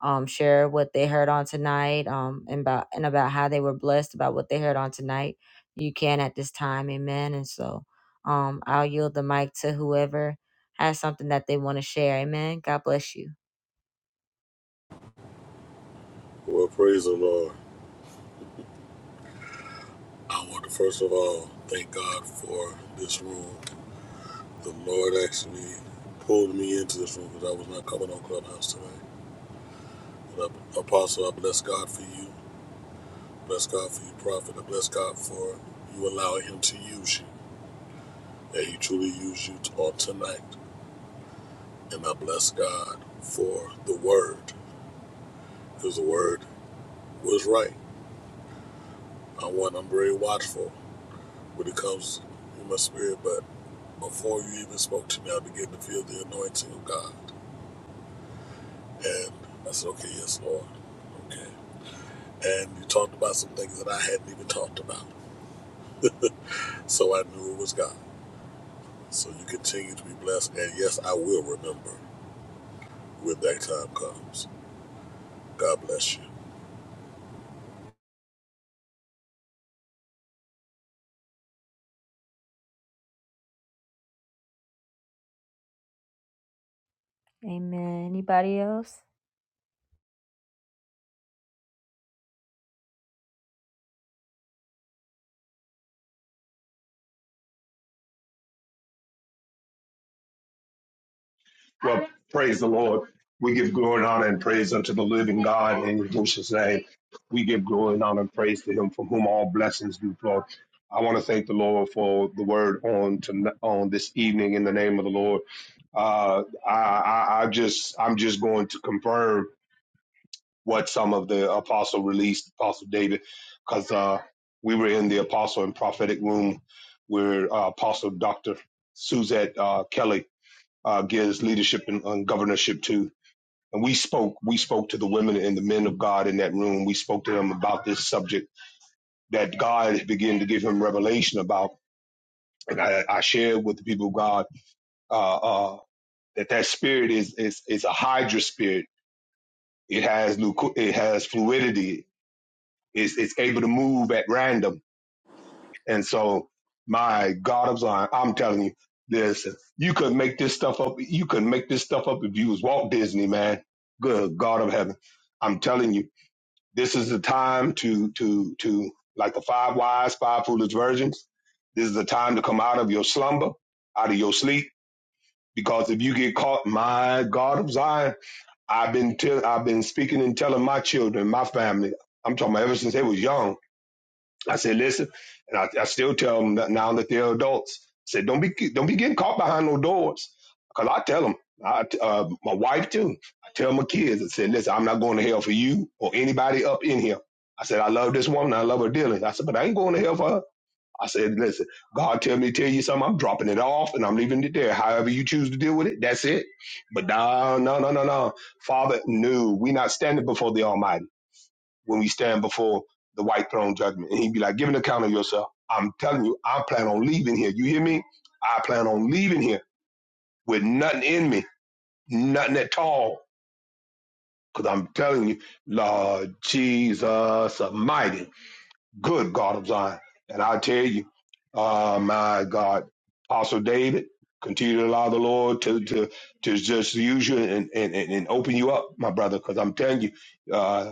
um, share what they heard on tonight um, and about and about how they were blessed about what they heard on tonight. You can at this time, Amen. And so um, I'll yield the mic to whoever has something that they want to share. Amen. God bless you. Well, praise the Lord. I want to first of all thank God for this room. The Lord actually pulled me into this room because I was not coming on Clubhouse today. But I, Apostle, I bless God for you. Bless God for you, Prophet. I bless God for you allowing Him to use you. That He truly used you on tonight. And I bless God for the Word because the Word was right. I want, I'm very watchful when it comes in my spirit. But before you even spoke to me, I began to feel the anointing of God. And I said, okay, yes, Lord. Okay. and you talked about some things that I hadn't even talked about. (laughs) so I knew it was God. So you continue to be blessed, and yes, I will remember when that time comes. God bless you. Amen. Anybody else? Well, praise the Lord. We give glory and honor and praise unto the living God in Yahushua's name. We give glory and honor and praise to him from whom all blessings do flow. I want to thank the Lord for the word on to, on this evening in the name of the Lord. Uh, I, I, I just I'm just going to confirm what some of the apostle released, Apostle David, because uh, we were in the apostle and prophetic room where uh, Apostle Doctor Suzette uh, Kelly uh, gives leadership and, and governorship to. And we spoke, we spoke to the women and the men of God in that room. We spoke to them about this subject that God began to give him revelation about. And I, I shared with the people of God uh, uh, that that spirit is, is is a hydra spirit. It has it has fluidity. It's, it's able to move at random And so, my God, I'm, sorry, I'm telling you, this you could make this stuff up. You could make this stuff up if you was Walt Disney, man. Good God of heaven, I'm telling you, this is the time to to to like the five wise, five foolish virgins. This is the time to come out of your slumber, out of your sleep, because if you get caught, my God of Zion, I've been tell, I've been speaking and telling my children, my family. I'm talking about ever since they was young I said, listen, and I, I still tell them that now that they're adults. I said, don't be don't be getting caught behind no doors, because I tell them, I, uh, my wife too. I tell my kids, I said, listen, I'm not going to hell for you or anybody up in here. I said, I love this woman, I love her dearly. I said, but I ain't going to hell for her. I said, listen, God tell me to tell you something, I'm dropping it off and I'm leaving it there. However you choose to deal with it, that's it. But no, no, no, no, no. Father, no, we not standing before the Almighty when we stand before the white throne judgment. And he'd be like, give an account of yourself. I'm telling you, I plan on leaving here. You hear me? I plan on leaving here with nothing in me, nothing at all. Because I'm telling you, Lord Jesus Almighty, good God of Zion. And I tell you, uh, my God, Apostle David, continue to allow the Lord to, to, to just use you and, and, and and open you up, my brother. Because I'm telling you, uh.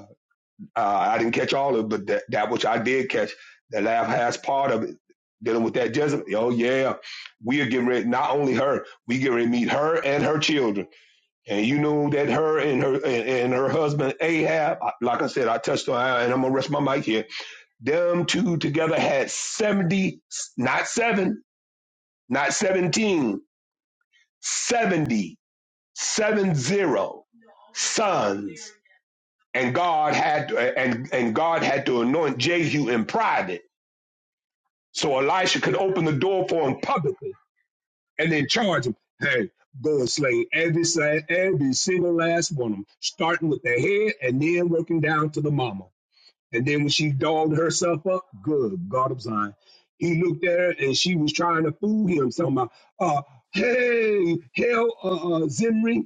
Uh, I didn't catch all of it, but that, that which I did catch, the laugh has part of it dealing with that Jezebel. Oh yeah, we are getting ready. Not only her, we get ready to meet her and her children. And you know that her and her and, and her husband Ahab. Like I said, I touched on, and I'm gonna rest my mic here. Them two together had seventy, not seven, not seventeen, seventy, seven zero sons and God had and and God had to anoint Jehu in private, so Elisha could open the door for him publicly and then charge him, "Hey, go and slay every sa- every single last one of them, starting with the head and then working down to the mama." And then when she dogged herself up, good God of Zion, he looked at her and she was trying to fool him, talking about, uh, "Hey, hell, uh, uh, Zimri."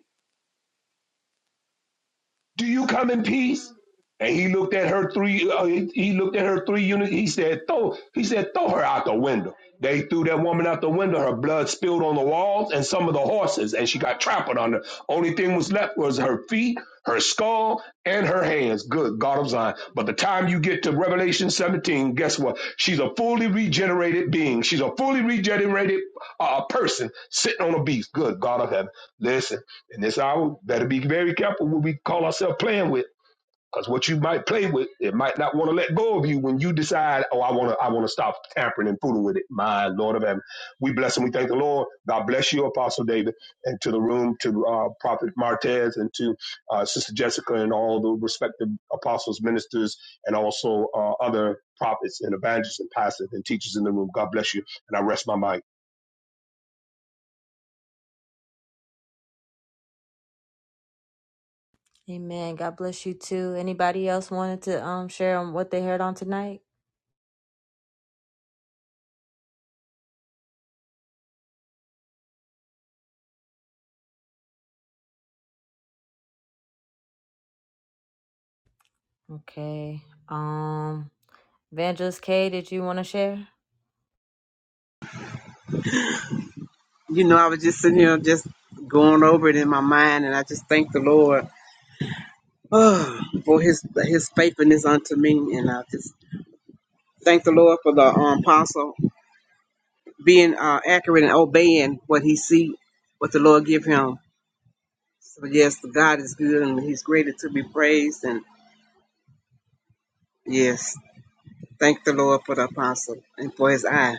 Do you come in peace? And he looked at her three. Uh, he, he looked at her three units. He said, "Throw." He said, "Throw her out the window." They threw that woman out the window. Her blood spilled on the walls and some of the horses, and she got trampled under. Only thing was left was her feet, her skull, and her hands. Good God of Zion! But the time you get to Revelation 17, guess what? She's a fully regenerated being. She's a fully regenerated uh, person sitting on a beast. Good God of heaven! Listen in this hour, better be very careful what we call ourselves playing with. Because what you might play with, it might not want to let go of you when you decide, oh, I want to, I want to stop tampering and fooling with it. My Lord of heaven, we bless and we thank the Lord. God bless you, Apostle David, and to the room, to uh, Prophet Martez, and to uh, Sister Jessica, and all the respective apostles, ministers, and also uh, other prophets and evangelists and pastors and teachers in the room. God bless you, and I rest my mind. Amen. God bless you too. Anybody else wanted to um share on what they heard on tonight? You know, I was just sitting here just going over it in my mind, and I just thank the Lord oh, for His His faithfulness unto me, and I just thank the Lord for the um, apostle being uh, accurate and obeying what he see, what the Lord give him. So yes, God is good, and He's greatly to be praised, and yes, thank the Lord for the apostle and for His eye,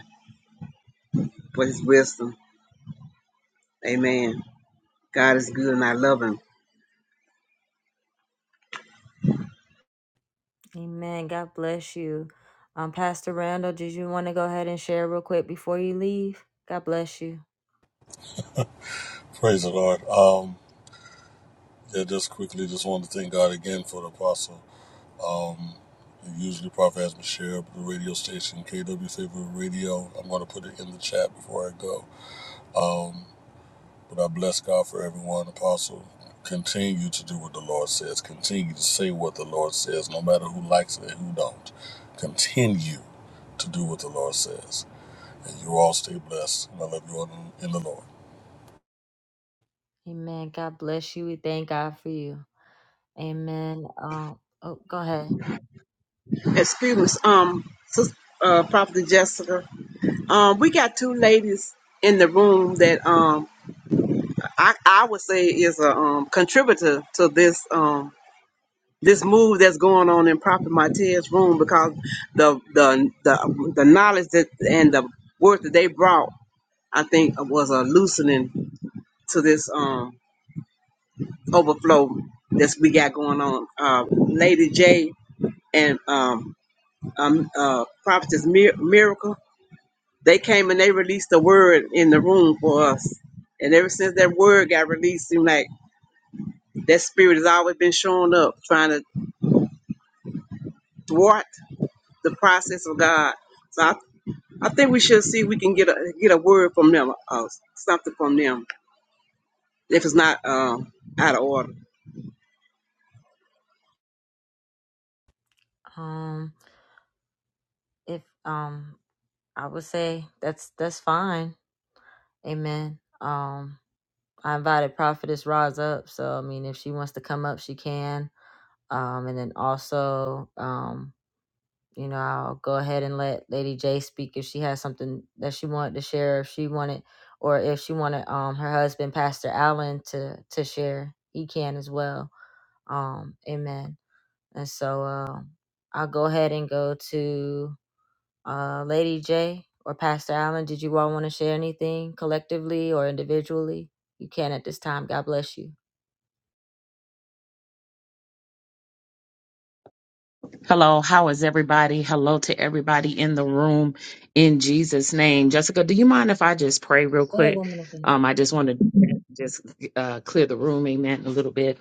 for His wisdom. Amen. God is good, and I love Him. Amen. God bless you. Um, Pastor Randall, did you want to go ahead and share real quick before you leave? God bless you. Praise the Lord. Um, yeah, just quickly, just wanted to thank God again for the apostle. Um, usually Prophet has me share the radio station, KW Favorite Radio. I'm going to put it in the chat before I go. Um, But I bless God for everyone, Apostle. Continue to do what the Lord says. Continue to say what the Lord says, no matter who likes it and who don't. Continue to do what the Lord says. And you all stay blessed. And I love you all in in the Lord. Okay. Excuse me, um, sis- uh, Prophet Jessica. Um, we got two ladies in the room that um I, I would say is a um contributor to this um this move that's going on in Prophet Martez's room because the the the the knowledge that and the work that they brought I think was a loosening to this um overflow that we got going on. Uh, Lady J and um, um uh Prophetess Mir- Miracle They came and they released the word in the room for us. And ever since that word got released, seemed like that spirit has always been showing up, trying to thwart the process of God. So I, I think we should see if we can get a get a word from them, uh, something from them, if it's not um, out of order. Um, if um I would say that's that's fine. Amen. Um, I invited Prophetess Roz up, so I mean, if she wants to come up, she can. Um, and then also, um, you know, I'll go ahead and let Lady J speak if she has something that she wanted to share, if she wanted, or if she wanted um her husband, Pastor Allen, to to share, he can as well. Um, amen. And so, um, I'll go ahead and go to. Uh, Lady J or Pastor Allen, did you all want to share anything collectively or individually? You can at this time. God bless you. Hello, how is everybody? Hello to everybody in the room in Jesus' name. Jessica, do you mind if I just pray real Go ahead, quick? woman of Um, God. I just want to just uh, clear the room, amen, a little bit.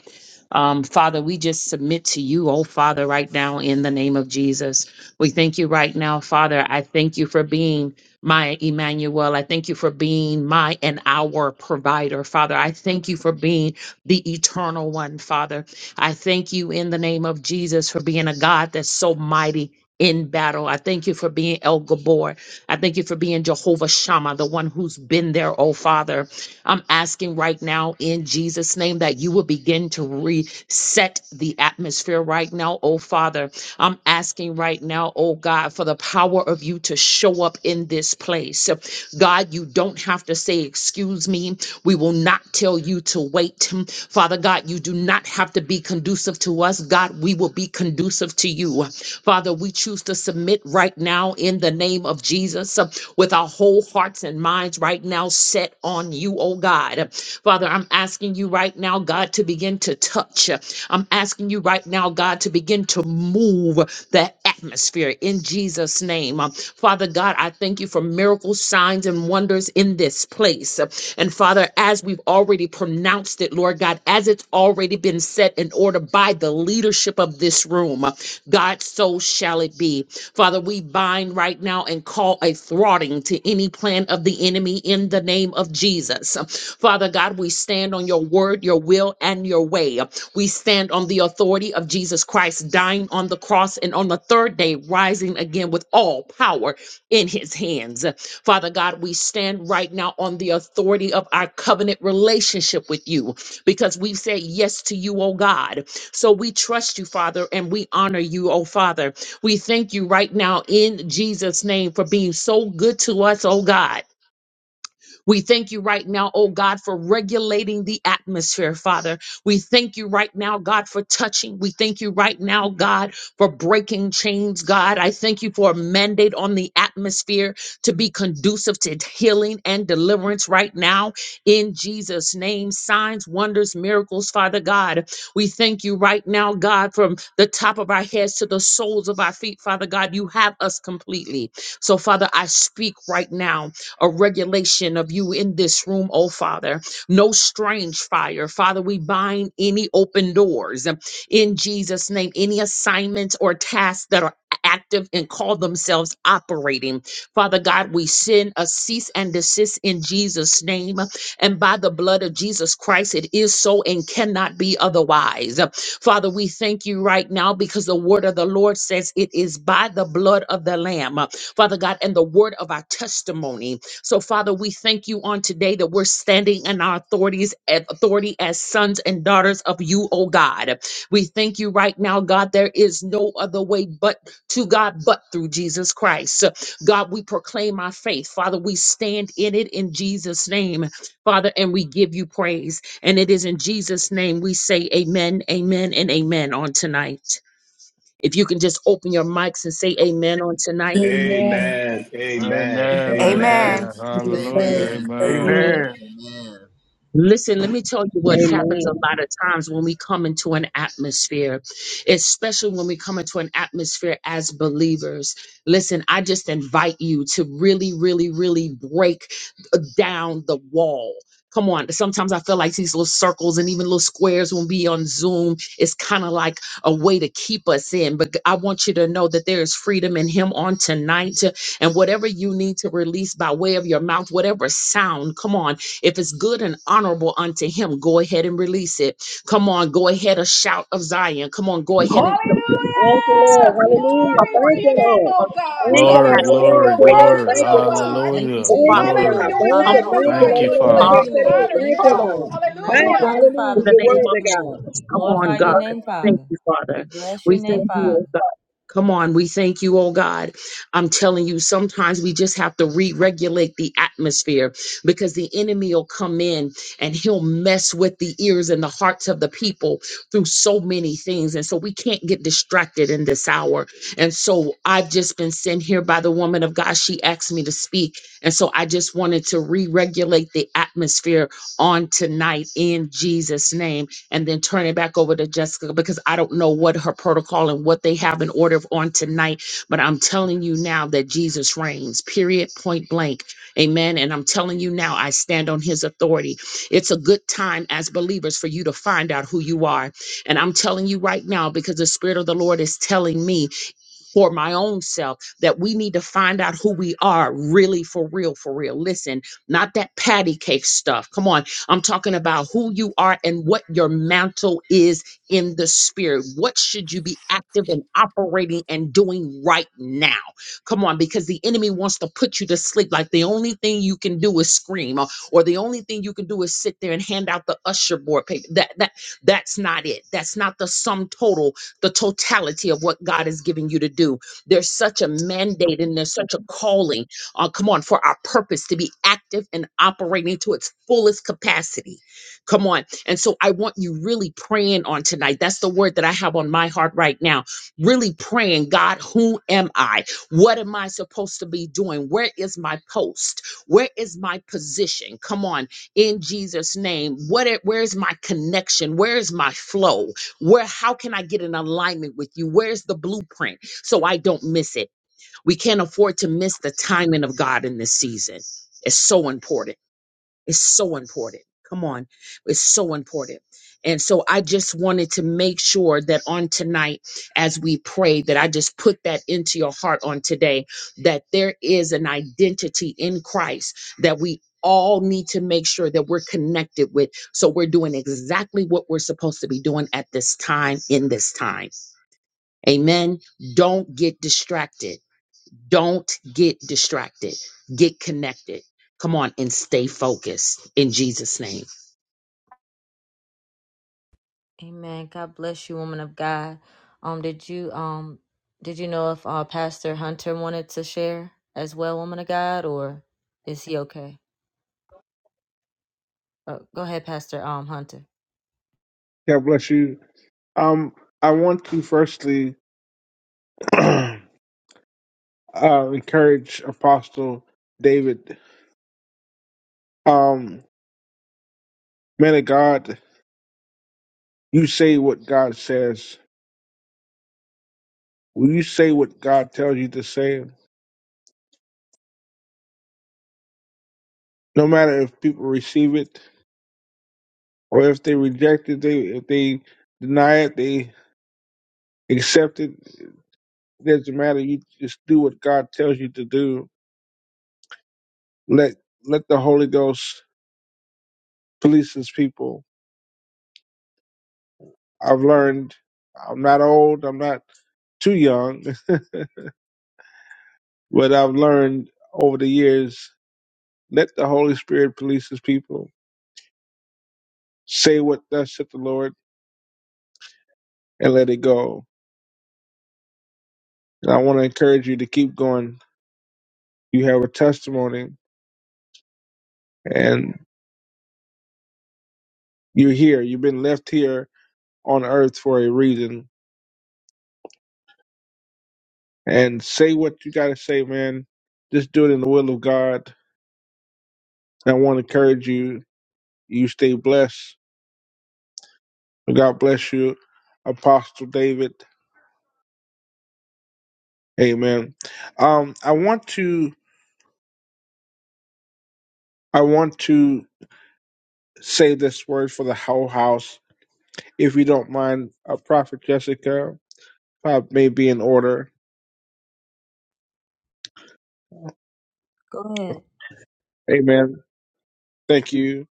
Um, Father, we just submit to you, oh Father, right now in the name of Jesus. We thank you right now, Father. I thank you for being my Emmanuel. I thank you for being my and our provider, Father. I thank you for being the eternal one, Father. I thank you in the name of Jesus for being a God that's so mighty in battle. I thank you for being El Gabor. I thank you for being Jehovah Shammah, the one who's been there, oh Father. I'm asking right now in Jesus' name that you will begin to reset the atmosphere right now, oh Father I'm asking right now, oh God, for the power of you to show up in this place. God, you don't have to say, Excuse me. We will not tell you to wait. Father God, you do not have to be conducive to us. God, we will be conducive to you. Father, we choose to submit right now in the name of Jesus uh, with our whole hearts and minds right now set on you, oh God. Father, I'm asking you right now, God, to begin to touch. I'm asking you right now now, God, to begin to move the atmosphere in Jesus' name. Um, Father God, I thank you for miracles, signs, and wonders in this place. And Father, as we've already pronounced it, Lord God, as it's already been set in order by the leadership of this room, God, so shall it be. Father, we bind right now and call a thwarting to any plan of the enemy in the name of Jesus. Father God, we stand on your word, your will, and your way. We stand on the authority of Jesus Christ dying on the cross and on the third day rising again with all power in his hands. Father God, we stand right now on the authority of our covenant relationship with you because we've said yes to you, oh God. So we trust you, Father, and we honor you, oh Father. We thank you right now in Jesus' name for being so good to us, oh God. We thank you right now, oh God, for regulating the atmosphere, Father. We thank you right now, God, for touching. We thank you right now, God, for breaking chains, God. I thank you for a mandate on the atmosphere to be conducive to healing and deliverance right now in Jesus' name. Signs, wonders, miracles, Father God. We thank you right now, God, from the top of our heads to the soles of our feet, Father God. You have us completely. So, Father, I speak right now a regulation of you in this room, oh Father. No strange fire. Father, we bind any open doors um, in Jesus' name, any assignments or tasks that are active and call themselves operating. Father God, we send a cease and desist in Jesus' name. And by the blood of Jesus Christ, it is so and cannot be otherwise. Father, we thank you right now because the word of the Lord says it is by the blood of the Lamb. Father God, and the word of our testimony. So, Father, we thank you on today that we're standing in our authorities, eh, authority as sons and daughters of you, oh God. We thank you right now, God. There is no other way but to God, but through Jesus Christ. God, we proclaim our faith. Father, we stand in it in Jesus' name, Father, and we give you praise. And it is in Jesus' name we say amen, amen, and amen on tonight. If you can just open your mics and say amen on tonight. Amen. Amen. Amen. Amen. Yes. Amen. Amen. Amen. Be so, Hallelujah. Amen. so be Amen. it. Amen. Amen. Listen, let me tell you what happens a lot of times when we come into an atmosphere, especially when we come into an atmosphere as believers. Listen, I just invite you to really, really, really break down the wall. Come on. Sometimes I feel like these little circles and even little squares when we on Zoom is kind of like a way to keep us in. But I want you to know that there is freedom in Him on tonight. And whatever you need to release by way of your mouth, whatever sound, come on if it's good and honorable unto him, go ahead and release it. Come on, go ahead, a shout of Zion. Come on, go ahead and come Thank you, Lord. Hallelujah! Hallelujah. Glory on. to Thank your you, name, it's Lord. the oh name of God. Jesus, Thank that you, Lord. Glory, has to Lord, Hallelujah. be Lord, glory, Lord. Lord. You're praised in glory. this worthy, Thank you, oh place. God. God. Thank you, Hallelujah. So, Thank Jesus. Father, you, we pray, God. Glory. Hallelujah. We Thank come I'm you, on. thank you, magnify Thank Hallelujah. you you, Lord. and Lord, Lord, Thank bless you Father. Thank you, you, and Lord. We Lord. honor Hallelujah. Thank you, thank you, you, Father, God. Lord. God. We come Thank on. you, magnify Hallelujah. you, In Father. hallelujah. the You're We name thank of worthy, you, God. Lord. Jesus, We come on, glorify your God. name, Thank Father. you, We Father. bless your We name, thank you, O Father. Come on, we thank you, oh God. I'm telling you, sometimes we just have to re regulate the atmosphere because the enemy will come in and he'll mess with the ears and the hearts of the people through so many things. And so we can't get distracted in this hour. And so I've just been sent here by the woman of God. She asked me to speak. And so I just wanted to re regulate the atmosphere on tonight in Jesus' name and then turn it back over to Jessica because I don't know what her protocol and what they have in order on tonight. But I'm telling you now that Jesus reigns, period, point blank. Amen. And I'm telling you now, I stand on his authority. It's a good time as believers for you to find out who you are. And I'm telling you right now because the Spirit of the Lord is telling me for my own self that we need to find out who we are really for real for real listen not that patty cake stuff come on i'm talking about who you are and what your mantle is in the spirit what should you be active and operating and doing right now come on because the enemy wants to put you to sleep like the only thing you can do is scream or, or the only thing you can do is sit there and hand out the usher board paper that that that's not it that's not the sum total the totality of what God is giving you to do. There's such a mandate and there's such a calling. Uh, come on, for our purpose to be active and operating to its fullest capacity. Come on. And so I want you really praying on tonight. That's the word that I have on my heart right now. Really praying, God, who am I? What am I supposed to be doing? Where is my post? Where is my position? Come on in Jesus' name. What where's my connection? Where's my flow? Where, how can I get in alignment with you? Where's the blueprint so I don't miss it? We can't afford to miss the timing of God in this season. It's so important. It's so important. Come on. It's so important. And so I just wanted to make sure that on tonight, as we pray, that I just put that into your heart on today, that there is an identity in Christ that we all need to make sure that we're connected with. So we're doing exactly what we're supposed to be doing at this time, in this time. Amen. Don't get distracted. Don't get distracted. Get connected. Come on and stay focused in Jesus' name. Amen. God bless you, woman of God. Um, did you um did you know if uh Pastor Hunter wanted to share as well, woman of God, or is he okay? Oh, go ahead, Pastor um Hunter. God bless you. Um, I want to firstly (clears throat) uh, encourage Apostle David. Um, man of God, you say what God says. Will you say what God tells you to say? No matter if people receive it or if they reject it, they if they deny it. they Accept it. Doesn't matter. You just do what God tells you to do. Let let the Holy Ghost police His people. I've learned. I'm not old. I'm not too young, (laughs) but I've learned over the years. Let the Holy Spirit police His people. Say what thus said the Lord, and let it go. And I want to encourage you to keep going. You have a testimony, and you're here. You've been left here on earth for a reason and say what you got to say, man. Just do it in the will of God. I want to encourage you. You stay blessed. God bless you, Apostle David. Amen. Um, I want to I want to say this word for the whole house, if you don't mind, uh, Prophet Jessica. Uh, may be in order. Go ahead. Amen. Thank you.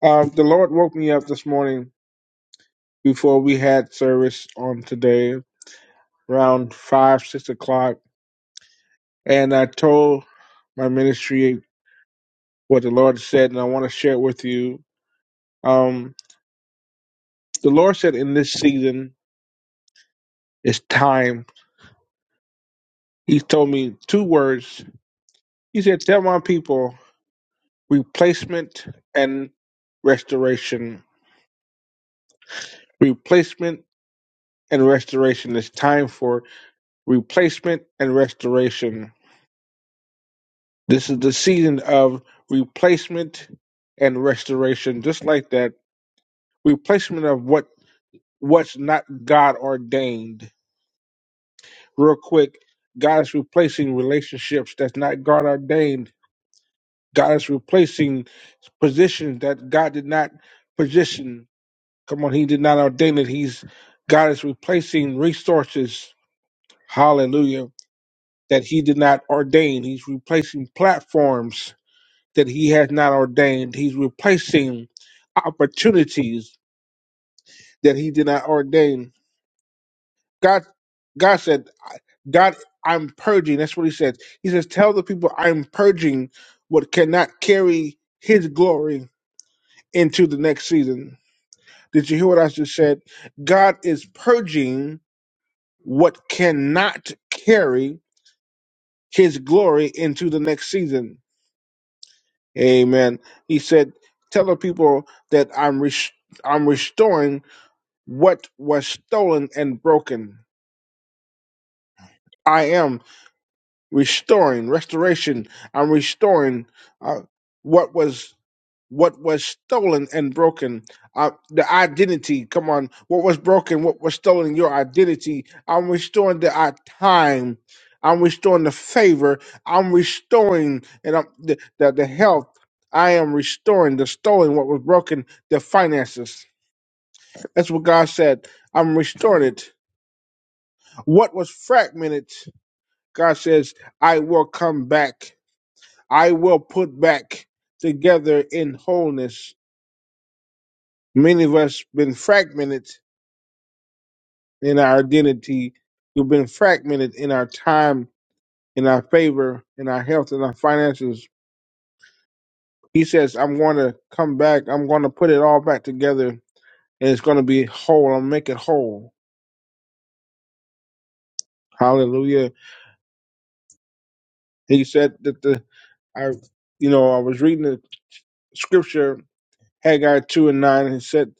Um, the Lord woke me up this morning before we had service on today, around five six o'clock, and I told my ministry, what the Lord said, and I want to share it with you. Um, the Lord said in this season, it's time. He told me two words. He said, Tell my people replacement and restoration. Replacement and restoration. It's time for replacement and restoration. This is the season of replacement and restoration, just like that. Replacement of what what's not God ordained real quick. God is replacing relationships that's not God ordained. God is replacing positions that God did not position. Come on, He did not ordain it. He's God is replacing resources. Hallelujah. That He did not ordain. He's replacing platforms that He has not ordained. He's replacing opportunities that He did not ordain God, God said, I- God, I'm purging. That's what He said. He says, tell the people I'm purging what cannot carry His glory into the next season. Did you hear what I just said? God is purging what cannot carry His glory into the next season. Amen. He said, tell the people that I'm res- I'm restoring what was stolen and broken. I am. restoring restoration i'm restoring uh, what was what was stolen and broken uh, the identity come on what was broken what was stolen your identity i'm restoring the uh, time i'm restoring the favor i'm restoring and I'm, the, the the health i am restoring the stolen what was broken the finances that's what god said i'm restoring it what was fragmented god says i will come back I will put back together in wholeness. Many of us been fragmented in our identity. We've been fragmented in our time, in our favor, in our health, in our finances. He says, I'm going to come back. I'm going to put it all back together and it's going to be whole. I'll make it whole. Hallelujah. He said that the, I, you know, I was reading the scripture, Haggai 2 and 9, and it said,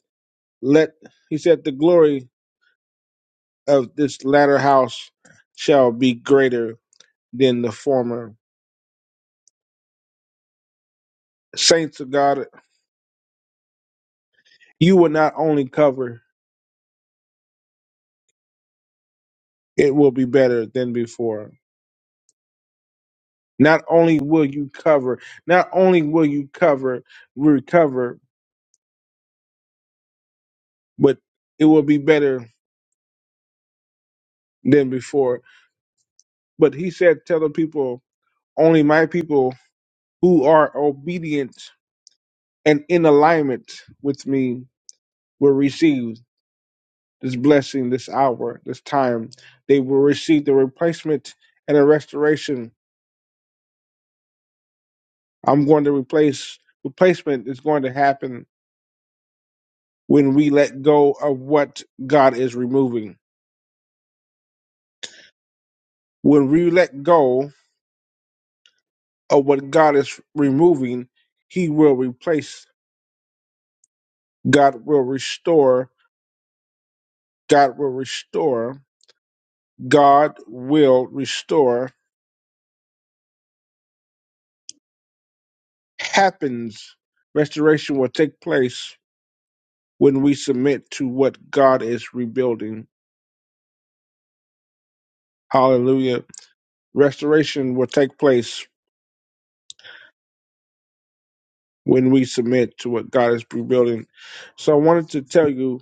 let, he said, the glory of this latter house shall be greater than the former. Saints of God, you will not only cover, it will be better than before. Not only will you cover, not only will you cover, recover, but it will be better than before. But he said, Tell the people, only my people who are obedient and in alignment with me will receive. this blessing, this hour, this time. They will receive the replacement and a restoration. I'm going to replace replacement is going to happen when we let go of what God is removing. When we let go of what God is removing, He will replace. God will restore. God will restore. God will restore. Happens. Restoration will take place when we submit to what God is rebuilding Hallelujah. Restoration will take place when we submit to what God is rebuilding. So I wanted to tell you,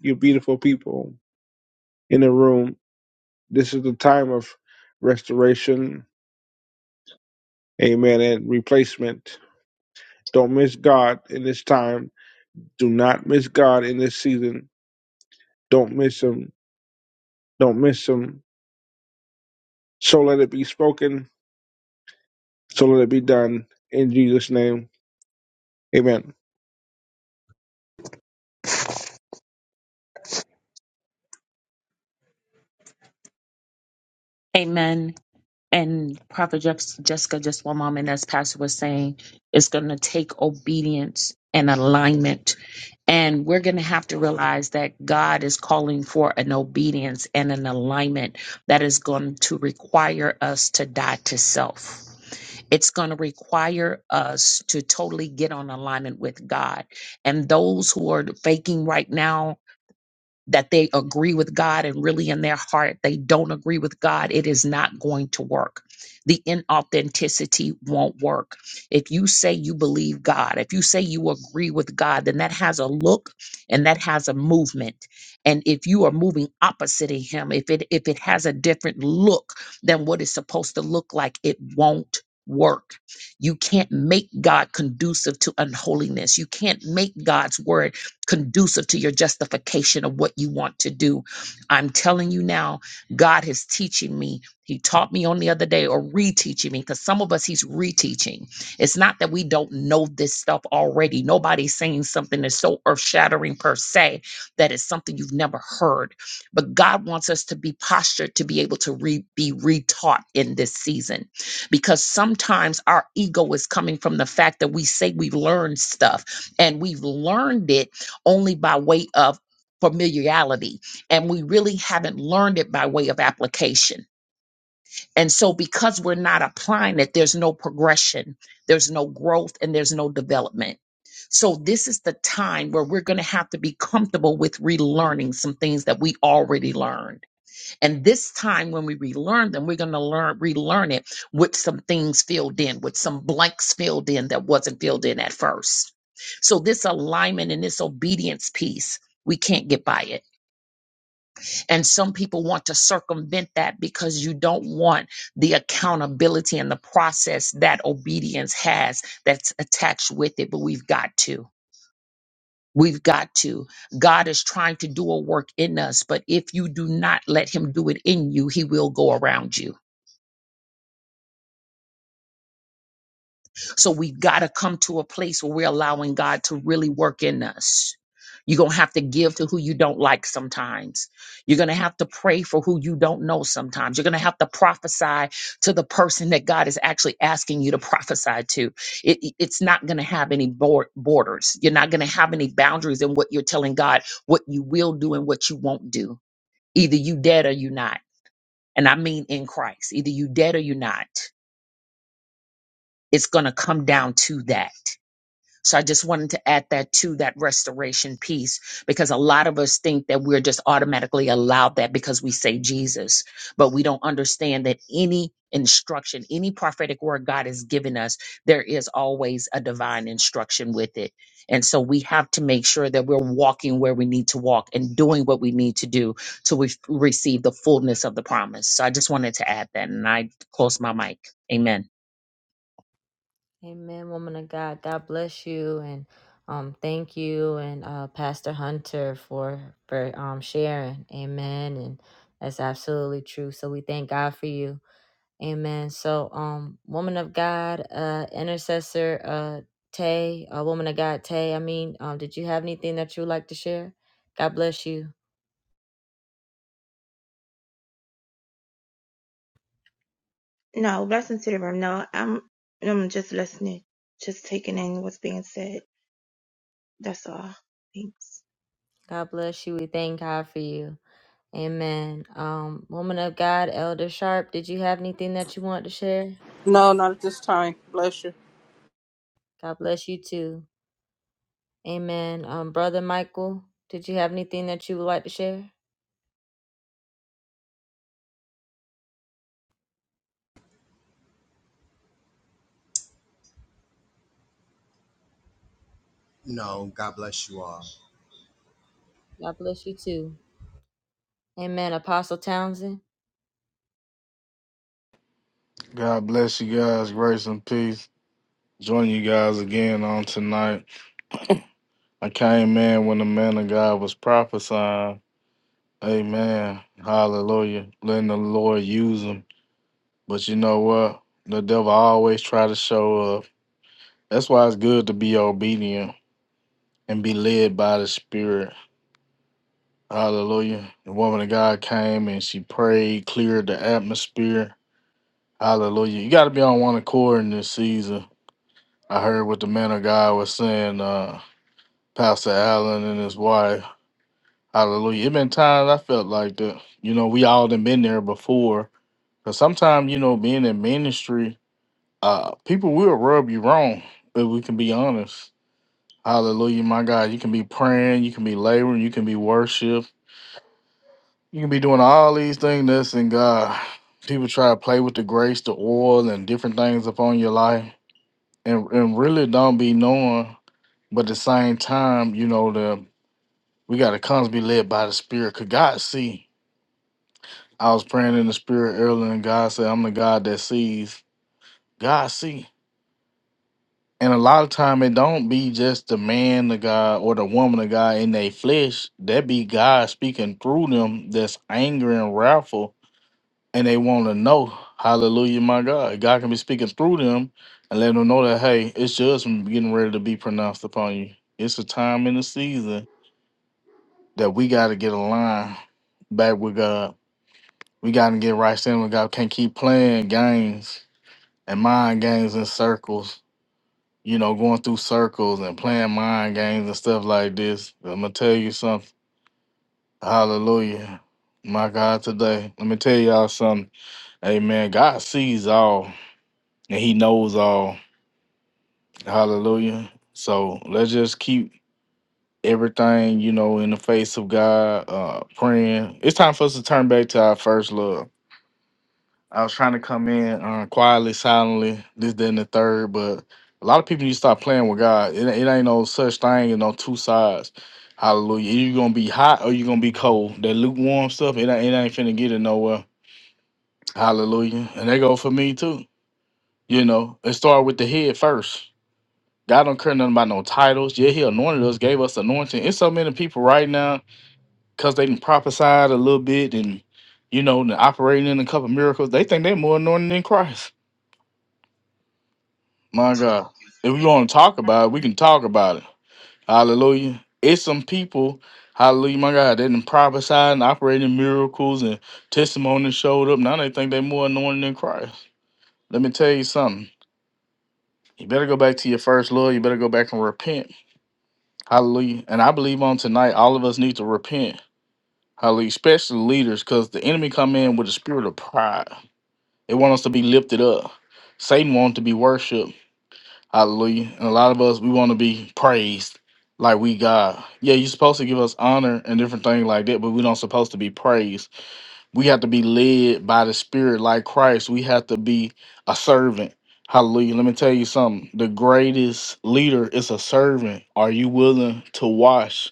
you beautiful people in the room, this is the time of restoration, amen, and replacement. Don't miss God in this time. Do not miss God in this season. Don't miss Him. Don't miss Him. So let it be spoken. So let it be done in Jesus' name. Amen. Amen. And Prophet Jex- Jessica, just one moment, as Pastor was saying, it's going to take obedience and alignment. And we're going to have to realize that God is calling for an obedience and an alignment that is going to require us to die to self It's going to require us to totally get on alignment with God. And those who are faking right now, that they agree with God and really in their heart they don't agree with God, it is not going to work. The inauthenticity won't work. If you say you believe God, if you say you agree with God, then that has a look and that has a movement. And if you are moving opposite of him, if it if it has a different look than what it's supposed to look like, it won't work. You can't make God conducive to unholiness. You can't make God's word conducive to your justification of what you want to do. I'm telling you now, God is teaching me. He taught me on the other day or reteaching me because some of us he's reteaching. It's not that we don't know this stuff already. Nobody's saying something that's so earth-shattering per se that it's something you've never heard. But God wants us to be postured to be able to re- be retaught in this season because sometimes our ego is coming from the fact that we say we've learned stuff and we've learned it only by way of familiarity. And we really haven't learned it by way of application. And so, because we're not applying it, there's no progression, there's no growth, and there's no development. So, this is the time where we're going to have to be comfortable with relearning some things that we already learned and this time when we relearn them, we're going to learn, relearn it with some things filled in, with some blanks filled in that wasn't filled in at first. So this alignment and this obedience piece, we can't get by it. And some people want to circumvent that because you don't want the accountability and the process that obedience has that's attached with it. But we've got to. We've got to. God is trying to do a work in us, but if you do not let Him do it in you, He will go around you. So we've got to come to a place where we're allowing God to really work in us. You're going to have to give to who you don't like sometimes. You're going to have to pray for who you don't know sometimes. You're going to have to prophesy to the person that God is actually asking you to prophesy to. It, it- it's not going to have any bor- borders. You're not going to have any boundaries in what you're telling God, what you will do and what you won't do. Either you dead or you not. And I mean in Christ. Either you dead or you not. It's going to come down to that So I just wanted to add that to that restoration piece because a lot of us think that we're just automatically allowed that because we say Jesus, but we don't understand that any instruction, any prophetic word God has given us, there is always a divine instruction with it. And so we have to make sure that we're walking where we need to walk and doing what we need to do to we receive the fullness of the promise. So I just wanted to add that and I close my mic. Amen. Amen, woman of God. God bless you and um thank you and uh Pastor Hunter for for um sharing. Amen. And that's absolutely true. So we thank God for you. Amen. So um woman of God, uh intercessor uh Tay, uh, woman of God Tay, I mean, um did you have anything that you would like to share? God bless you. No, blessings to the room. No, I'm I'm just listening, just taking in what's being said. That's all. Thanks. God bless you. We thank God for you. Amen. Um, woman of God, Elder Sharp, did you have anything that you want to share? No, not at this time. Bless you. God bless you too. Amen. Um, Brother Michael, did you have anything that you would like to share? No, God bless you all. God bless you too. Amen. Apostle Townsend. God bless you guys. Grace and peace. Join you guys again on tonight. I came in when the man of God was prophesying. Amen. Hallelujah. Letting the Lord use him. But you know what? The devil always try to show up. That's why it's good to be obedient and be led by the Spirit. Hallelujah. The woman of God came and she prayed, cleared the atmosphere. Hallelujah. You got to be on one accord in this season. I heard what the man of God was saying, uh, Pastor Allen and his wife. Hallelujah. It been times I felt like that. You know, we all done been there before. Cause sometimes, you know, being in ministry, uh, people will rub you wrong if we can be honest. Hallelujah, my God. You can be praying, you can be laboring, you can be worship. You can be doing all these things that's in God. People try to play with the grace, the oil, and different things upon your life, and and really don't be knowing. But at the same time, you know the we got to constantly be led by the Spirit. Cause God see. I was praying in the Spirit earlier, and God said, "I'm the God that sees." God see. And a lot of time, it don't be just the man of God or the woman of God in their flesh. That be God speaking through them. That's angry and wrathful and they want to know, hallelujah, my God. God can be speaking through them and let them know that, hey, it's judgment getting ready to be pronounced upon you. It's a time in the season that we got to get aligned back with God. We got to get right standing with God. Can't keep playing games and mind games in circles, you know, going through circles and playing mind games and stuff like this. I'm going to tell you something. Hallelujah. My God, today, let me tell y'all something. Amen. God sees all. and he knows all. Hallelujah. So let's just keep everything, you know, in the face of God, uh, praying. It's time for us to turn back to our first love. I was trying to come in uh, quietly, silently, this, then the third, but a lot of people need to stop playing with God. It, it ain't no such thing, you know, two sides. Hallelujah. you are gonna be hot or you are gonna be cold. That lukewarm stuff, it, ain't- it ain't finna get it nowhere. Hallelujah. And they go for me too. You know, it started with the head first. God don't care nothing about no titles. Yeah, he anointed us, gave us anointing. It's so many people right now because they did prophesied a little bit and you know and operating in a couple miracles. They think they're more anointed than Christ. My God, political if we want to talk about it, we can talk about it. Hallelujah. It's some people. Hallelujah, my God. They done prophesied and operating miracles and testimonies showed up. Now they think they're more anointed than Christ. Let me tell you something. You better go back to your first love. You better go back and repent Hallelujah. And I believe on tonight, all of us need to repent. Hallelujah. Especially leaders, because the enemy come in with a spirit of pride. They want us to be lifted up. Satan wants to be worshipped. Hallelujah. And a lot of us, we want to be praised like we God. Yeah, you're supposed to give us honor and different things like that, but we don't supposed to be praised. We have to be led by the spirit like Christ. We have to be a servant. Hallelujah. Let me tell you something. The greatest leader is a servant. Are you willing to wash?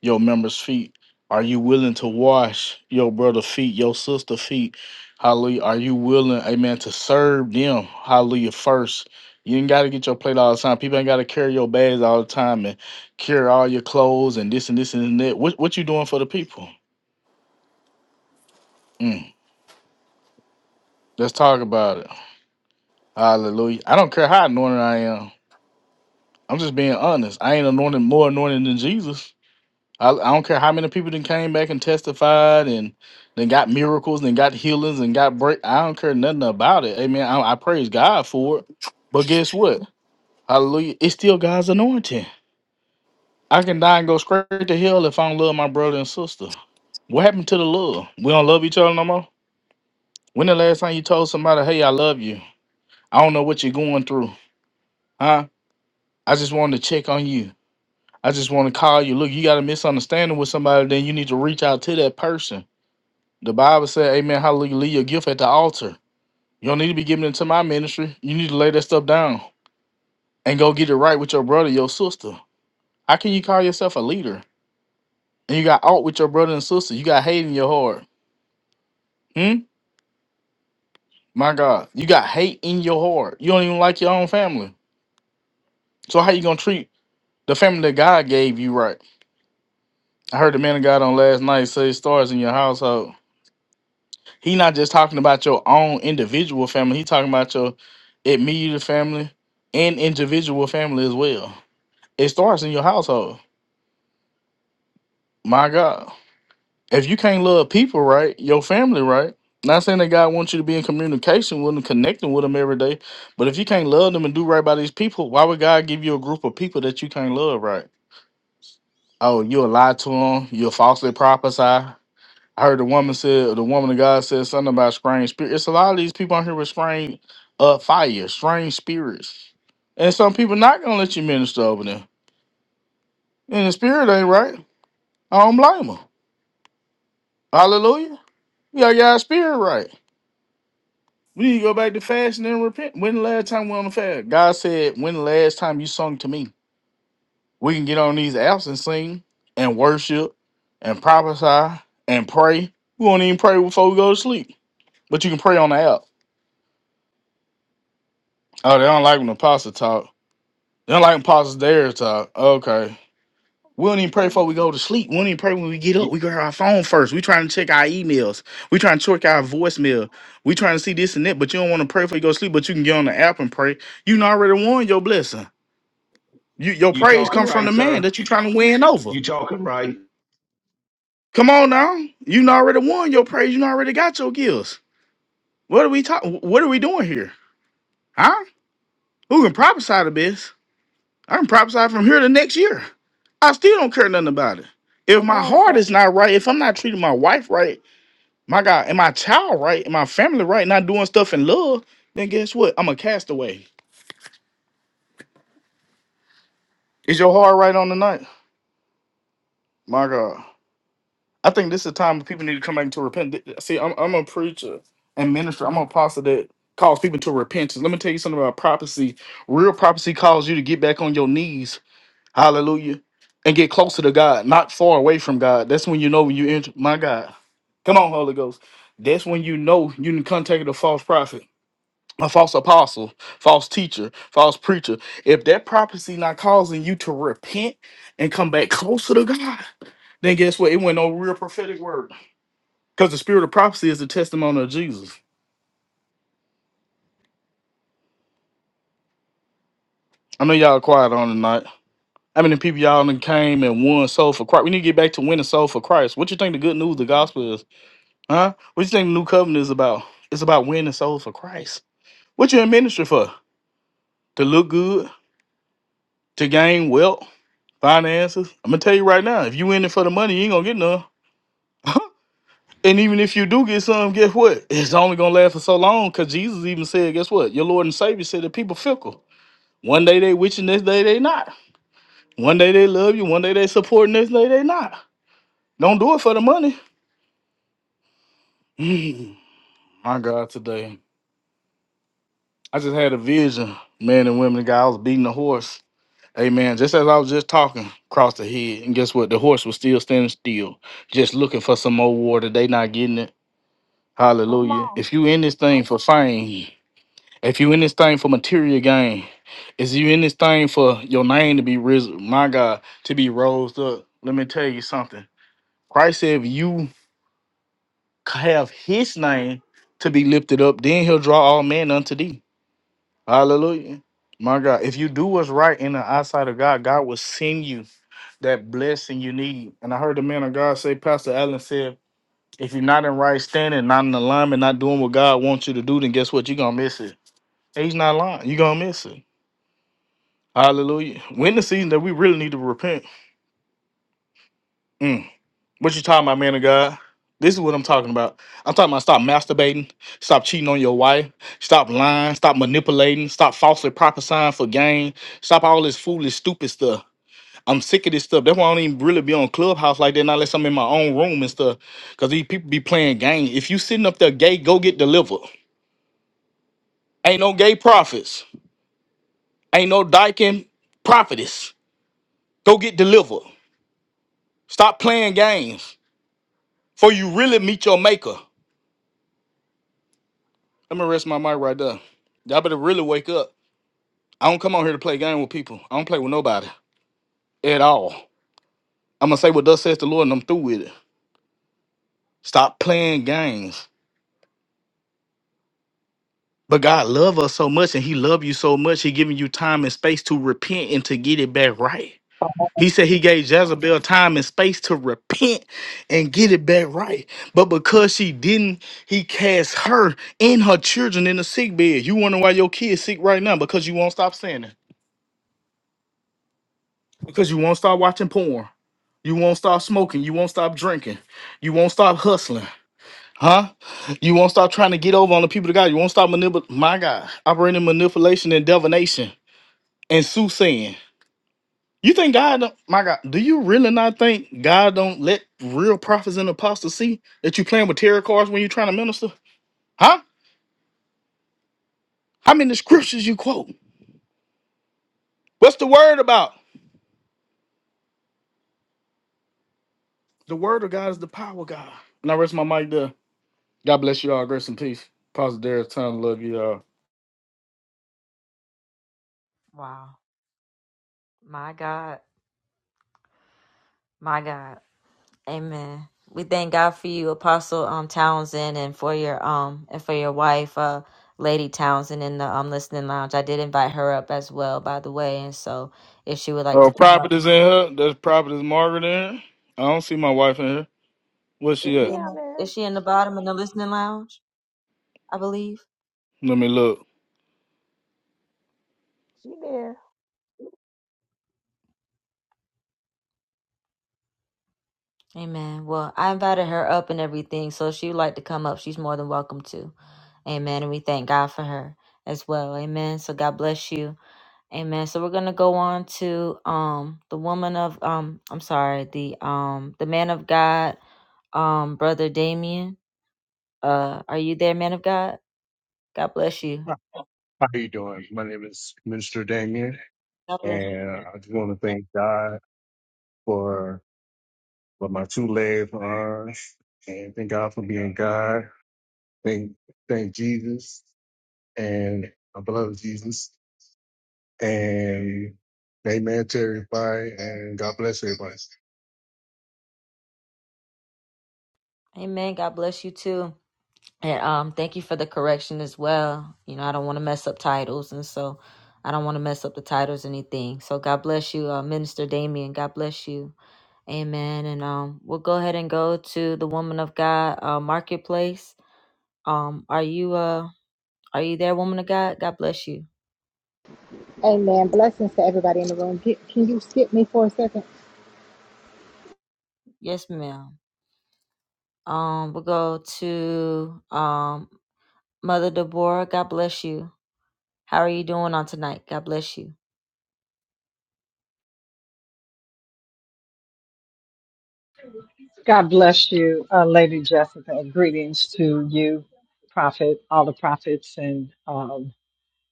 your members' feet? Are you willing to wash your brother's feet, your sister's feet? Hallelujah. Are you willing, amen, to serve them? Hallelujah. First, you ain't got to get your plate all the time. People ain't got to carry your bags all the time and carry all your clothes and this and this and that. What, what you doing for the people? Mm, let's talk about it. Hallelujah. I don't care how anointed I am. I'm just being honest. I ain't anointed more anointed than Jesus. I, I don't care how many people then came back and testified and then got miracles and got healings and got break. I don't care nothing about it. Amen. I, I praise God for it. But guess what? Hallelujah. It's still God's anointing. I can die and go straight to hell if I don't love my brother and sister. What happened to the love? We don't love each other no more. When the last time you told somebody, hey, I love you? I don't know what you're going through. Huh? I just wanted to check on you. I just want to call you. Look, you got a misunderstanding with somebody, then you need to reach out to that person The Bible said, Amen, hallelujah, leave your gift at the altar. You don't need to be giving it to my ministry. You need to lay that stuff down and go get it right with your brother, your sister. How can you call yourself a leader? And you got out with your brother and sister. You got hate in your heart. Hmm? My God. You got hate in your heart. You don't even like your own family. So how you gonna treat the family that God gave you right? I heard the man of God on last night say stars in your household. He not just talking about your own individual family. He talking about your immediate family and individual family as well. It starts in your household. My God, if you can't love people right, your family right. Not saying that God wants you to be in communication with them, connecting with them every day, but if you can't love them and do right by these people, why would God give you a group of people that you can't love right? Oh, you'll lie to them. You'll falsely prophesy. I heard the woman said, or the woman of God said something about strange spirit. It's a lot of these people out here with strange uh, fire, strange spirits. And some people not going to let you minister over them. And the spirit ain't right. I don't blame them. Hallelujah. You got your spirit right. We need to go back to fasting and repent. When the last time we on the fast? God said, when the last time you sung to me? We can get on these apps and sing and worship and prophesy and pray. We won't even pray before we go to sleep. But you can pray on the app. Oh, they don't like when the pastor talk. They don't like when pastors dare talk. Okay. We don't even pray before Oh, we go to sleep. We don't even pray when we get up. We grab our phone first. We trying to check our emails. We trying to check our voicemail. We trying to see this and that, but you don't want to pray before you go to sleep, but you can get on the app and pray. You done already won your blessing. You, your You praise talking come from right, the man sir? that you trying to win over. You talking right? Come on now. You done already won your praise. You done already got your gifts. What are we talking? What are we doing here? Huh? Who can prophesy the best? I can prophesy from here to next year. I still don't care nothing about it. If Come my on, heart sir. is not right, if I'm not treating my wife right, my God, and my child right, and my family right, not doing stuff in love, then guess what? I'm a castaway. Is your heart right on tonight? My God. I think this is a time when people need to come back to repent. See, I'm, I'm a preacher and minister. I'm a pastor that calls people to repentance. Let me tell you something about prophecy. Real prophecy calls you to get back on your knees Hallelujah. And get closer to God, not far away from God. That's when you know when you enter. My God. Come on, Holy Ghost. That's when you know you can contact a false prophet, a false apostle, false teacher, false preacher. If that prophecy not causing you to repent and come back closer to God, then guess what? It went no real prophetic word. Because the spirit of prophecy is the testimony of Jesus. I know y'all quiet on tonight. How many people y'all done came and won soul for Christ? We need to get back to winning soul for Christ. What you think the good news of the gospel Mhm. is? Huh? What you think the new covenant is about? It's about winning souls for Christ. What you in ministry for? To look good, to gain wealth, finances. I'm gonna tell you right now, if you in it for the money, you ain't gonna get none. And even if you do get some, guess what? It's only gonna last for so long because Jesus even said, guess what? Your Lord and Savior said that people fickle. One day they with you, next day they not. One day they love you, one day they support, next day they not. Don't do it for the money. (laughs) Mm, My God, today. I just had a vision, man and women, the guy I was beating a horse. Amen. just as I was just talking, across the head, and guess what? The horse was still standing still, just looking for some more water. They not getting it. Come Hallelujah. on. If you in this thing for fame, if you in this thing for material gain, is you in this thing for your name to be risen, my God, to be rose up. Let me tell you something. Christ said, if you have his name to be lifted up, then he'll draw all men unto thee. Hallelujah. My God, if you do what's right in the eyesight of God, God will send you that blessing you need. And I heard the man of God say, Pastor Allen said, if you're not in right standing, not in alignment, not doing what God wants you to do, then guess what? You're gonna miss it. And he's not lying. You're gonna miss it. Hallelujah. We're in the season that we really need to repent. Mm. What you talking about, man of God? This is what I'm talking about. I'm talking about stop masturbating, stop cheating on your wife, stop lying, stop manipulating, stop falsely prophesying for gain, stop all this foolish, stupid stuff. I'm sick of this stuff. That's why I don't even really be on Clubhouse like that not unless I'm in my own room and stuff. Cause these people be playing game. If you sitting up there gay, go get delivered. Ain't no gay prophets. Ain't no dyking prophetess. Go get delivered. Stop playing games. For you really meet your maker. I'm gonna rest my mic right there. Y'all better really wake up. I don't come on here to play game with people. I don't play with nobody at all. I'm gonna say what thus says the Lord and I'm through with it. Stop playing games. But God love us so much and he love you so much, he giving you time and space to repent and to get it back right. He said he gave Jezebel time and space to repent and get it back right. But because she didn't, he cast her and her children in the sick bed. You wonder why your kids sick right now? Because you won't stop sinning. Because you won't stop watching porn. You won't stop smoking. You won't stop drinking. You won't stop hustling. Huh? You won't stop trying to get over on the people of God. You won't stop manipulating. My God. Operating in manipulation and divination. and Sue saying, "You think God? Don't, my God, do you really not think God don't let real prophets and apostles see that you playing with tarot cards when you're trying to minister? Huh? How many scriptures you quote? What's the word about? The word of God is the power of God. And I rest my mic there. God bless you all. Grace and peace. Pastor Derek, time love you all. My God, my God. Amen. We thank God for you, Apostle um Townsend, and for your um and for your wife, uh, Lady Townsend in the um listening lounge. I did invite her up as well, by the way, and so if she would like Oh, to come prophet is in here. There's prophet is Margaret in here. I don't see my wife in here. Where's she She at? Yeah. down there. Is she in the bottom in the listening lounge? I believe. Let me look. She there. Amen. Well, I invited her up and everything, so if she would like to come up, she's more than welcome to. Amen. And we thank God for her as well. Amen. So God bless you. Amen. So we're gonna go on to um the woman of um I'm sorry the um the man of God um brother Damien. Uh, are you there, man of God? God bless you. How you doing? My name is Minister Damien, God bless. and I just want to thank God for for my two legs, my arms, and thank God for being God. Thank thank Jesus and my beloved Jesus, and Amen. Terrified, and God bless everybody. you. Amen. God bless you too. And um, thank you for the correction as well. You know, I don't want to mess up titles, and so I don't want to mess up the titles or anything. So God bless you, uh, Minister Damien. God bless you. Amen. And um, we'll go ahead and go to the Woman of God uh, Marketplace. Um, are you uh, are you there, Woman of God? God bless you. Amen. Blessings to everybody in the room. Get, can you skip me for a second? Um, we'll go to um, Mother Deborah. God bless you. How are you doing on tonight? God bless you. God bless you, uh, Lady Jessica. Greetings to you, Prophet, all the prophets, and um,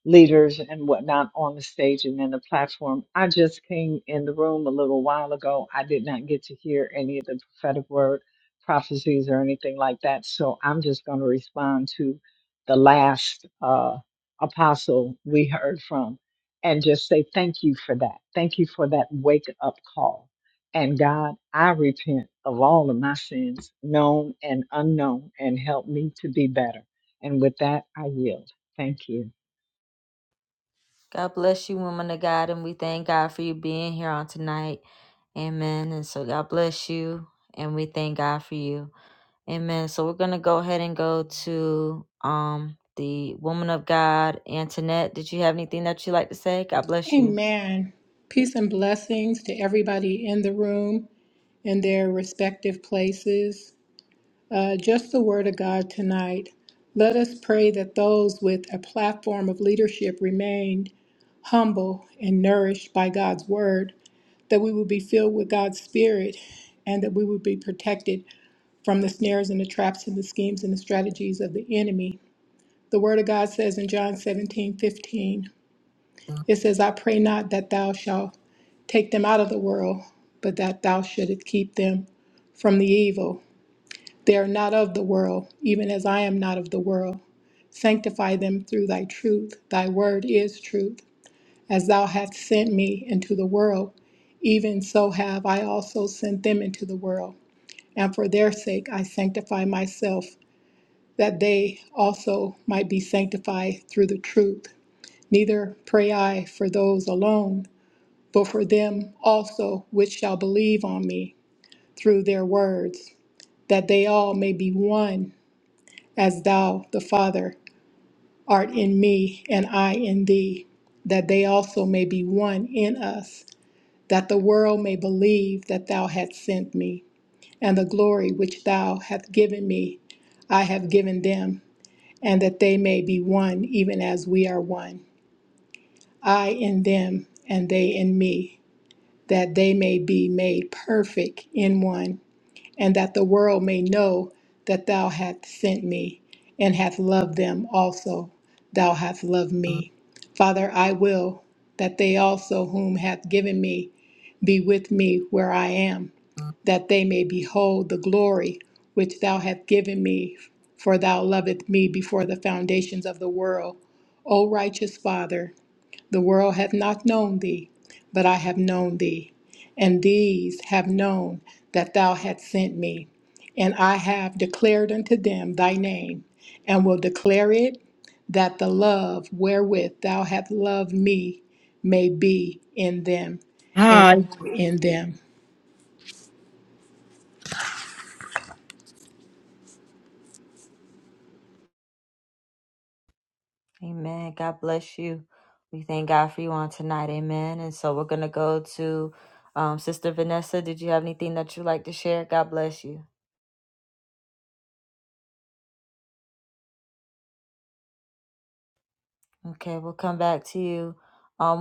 leaders and whatnot on the stage and in the platform. I just came in the room a little while ago. I did not get to hear any of the prophetic word prophecies or anything like that. So I'm just going to respond to the last uh, apostle we heard from and just say thank you for that. Thank you for that wake up call. And God, I repent of all of my sins, known and unknown, and help me to be better. And with that, I yield. Thank you. Thank God for you being here, man. And so God bless you, and we thank God for you. Amen. So we're gonna go ahead and go to um the woman of God Antoinette. Did you have God bless you? Amen. Peace and blessings to everybody in the room in their respective places. Uh, just the word of God tonight. Let us pray that those with a platform of leadership remain humble and nourished by God's word, that we would be filled with God's spirit, and that we would be protected from the snares and the traps and the schemes and the strategies of the enemy. The word of God says in John 17 15. it says, I pray not that thou shalt take them out of the world, but that thou shouldest keep them from the evil. They are not of the world, even as I am not of the world. Sanctify them through thy truth. Thy word is truth. As thou hast sent me into the world, Even so have I also sent them into the world. And for their sake I sanctify myself, that they also might be sanctified through the truth. Neither pray I for those alone, but for them also which shall believe on me through their words, that they all may be one, as thou, the Father, art in me, and I in thee, that they also may be one in us, that the world may believe that thou hast sent me. and the glory which thou hast given me, I have given them, and that they may be one, even as we are one. I in them, and they in me, that they may be made perfect in one, and that the world may know that thou hast sent me, and hast loved them also. Thou hast loved me. Father, I will that they also, whom hath given me, be with me where I am, that they may behold the glory which thou hast given me, for thou lovest me before the foundations of the world. O righteous Father, the world hath not known thee, but I have known thee. And these have known that thou hast sent me. And I have declared unto them thy name, and will declare it, that the love wherewith thou hast loved me may be in them, and Hi. I in them. Amen. God bless you. If you want to um Sister Vanessa, did you have anything that you like to share? God bless you. You um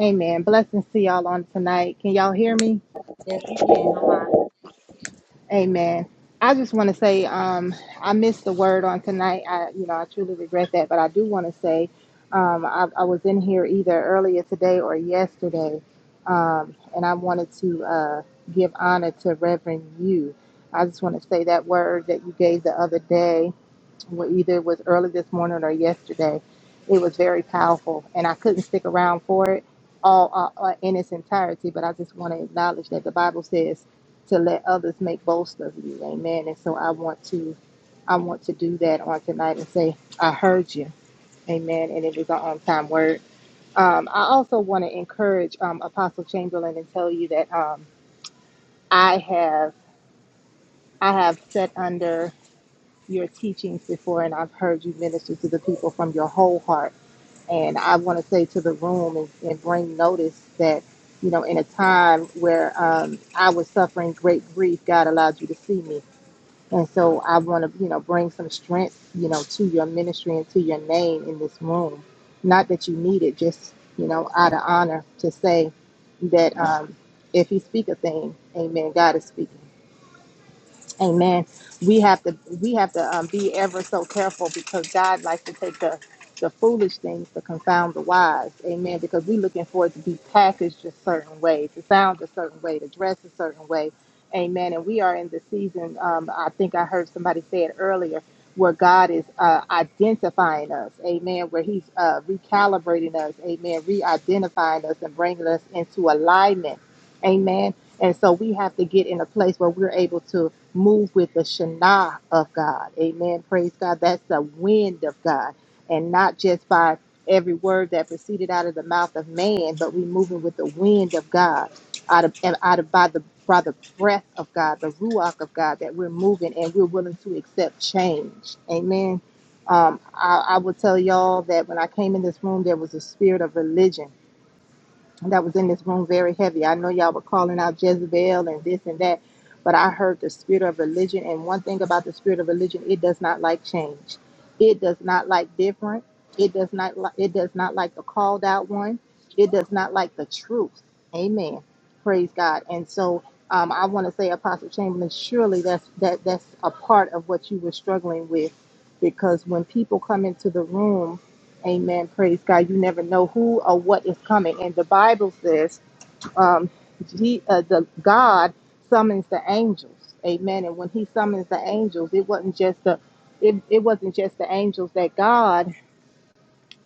Amen. Blessings to y'all on tonight. Can y'all hear me? yes, you can. Amen. I just want to say um, I missed the word on tonight. I, you know, I truly regret that, but I do want to say um, I, I was in here either earlier today or yesterday, um, and I wanted to uh, give honor to Reverend you. I just want to say that word that you gave the other day. well, either it was early this morning or yesterday. It was very powerful, and I couldn't stick around for it all uh, uh, in its entirety. But I just want to acknowledge that the Bible says to let others make boast of you, Amen. And so I want to, I want to do that on tonight and say, I heard you, Amen. And it was an on-time word. Um, I also want to encourage um, Apostle Chamberlain and tell you that um, I have, I have set under your teachings before and I've heard you minister to the people from your whole heart. And I want to say to the room and, and bring notice that, you know, in a time where um, I was suffering great grief, God allowed you to see me. And so I want to, you know, bring some strength, you know, to your ministry and to your name in this room. Not that you need it, just, you know, out of honor to say that um, if He speak a thing, amen, God is speaking. Amen. We have to we have to um, be ever so careful because God likes to take the the foolish things to confound the wise. Amen. Because we're looking for it to be packaged a certain way, to sound a certain way, to dress a certain way. Amen. And we are in the season. Um, I think I heard somebody say it earlier, where God is uh, identifying us. Amen. Where He's uh, recalibrating us. Amen. Re-identifying us and bringing us into alignment. Amen. And so we have to get in a place where we're able to move with the Shana of God. Amen. Praise God. That's the wind of God. And not just by every word that proceeded out of the mouth of man, but we moving with the wind of God. Out of and out of by the by the breath of God, the ruach of God that we're moving and we're willing to accept change. Amen. Um, I, I will tell y'all that when I came in this room, there was a spirit of religion that was in this room very heavy. I know y'all were calling out Jezebel and this and that, but I heard the spirit of religion. And one thing about the spirit of religion, it does not like change. It does not like different. It does not like it does not like the called out one. It does not like the truth. Amen. Praise God. And so um, I want to say, Apostle Chamberlain, surely that's that that's a part of what you were struggling with, because when people come into the room Amen. Praise God. You never know who or what is coming. And the Bible says, um, he, uh, the God summons the angels. Amen. And when He summons the angels, it wasn't just the it, it wasn't just the angels that God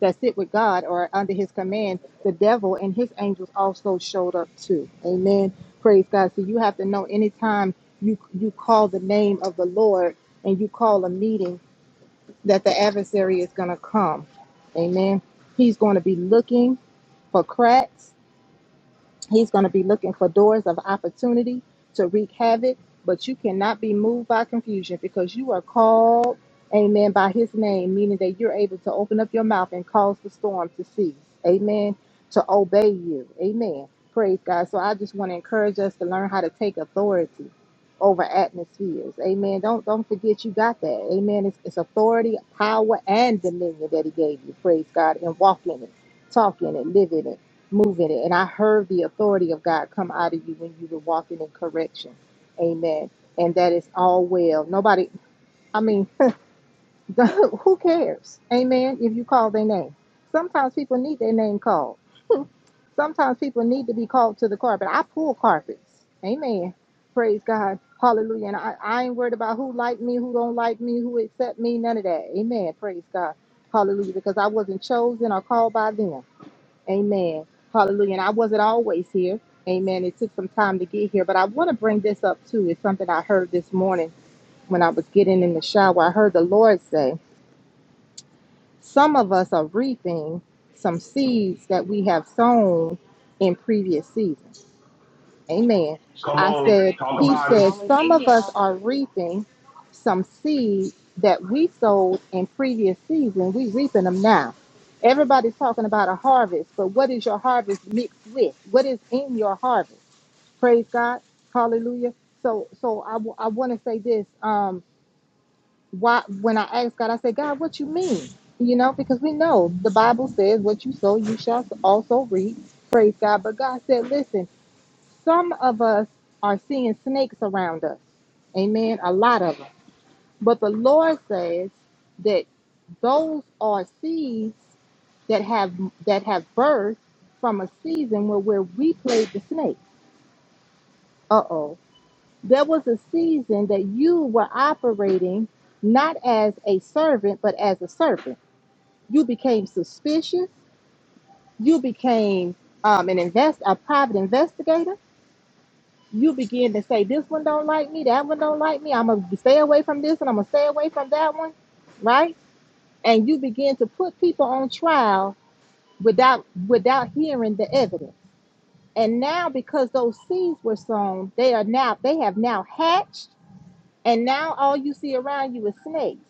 that sit with God or under His command. The devil and his angels also showed up too. Amen. Praise God. So you have to know anytime you you call the name of the Lord and you call a meeting that the adversary is going to come. Amen. He's going to be looking for cracks. He's going to be looking for doors of opportunity to wreak havoc, but you cannot be moved by confusion because you are called, amen, by his name, meaning that you're able to open up your mouth and cause the storm to cease, amen, to obey you, amen. Praise God. So I just want to encourage us to learn how to take authority over atmospheres. Amen. Don't don't forget you got that. Amen. It's, it's authority, power, and dominion that he gave you. Praise God. And walk in it, talk in it, live in it move in it. And I heard the authority of God come out of you when you were walking in correction. Amen. And that is all well. Nobody, I mean, (laughs) who cares? Amen. If you call their name. Sometimes people need their name called. Sometimes people need to be called to the carpet. I pull carpets. Amen. Praise God. Hallelujah. And I, I ain't worried about who like me, who don't like me, who accept me, none of that. Amen. Praise God. Hallelujah. Because I wasn't chosen or called by them. Amen. Hallelujah. And I wasn't always here. Amen. It took some time to get here, but I want to bring this up too. It's something I heard this morning when I was getting in the shower. I heard the Lord say, Some of us are reaping some seeds that we have sown in previous seasons. Amen. Come I on, said, talk He about it. said, some of Hallelujah. us are reaping some seed that we sowed in previous season. We reaping them now. Everybody's talking about a harvest, but what is your harvest mixed with? What is in your harvest? Praise God. Hallelujah. So, so I, w- I want to say this. Um, why, when I asked God, I said, God, what you mean? You know, because we know the Bible says what you sow, you shall also reap. Praise God. But God said, listen, some of us are seeing snakes around us. Amen. A lot of them. But the Lord says that those are seeds that have that have birthed from a season where, where we played the snake. Uh-oh. There was a season that you were operating not as a servant, but as a serpent. You became suspicious. You became um, an invest a private investigator you begin to say, This one don't like me, that one don't like me, I'm gonna stay away from this and I'm gonna stay away from that one, right? And you begin to put people on trial without without hearing the evidence. And now because those seeds were sown, they are now they have now hatched and now all you see around you is snakes.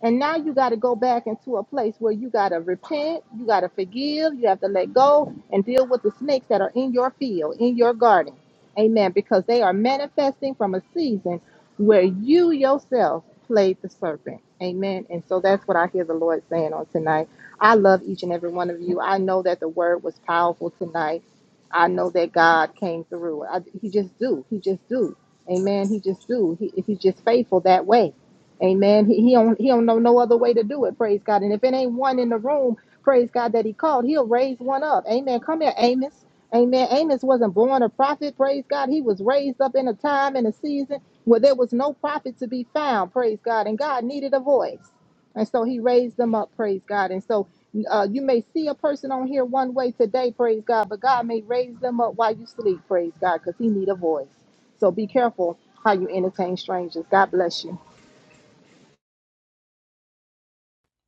And now you got to go back into a place where you got to repent, you got to forgive, you have to let go and deal with the snakes that are in your field, in your garden. Amen. Because they are manifesting from a season where you yourself played the serpent. Amen. And so that's what I hear the Lord saying on tonight. I love each and every one of you. I know that the word was powerful tonight. I know that God came through. I, he just do. He just do. Amen. He just do. He, he's just faithful that way. Amen. He, he don't he don't know no other way to do it. Praise God. And if it ain't one in the room, praise God that he called, he'll raise one up. Amen. Come here, Amos. Amen. Amos wasn't born a prophet. Praise God. He was raised up in a time and a season where there was no prophet to be found. Praise God. And God needed a voice. And so he raised them up. Praise God. And so uh, you may see a person on here one way today. Praise God. But God may raise them up while you sleep. Praise God. Because he need a voice. So be careful how you entertain strangers. God bless you.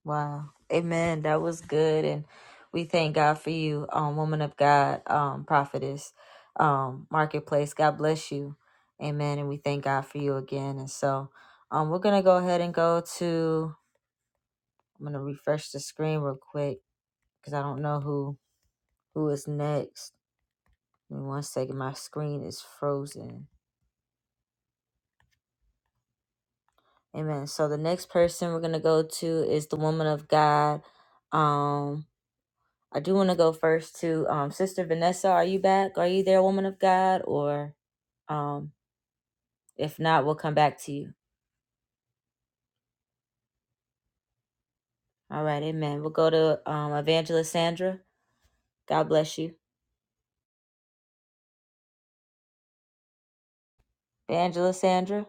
Wow. Amen. That was good and we thank God for you, um, woman of God, um, prophetess, um, marketplace. God bless you. Amen. And we thank God for you again. And so um we're gonna go ahead and go to refresh the screen real quick because I don't know who who is next. Give me one second, my screen is frozen. Amen. So the next person we're gonna go to is the woman of God. Um, I do want to go first to um, Sister Vanessa. Are you back? Are you there, woman of God? Or um, if not, we'll come back to you. All right, Amen. We'll go to um, Evangelist Sandra. God bless you, Evangelist Sandra.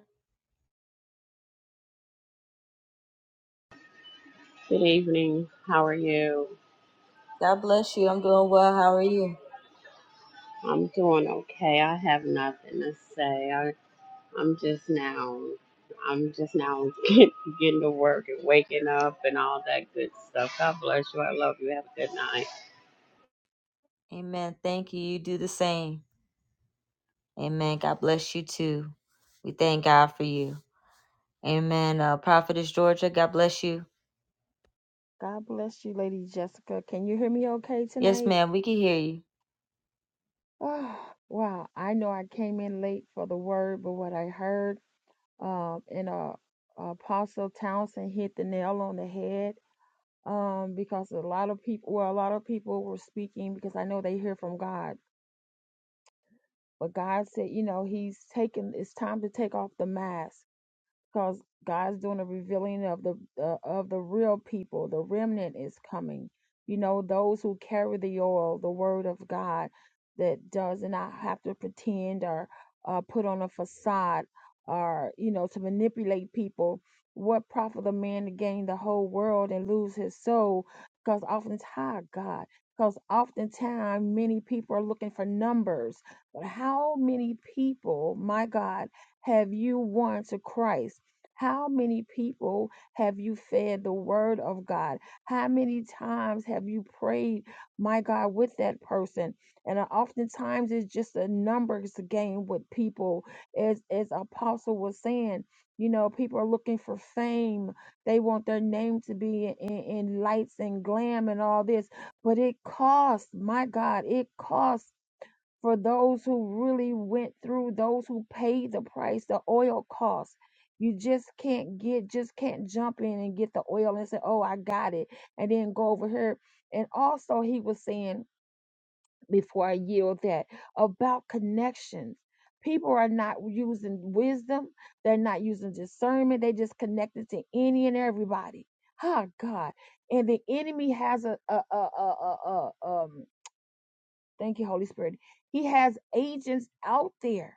Good evening. How are you? God bless you. I'm doing well. How are you? I'm doing okay. I have nothing to say. I, I'm just now, I'm just now (laughs) get, getting to work and waking up and all that good stuff. God bless you. I love you. Have a good night. God bless you, Lady Jessica. Can you hear me okay tonight? (sighs) Oh, wow. I know I came in late for the word, but what I heard um in uh Apostle Townsend hit the nail on the head. Um, because a lot of people well, a lot of people were speaking because I know they hear from God. But God said, you know, He's taken it's time to take off the mask because God's doing a revealing of the uh, of the real people. The remnant is coming. You know, those who carry the oil, the word of God, that does not have to pretend or uh, put on a facade or you know to manipulate people. What profit a man to gain the whole world and lose his soul? Because oftentimes, God, because oftentimes many people are looking for numbers. But how many people, my God, have you won to Christ? How many people have you fed the word of God? How many times have you prayed, my God, with that person? And uh, oftentimes it's just a numbers game with people. As, as Apostle was saying, you know, people are looking for fame. They want their name to be in, in, in lights and glam and all this. But it costs, my God, it costs for those who really went through, those who paid the price, the oil cost. You just can't get, just can't jump in and get the oil and say, oh, I got it, and then go over here. And also, he was saying before I yield that about connections. People are not using wisdom, they're not using discernment, they just connected to any and everybody. Ah, God. And the enemy has a, a, a, a, a, a, um, Thank you, Holy Spirit. He has agents out there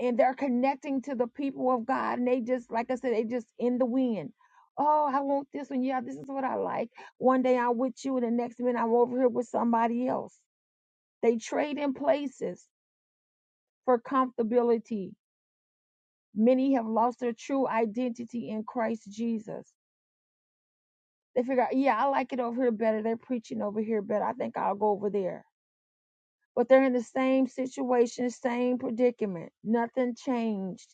and they're connecting to the people of God. And they just, like I said, they just in the wind. Oh, I want this one. Yeah, this is what I like. One day I'm with you, and the next minute I'm over here with somebody else. They trade in places for comfortability. Many have lost their true identity in Christ Jesus. They figure out, yeah, I like it over here better. They're preaching over here better. I think I'll go over there. but they're in the same situation, same predicament. Nothing changed.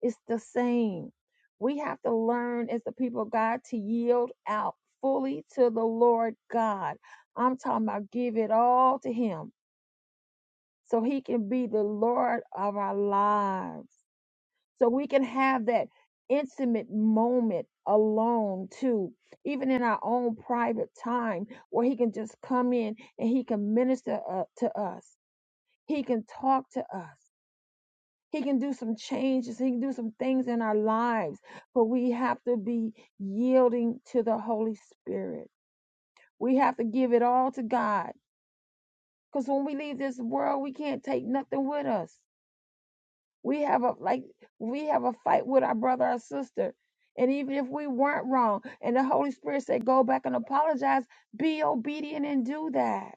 It's the same. We have to learn as the people of God to yield out fully to the Lord God. I'm talking about give it all to Him so He can be the Lord of our lives. So we can have that intimate moment alone too, even in our own private time where He can just come in and He can minister uh, to us he can talk to us. He can do some changes. He can do some things in our lives. But we have to be yielding to the Holy Spirit. We have to give it all to God. Because when we leave this world, we can't take nothing with us. We have a like we have a fight with our brother or sister. And even if we weren't wrong, and the Holy Spirit said, go back and apologize, be obedient and do that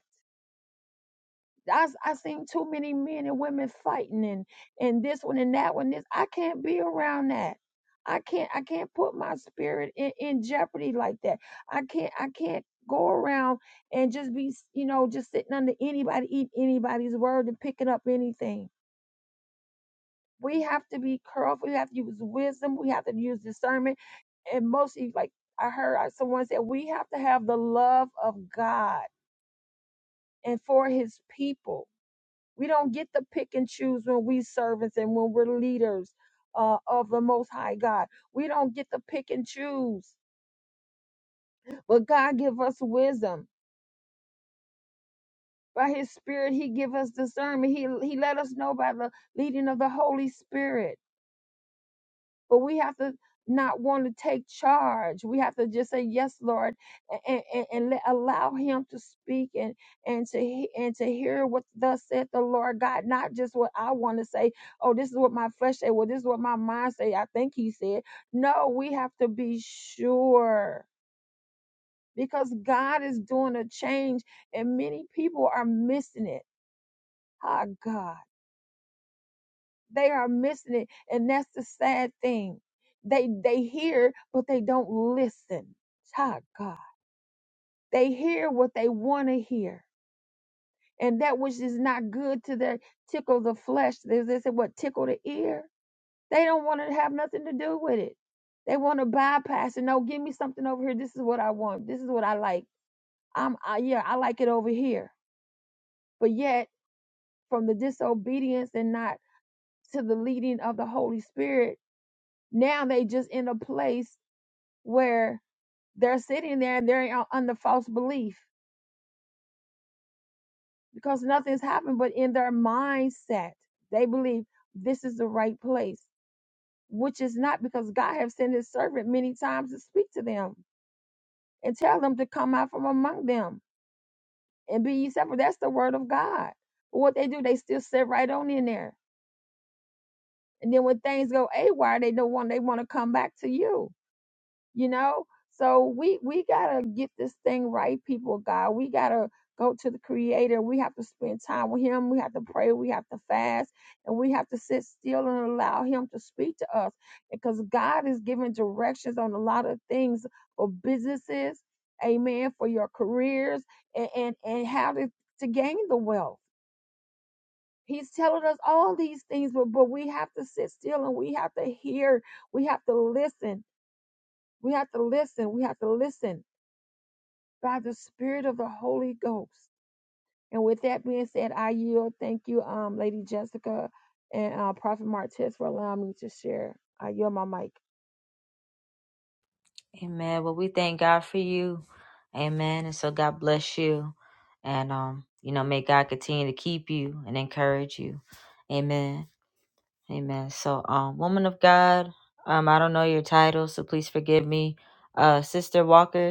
I I seen too many men and women fighting and and this one and that one. This I can't be around that. I can't I can't put my spirit in, in jeopardy like that. I can't I can't go around and just be you know just sitting under anybody eating anybody's word and picking up anything. We have to be careful. We have to use wisdom. We have to use discernment, and mostly like I heard uh, someone said, we have to have the love of God and for His people We don't get to pick and choose when we servants and when we're leaders uh, of the Most High God. We don't get to pick and choose, but God give us wisdom. By His Spirit, He give us discernment. He He let us know by the leading of the Holy Spirit But we have to not want to take charge. We have to just say, "Yes, Lord," and, and, and let, allow Him to speak and and to he- and to hear what thus said the Lord God, not just what I want to say. Oh, this is what my flesh say. Well, this is what my mind say. I think He said. No, we have to be sure because God is doing a change, and many people are missing it. Ah, God. They are missing it. And that's the sad thing. They they hear, but they don't listen. Child God. They hear what they want to hear. And that which is not good to their tickle the flesh. They, they say what tickle the ear. They don't want to have nothing to do with it. They want to bypass it. No, give me something over here. This is what I want. This is what I like. I'm I, yeah, I like it over here. But yet, from the disobedience and not to the leading of the Holy Spirit, now they just in a place where they're sitting there and they're on- under false belief because nothing's happened but in their mindset they believe this is the right place which is not because god have sent his servant many times to speak to them and tell them to come out from among them and be ye separate that's the word of god but what they do they still sit right on in there and then when things go awry they don't want they want to come back to you you know so we we gotta get this thing right people of god we gotta go to the creator we have to spend time with him we have to pray we have to fast and we have to sit still and allow him to speak to us because god is giving directions on a lot of things for businesses amen for your careers and and, and how to, to gain the wealth He's telling us all these things, but, but we have to sit still and we have to hear. We have to listen. We have to listen. We have to listen by the Spirit of the Holy Ghost. And with that being said, I yield. Thank you, um, Lady Jessica and uh, Prophet Martez, for allowing me to share. I yield my mic. We thank God for you. Amen. And so God bless you. You know, may God get to you. Amen. Um, woman of Um, Lord, also please give me uh sister.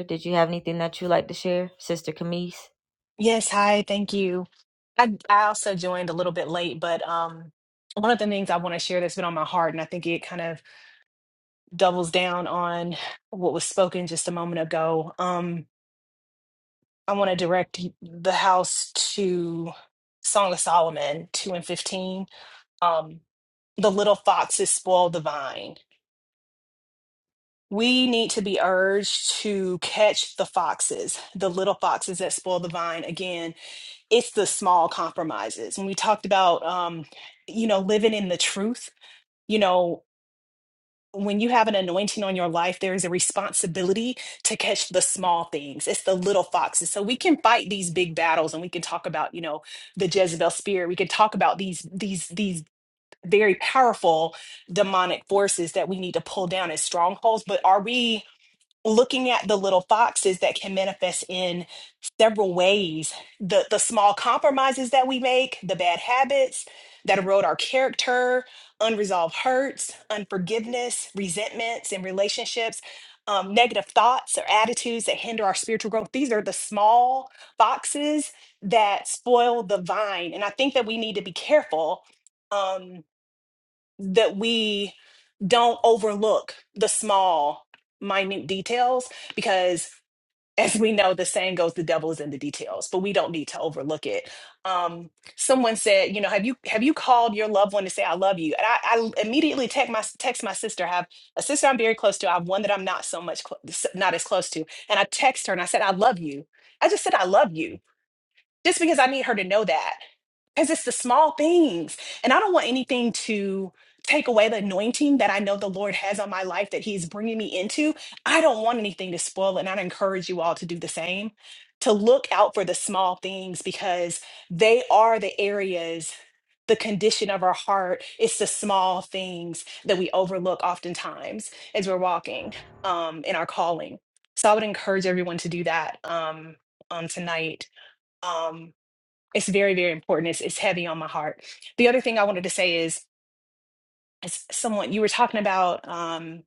Did you have anything that you like to share, Sister Camise? Yes, hi, thank you. I I also joined a little bit late, but um one of the things I want to share that's been on my heart, and I think it kind of doubles down on what was spoken just a moment ago. Um, I want to direct y- the house to Song of Solomon 2 and 15. Um, the little foxes spoil the vine. We need to be urged to catch the foxes, the little foxes that spoil the vine. Again, it's the small compromises. And we talked about, um, you know, living in the truth. You know, when you have an anointing on your life, there is a responsibility to catch the small things. It's the little foxes. So we can fight these big battles, and we can talk about, you know, the Jezebel spirit. We can talk about these these these very powerful demonic forces that we need to pull down as strongholds. But are we? looking at the little foxes that can manifest in several ways the the small compromises that we make the bad habits that erode our character unresolved hurts unforgiveness resentments in relationships um, negative thoughts or attitudes that hinder our spiritual growth these are the small foxes that spoil the vine and i think that we need to be careful um, that we don't overlook the small, minute details because, as we know, the saying goes, "The devil is in the details," but we don't need to overlook it. Um, someone said, "You know, have you have you called your loved one to say I love you?" And I, I immediately text my text my sister. I have a sister I'm very close to. I have one that I'm not so much clo- s- not as close to, and I text her and I said, "I love you." I just said, "I love you." just because I need her to know that. Because it's the small things. And I don't want anything to take away the anointing that I know the Lord has on my life that He's bringing me into. I don't want anything to spoil it. And I encourage you all to do the same, to look out for the small things because they are the areas. The condition of our heart, it's the small things that we overlook oftentimes as we're walking um, in our calling. So I would encourage everyone to do that um, on tonight. Um, it's very very important it's, it's heavy on my heart the other thing i wanted to say is as someone you were talking about um,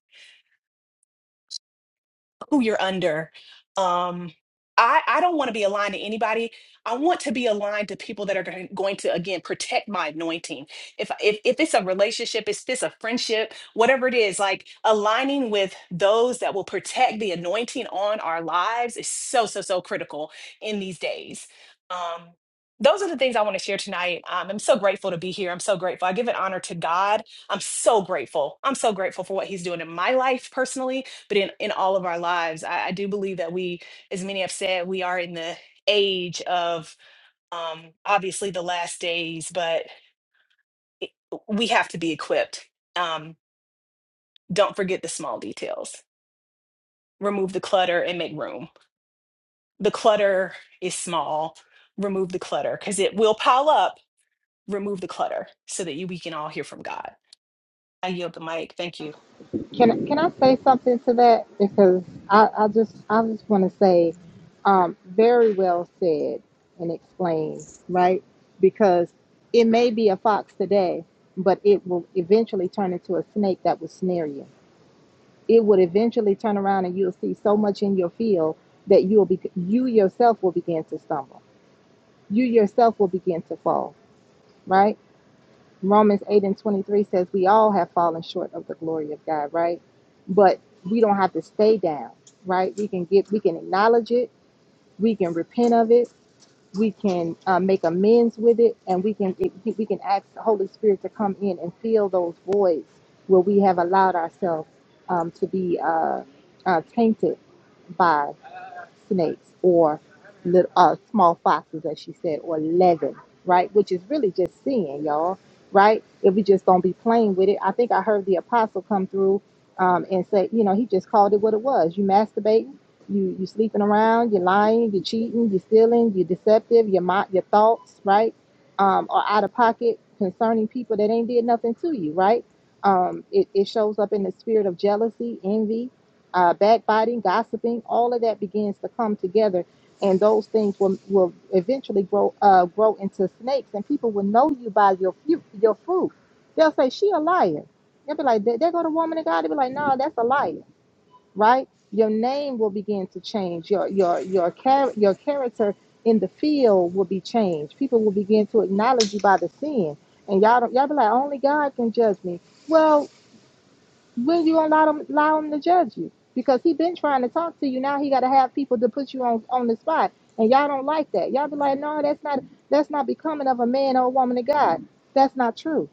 who you're under. Um, I, I don't want to be aligned to anybody. I want to be aligned to people that are going going to again protect my anointing. If if if it's a relationship, if it's a friendship, whatever it is, like aligning with those that will protect the anointing on our lives is so so so critical in these days. Um, those are the things I want to share tonight. Um, I'm so grateful to be here. I'm so grateful. I give it honor to God. I'm so grateful. I'm so grateful for what He's doing in my life personally but in, in all of our lives, I, I do believe that we, as many have said, we are in the age of um, obviously the last days, but it- we have to be equipped. Um, don't forget the small details. Remove the clutter and make room. The clutter is small. Remove the clutter because it will pile up. Remove the clutter so that you, we can all hear from God. I yield the mic. Thank you. Can can I say something to that? Because I, I just I just want to say, um, very well said and explained, right? Because it may be a fox today, but it will eventually turn into a snake that will snare you. It would eventually turn around and you'll see so much in your field that you'll be you yourself will begin to stumble. You yourself will begin to fall, right? Romans 8 and 23 says we all have fallen short of the glory of God, right? But we don't have to stay down, right? We can get, we can acknowledge it, we can repent of it, we can uh, make amends with it, and we can it, we can ask the Holy Spirit to come in and fill those voids where we have allowed ourselves um, to be uh, uh, tainted by snakes or little, uh, small foxes, as she said, or leaven, right? Which is really just sin, y'all, right? If we just don't be playing with it. I think I heard the apostle come through um, and say, you know, he just called it what it was. You masturbating, you you sleeping around, you're lying, you're cheating, you're stealing, you're deceptive, your mind, your thoughts, right, um, are out of pocket concerning people that ain't did nothing to you, right? Um, it, it shows up in the spirit of jealousy, envy, uh, backbiting, gossiping, all of that begins to come together, and those things will, will eventually grow uh, grow into snakes, and people will know you by your fu- your fruit. They'll say she a liar. They'll be like, there there go the woman of God. They'll be like, no, that's a liar, right? Your name will begin to change. Your your your char- your character in the field will be changed. People will begin to acknowledge you by the sin, and y'all don't, y'all be like, only God can judge me. Well, Will you allow him allow him to judge you? Because he been trying to talk to you. Now he got to have people to put you on on the spot, and y'all don't like that. Y'all be like, no, that's not that's not becoming of a man or a woman of God. That's not true.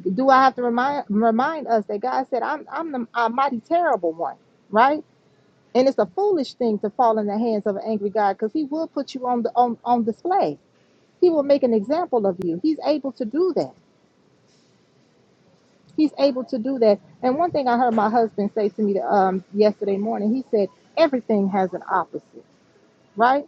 Do I have to remind remind us that God said, I'm I'm the a mighty terrible one, right? And it's a foolish thing to fall in the hands of an angry God because He will put you on the on on display. He will make an example of you. He's able to do that. He's able to do that. And one thing I heard my husband say to me um, yesterday morning, he said, everything has an opposite, right?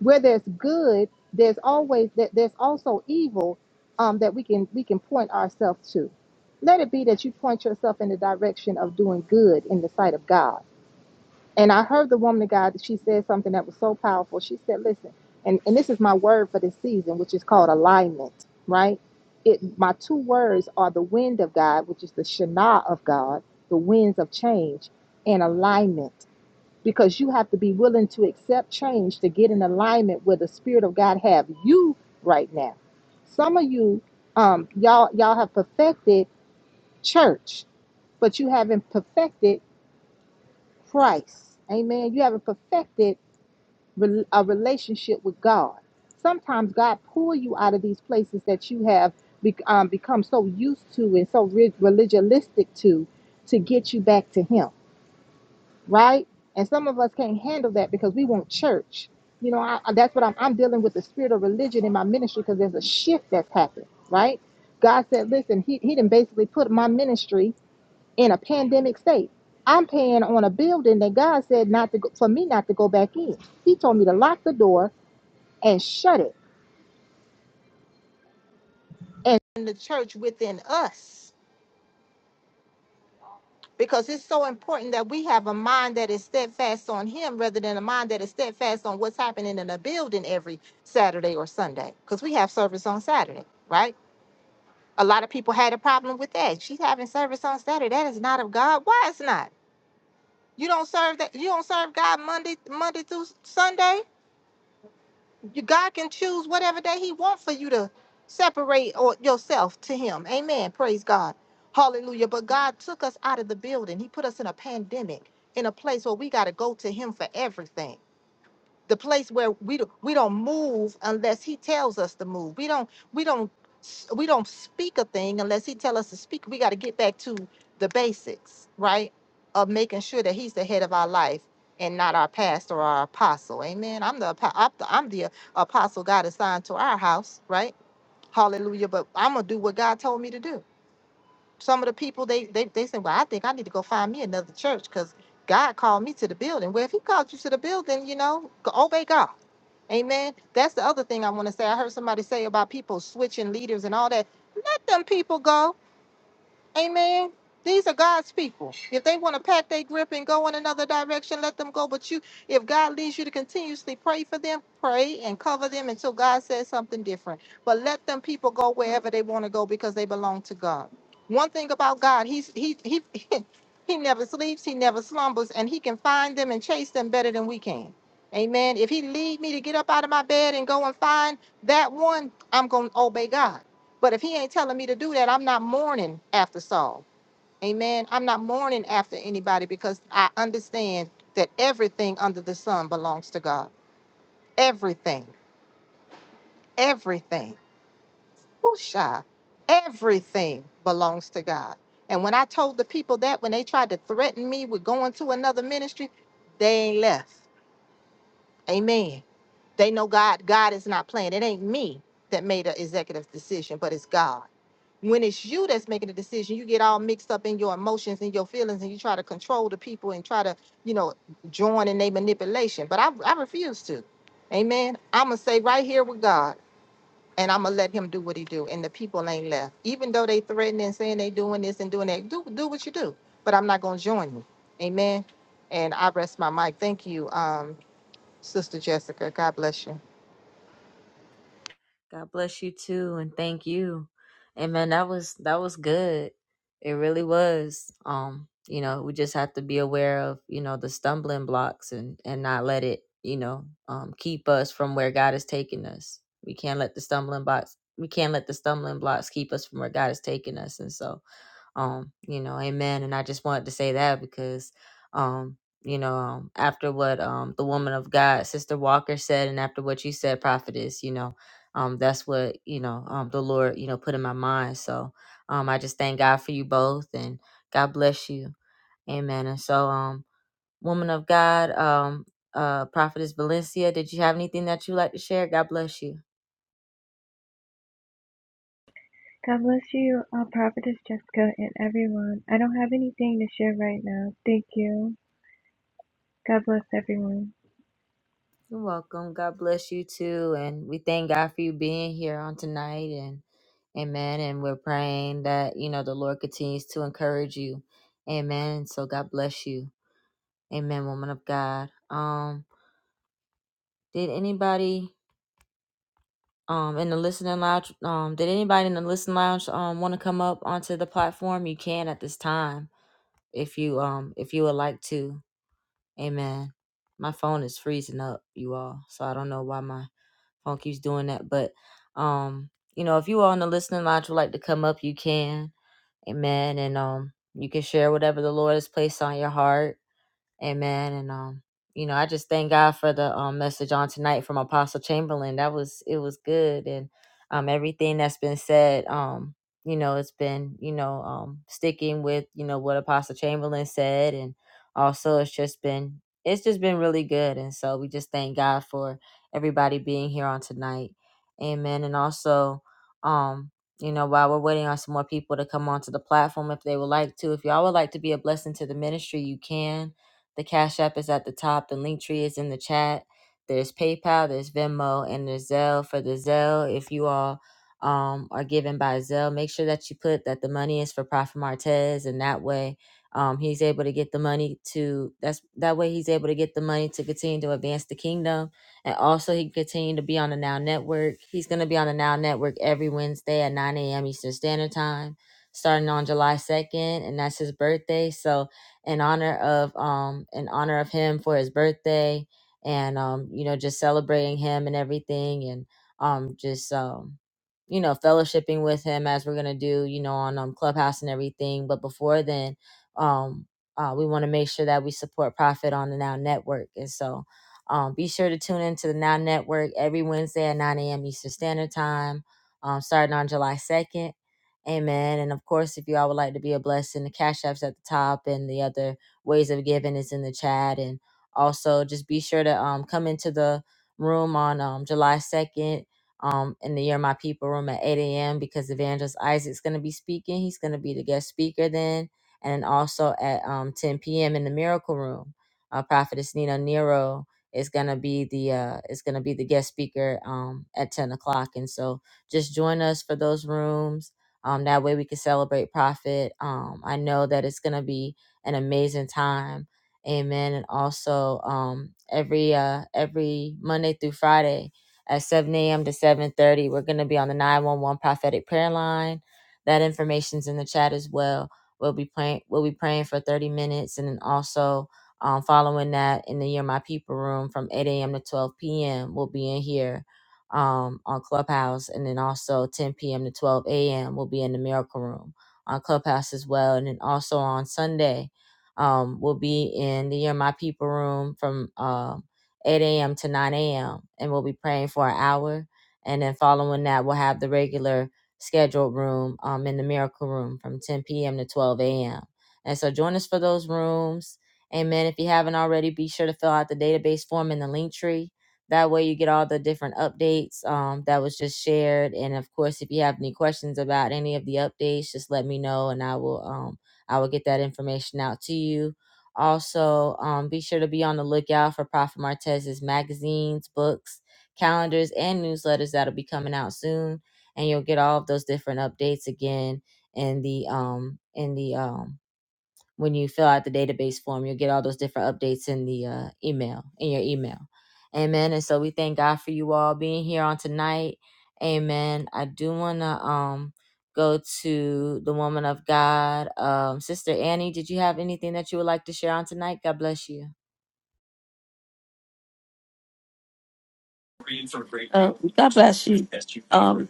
Where there's good, there's always that there's also evil um, that we can we can point ourselves to. Let it be that you point yourself in the direction of doing good in the sight of God and I heard the woman of God, she said something that was so powerful. She said, listen, and, and this is my word for this season, which is called alignment, right? It my two words are the wind of God, which is the Shana of God, the winds of change, and alignment. Because you have to be willing to accept change to get in alignment with the Spirit of God have you right now. Some of you, um, y'all, y'all have perfected church, but you haven't perfected Christ. Amen. You haven't perfected rel- a relationship with God. Sometimes God pull you out of these places that you have be- um, become so used to and so re- religionistic to, to get you back to Him, right? And some of us can't handle that because we want church. You know, I- that's what I'm, I'm dealing with the spirit of religion in my ministry because there's a shift that's happened, right? God said, listen, he, he didn't basically put my ministry in a pandemic state. I'm paying on a building that God said not to go, for me not to go back in. He told me to lock the door and shut it. And in the church within us because it's so important that we have a mind that is steadfast on him rather than a mind that is steadfast on what's happening in a building every Saturday or Sunday because we have service on Saturday, right? A lot of people had a problem with that. She's having service on Saturday. That is not of God. Why it's not? You don't serve that you don't serve God Monday Monday through Sunday? you- God can choose whatever day He wants for you to separate or yourself to Him. Amen. Praise God. Hallelujah. But God took us out of the building. He put us in a pandemic, in a place where we got to go to Him for everything the place where we do, we don't move unless he tells us to move. We don't we don't s- we don't speak a thing unless he tell us to speak. We got to get back to the basics, right? Of making sure that he's the head of our life and not our pastor or our apostle. Amen. I'm the apo- I'm the, I'm the apostle God assigned to our house, right? Hallelujah. But I'm gonna do what God told me to do some of the people they they they say, well, I think I need to go find me another church because God called me to the building. Well, if He called you to the building, you know, go- obey God. Amen. That's the other thing I want to say. I heard somebody say about people switching leaders and all that. Let them people go. Amen. These are God's people. If they want to pack their grip and go in another direction, let them go. But you, if God leads you to continuously pray for them, pray and cover them until God says something different. But let them people go wherever they want to go because they belong to God. One thing about God, He's He He (laughs) He never sleeps, He never slumbers, and He can find them and chase them better than we can. Amen. If He lead me to get up out of my bed and go and find that one, I'm gonna obey God. But if he ain't telling me to do that, I'm not mourning after Saul. Amen. I'm not mourning after anybody because I understand that everything under the sun belongs to God. Everything. Everything. Whoosha. Everything belongs to God. And when I told the people that, when they tried to threaten me with going to another ministry, they ain't left. Amen. They know God, God is not playing. It ain't me that made an executive decision, but it's God. When it's you that's making the decision, you get all mixed up in your emotions and your feelings and you try to control the people and try to, you know, join in their manipulation. But I, I refuse to. Amen. I'm going to stay right here with God and I'm going to let him do what he do. And the people ain't left. Even though they threatening and saying they doing this and doing that, do, do what you do. But I'm not going to join you. Amen. And I rest my mic. Thank you, um, Sister Jessica. God bless you. God bless you too, and thank you. And man, that was that was good. It really was. Um, you know, we just have to be aware of you know the stumbling blocks and and not let it you know um keep us from where God is taking us. We can't let the stumbling blocks. We can't let the stumbling blocks keep us from where God is taking us. And so, um you know amen and i just wanted to say that because um you know um, after what um the woman of god sister walker said and after what you said prophetess you know um that's what you know um the lord you know put in my mind so um i just thank god for you both and god bless you amen and so um woman of god um uh prophetess valencia did you have anything that you'd like to share god bless you God bless you, uh, Prophetess Jessica, and everyone. I don't have anything to share right now. Thank you. God bless everyone. You're welcome. God bless you too. And we thank God for you being here on tonight and amen. And we're praying that, you know, the Lord continues to encourage you. Amen. So God bless you. Amen, woman of God. Um, did anybody um in the listening lounge um did anybody in the listening lounge um want to come up onto the platform? You can at this time if you um if you would like to. Amen. My phone is freezing up, you all. So I don't know why my phone keeps doing that. But um, you know, if you are on the listening lounge would like to come up, you can. Amen. And um you can share whatever the Lord has placed on your heart. Amen. And um, you know, I just thank God for the um message on tonight from Apostle Chamberlain. That was it was good and um everything that's been said, um, you know, it's been, you know, um sticking with, you know, what Apostle Chamberlain said and also it's just been it's just been really good. And so we just thank God for everybody being here on tonight. Amen. And also, um, you know, while we're waiting on some more people to come onto the platform, if they would like to, if y'all would like to be a blessing to the ministry, you can. The Cash App is at the top. The link tree is in the chat. There's PayPal, there's Venmo, and there's Zelle. For the Zelle, if you all um, are given by Zelle, make sure that you put that the money is for Prophet Martez, and that way um, he's able to get the money to that's that way he's able to get the money to continue to advance the kingdom, and also he can continue to be on the Now Network. He's going to be on the Now Network every Wednesday at 9 a.m. Eastern Standard Time starting on July 2nd, and that's his birthday. So in honor of um in honor of him for his birthday and um you know just celebrating him and everything and um just um you know fellowshipping with him as we're gonna do you know on um clubhouse and everything but before then um uh, we want to make sure that we support profit on the now network and so um, be sure to tune into the now network every wednesday at 9 a.m eastern standard time um, starting on july 2nd Amen. And of course, if you all would like to be a blessing, the Cash App's at the top and the other ways of giving is in the chat. And also just be sure to um come into the room on um July 2nd um in the Year My People room at 8 a.m. because Evangelist Isaac's gonna be speaking. He's gonna be the guest speaker then. And also at um 10 p.m. in the Miracle Room. Uh Prophetess Nina Nero is gonna be the uh is gonna be the guest speaker um at 10 o'clock. And so just join us for those rooms um, that way we can celebrate Prophet. Um, I know that it's going to be an amazing time. Amen. And also um, every uh, every Monday through Friday at 7 a.m. to 7.30, we're going to be on the 911 prophetic prayer line. That information's in the chat as well. We'll be praying. We'll be praying for 30 minutes, and then also um, following that in the Year My People room from 8 a.m. to 12 p.m. We'll be in here um, on Clubhouse, and then also 10 p.m. to 12 a.m. will be in the Miracle Room on Clubhouse as well, and then also on Sunday um, will be in the Year My People Room from um, 8 a.m. to 9 a.m. and we'll be praying for an hour, and then following that we'll have the regular scheduled room um, in the Miracle Room from 10 p.m. to 12 a.m. And so join us for those rooms. Amen. If you haven't already, be sure to fill out the database form in the link tree that way you get all the different updates um, that was just shared. And of course, if you have any questions about any of the updates, just let me know and I will um, I will get that information out to you. Also, um, be sure to be on the lookout for Prophet Martez's magazines, books, calendars, and newsletters that'll be coming out soon. And you'll get all of those different updates again in the um in the um when you fill out the database form you'll get all those different updates in the uh, email in your email amen and so we thank god for you all being here on tonight amen i do want to um go to the woman of god um sister annie did you have anything that you would like to share on tonight god bless you Uh, God bless you, um,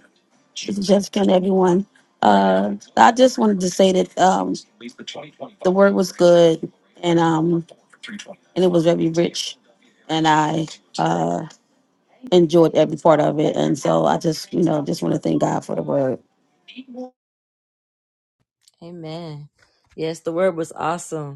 Sister Jessica and everyone. Uh, I just wanted to say that um, the word was good and um, and it was very rich, and I uh, enjoyed every part of it. And so I just, you know, just want to thank God for the word. amen yes the word was awesome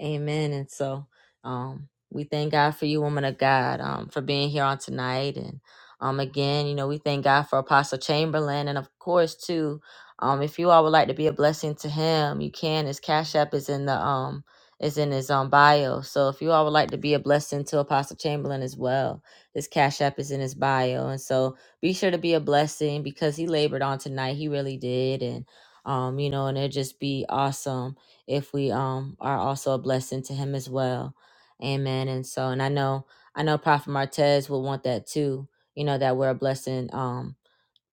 Amen. And so um we thank God for you, woman of God, um, for being here on tonight. And um again, you know, we thank God for Apostle Chamberlain and of course too, um, if you all would like to be a blessing to him, you can. His Cash App is in the um is in his um bio. So if you all would like to be a blessing to Apostle Chamberlain as well, his Cash App is in his bio. And so be sure to be a blessing because he labored on tonight. He really did. And um, you know, and it'd just be awesome if we um are also a blessing to him as well. Amen. And so and I know I know Prophet Martez will want that too, you know, that we're a blessing um.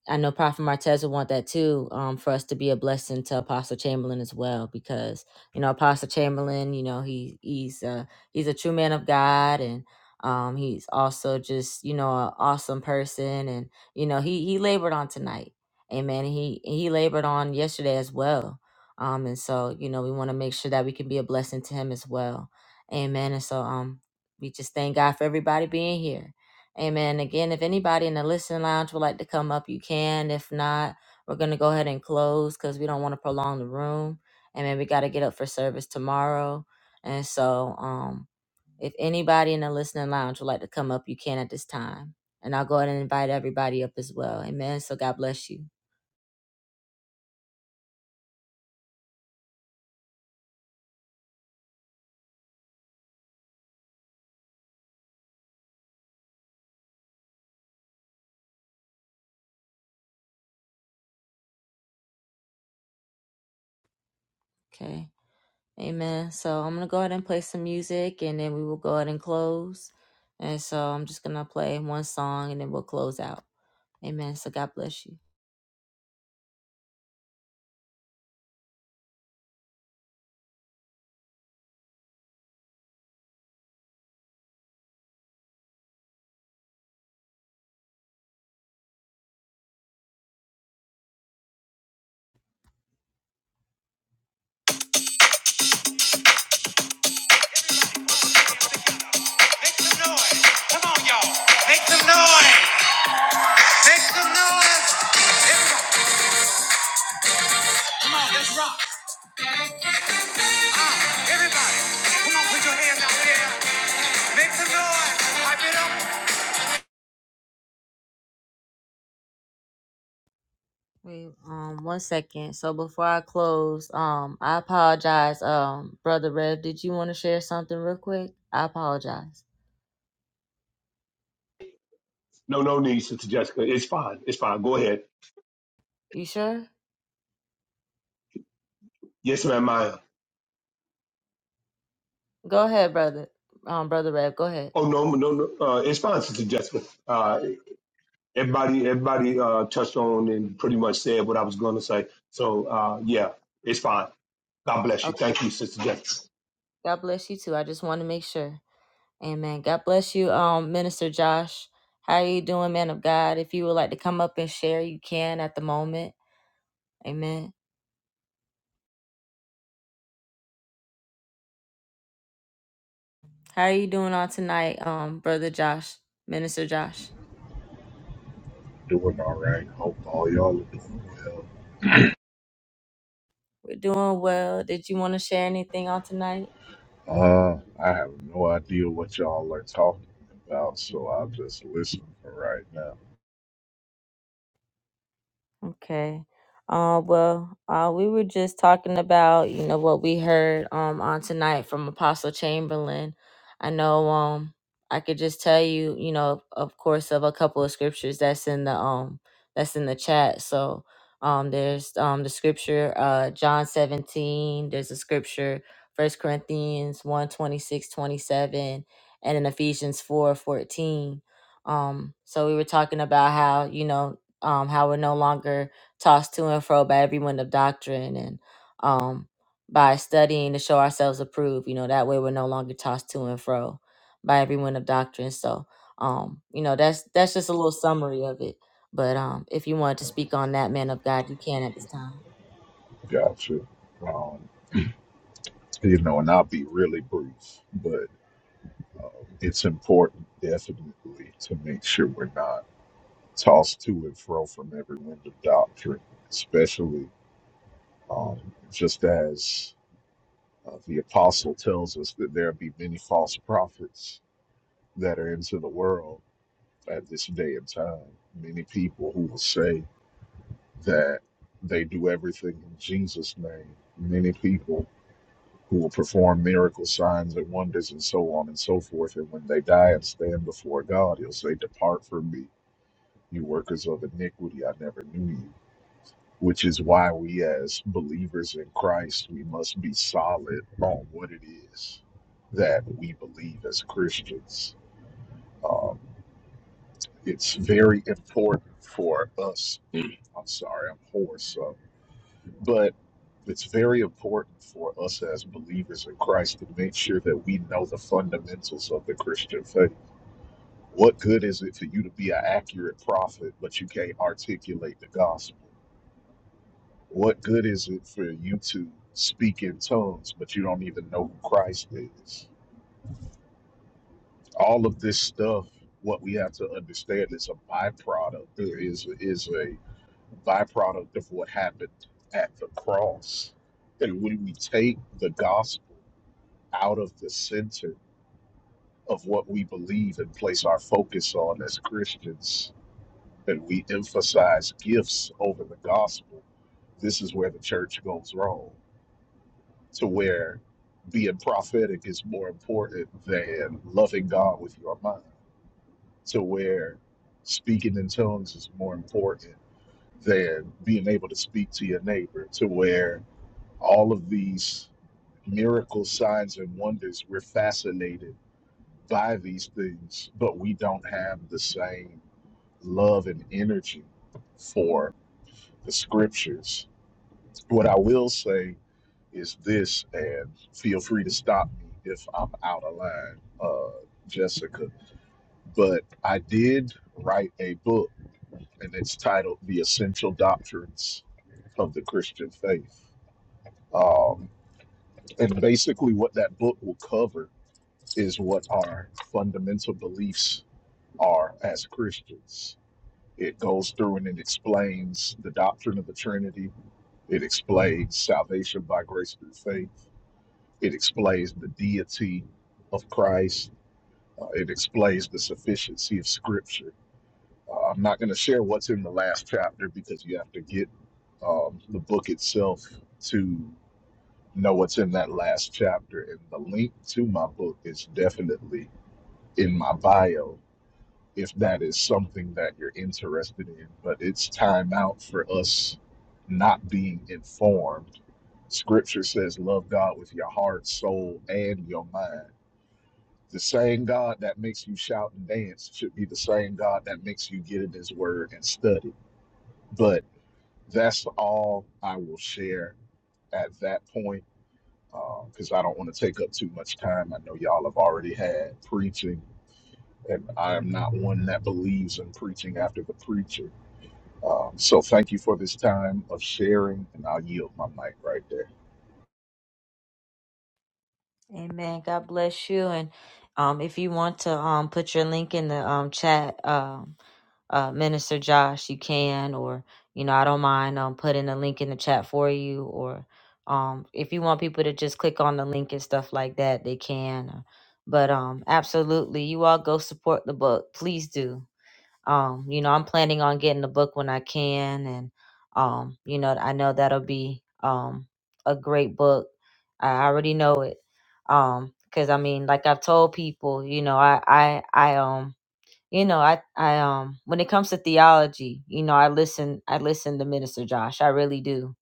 I know Prophet Martez would want that too, um, for us to be a blessing to Apostle Chamberlain as well, because you know Apostle Chamberlain, you know he he's a he's a true man of God, and um, he's also just you know an awesome person, and you know he he labored on tonight, Amen. He he labored on yesterday as well, um, and so you know we want to make sure that we can be a blessing to him as well, Amen. And so um, we just thank God for everybody being here. Amen. Again, if anybody in the listening lounge would like to come up, you can. If not, we're going to go ahead and close because we don't want to prolong the room. Amen. We got to get up for service tomorrow. And so, um, if anybody in the listening lounge would like to come up, you can at this time. And I'll go ahead and invite everybody up as well. Amen. So, God bless you. Okay. Amen. So, I'm going to go ahead and play some music and then we will go ahead and close. And so, I'm just going to play one song and then we'll close out. Amen. So, God bless you. Wait, um, one second. So before I close, um, I apologize. Um, brother Rev, did you want to share something real quick? I apologize. No, no need, Sister Jessica. It's fine. It's fine. Go ahead. You sure? Yes, ma'am. Maya. Go ahead, brother. Um, brother Rev, go ahead. Oh no, no, no. Uh, it's fine, Sister Jessica. Uh, everybody, everybody uh, touched on and pretty much said what I was going to say. So uh, yeah, it's fine. God bless you. Okay. Thank you, Sister Jessica. God bless you too. I just want to make sure. Amen. God bless you, um, Minister Josh. How are you doing, man of God? If you would like to come up and share, you can at the moment. Amen. How are you doing on tonight, um, brother Josh, Minister Josh? Doing all right. Hope all y'all are doing well. We're doing well. Did you want to share anything on tonight? Uh, I have no idea what y'all are talking about, so I'll just listen for right now. Okay. Uh, well, uh, we were just talking about, you know, what we heard um on tonight from Apostle Chamberlain. I know um I could just tell you, you know, of course of a couple of scriptures that's in the um that's in the chat. So um there's um the scripture uh John 17, there's a scripture First Corinthians one 26 27 and in Ephesians 4 14. Um, so we were talking about how, you know, um, how we're no longer tossed to and fro by every wind of doctrine and um, by studying to show ourselves approved. You know, that way we're no longer tossed to and fro by every wind of doctrine. So, um, you know, that's that's just a little summary of it. But um, if you wanted to speak on that, man of God, you can at this time. Gotcha. Um, you know, and I'll be really brief, but um, it's important definitely to make sure we're not tossed to and fro from every wind of doctrine, especially um, just as uh, the apostle tells us that there be many false prophets that are into the world at this day and time many people who will say that they do everything in Jesus' name, many people who will perform miracles, signs, and wonders, and so on and so forth. And when they die and stand before God, He'll say, Depart from me, you workers of iniquity, I never knew you. Which is why we, as believers in Christ, we must be solid on what it is that we believe as Christians. Um, it's very important for us I'm sorry, I'm hoarse. So. But it's very important for us as believers in Christ to make sure that we know the fundamentals of the Christian faith. What good is it for you to be an accurate prophet, but you can't articulate the gospel? What good is it for you to speak in tongues, but you don't even know who Christ is? All of this stuff, what we have to understand is a byproduct. There is is a byproduct of what happened at the cross. And when we take the gospel out of the center of what we believe and place our focus on as Christians, and we emphasize gifts over the gospel, this is where the church goes wrong. To where being prophetic is more important than loving God with your mind. To where speaking in tongues is more important than being able to speak to your neighbor. To where all of these miracles, signs, and wonders, we're fascinated by these things, but we don't have the same love and energy for the scriptures. What I will say is this, and feel free to stop me if I'm out of line, uh, Jessica, but I did write a book, and it's titled The Essential Doctrines of the Christian Faith. Um, and basically, what that book will cover is what our fundamental beliefs are as Christians. It goes through and it explains the doctrine of the Trinity. It explains salvation by grace through faith. It explains the deity of Christ. Uh, it explains the sufficiency of Scripture. Uh, I'm not going to share what's in the last chapter because you have to get um, the book itself to know what's in that last chapter. And the link to my book is definitely in my bio if that is something that you're interested in. But it's time out for us not being informed. Scripture says, Love God with your heart, soul, and your mind. The same God that makes you shout and dance should be the same God that makes you get in His Word and study. But that's all I will share at that point because uh, I don't want to take up too much time. I know y'all have already had preaching, and I'm not one that believes in preaching after the preacher. Um, so thank you for this time of sharing, and I'll yield my mic right there. Amen. God bless you. And um, if you want to um, put your link in the um, chat, um, uh, Minister Josh, you can, or you know, I don't mind um, putting a link in the chat for you, or um, if you want people to just click on the link and stuff like that, they can. uh, But um, absolutely, you all go support the book, please do. Um, you know, I'm planning on getting the book when I can, and um, you know, I know that'll be um a great book. I already know it. Um, because I mean, like I've told people, you know, I I I um you know i i um when it comes to theology you know i listen i listen to minister josh i really do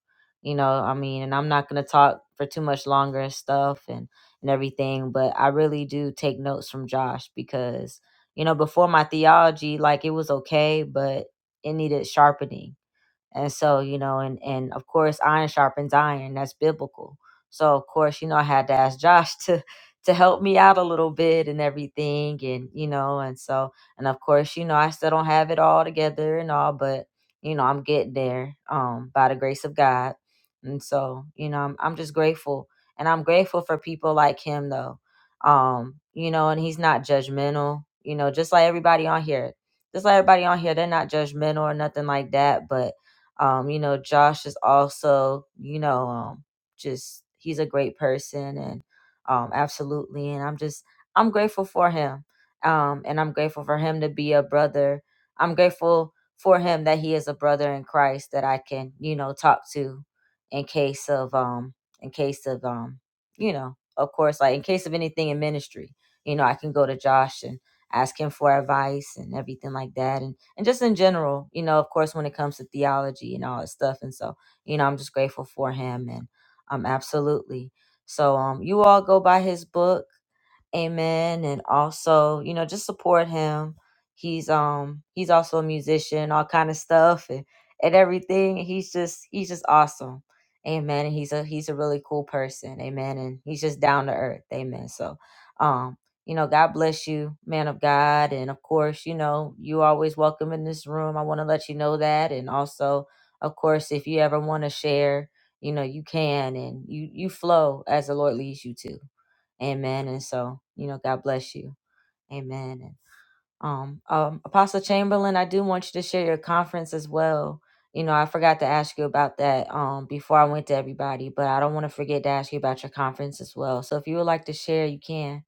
you know i mean and i'm not going to talk for too much longer and stuff and and everything but i really do take notes from josh because you know before my theology like it was okay but it needed sharpening and so, you know, and and of course, iron sharpens iron. That's biblical. So, of course, you know, I had to ask Josh (laughs) to to help me out a little bit and everything, and you know, and so, and of course, you know, I still don't have it all together and all, but you know, I'm getting there um, by the grace of God. And so, you know, I'm I'm just grateful, and I'm grateful for people like him, though. Um, you know, and he's not judgmental. You know, just like everybody on here, just like everybody on here, they're not judgmental or nothing like that, but um, you know, Josh is also, you know, um, just he's a great person and um, absolutely. And I'm just, I'm grateful for him. Um, and I'm grateful for him to be a brother. I'm grateful for him that he is a brother in Christ that I can, you know, talk to in case of, um, in case of, um, you know, of course, like in case of anything in ministry, you know, I can go to Josh and asking for advice and everything like that and and just in general you know of course when it comes to theology and all that stuff and so you know i'm just grateful for him and um absolutely so um you all go buy his book Amen. And also, you know, just support him. He's um he's also a musician, all kind of stuff and, and everything. He's just he's just awesome. Amen. And he's a he's a really cool person. Amen. And he's just down to earth. Amen. So um, you know, God bless you, man of God. And of course, you know, you always welcome in this room. I want to let you know that. And also, of course, if you ever want to share, you know, you can and you you flow as the Lord leads you to. Amen. And so, you know, God bless you. Amen. And um, um, Apostle Chamberlain, I do want you to share your conference as well. You know, I forgot to ask you about that um before I went to everybody, but I don't want to forget to ask you about your conference as well. So if you would like to share, you can.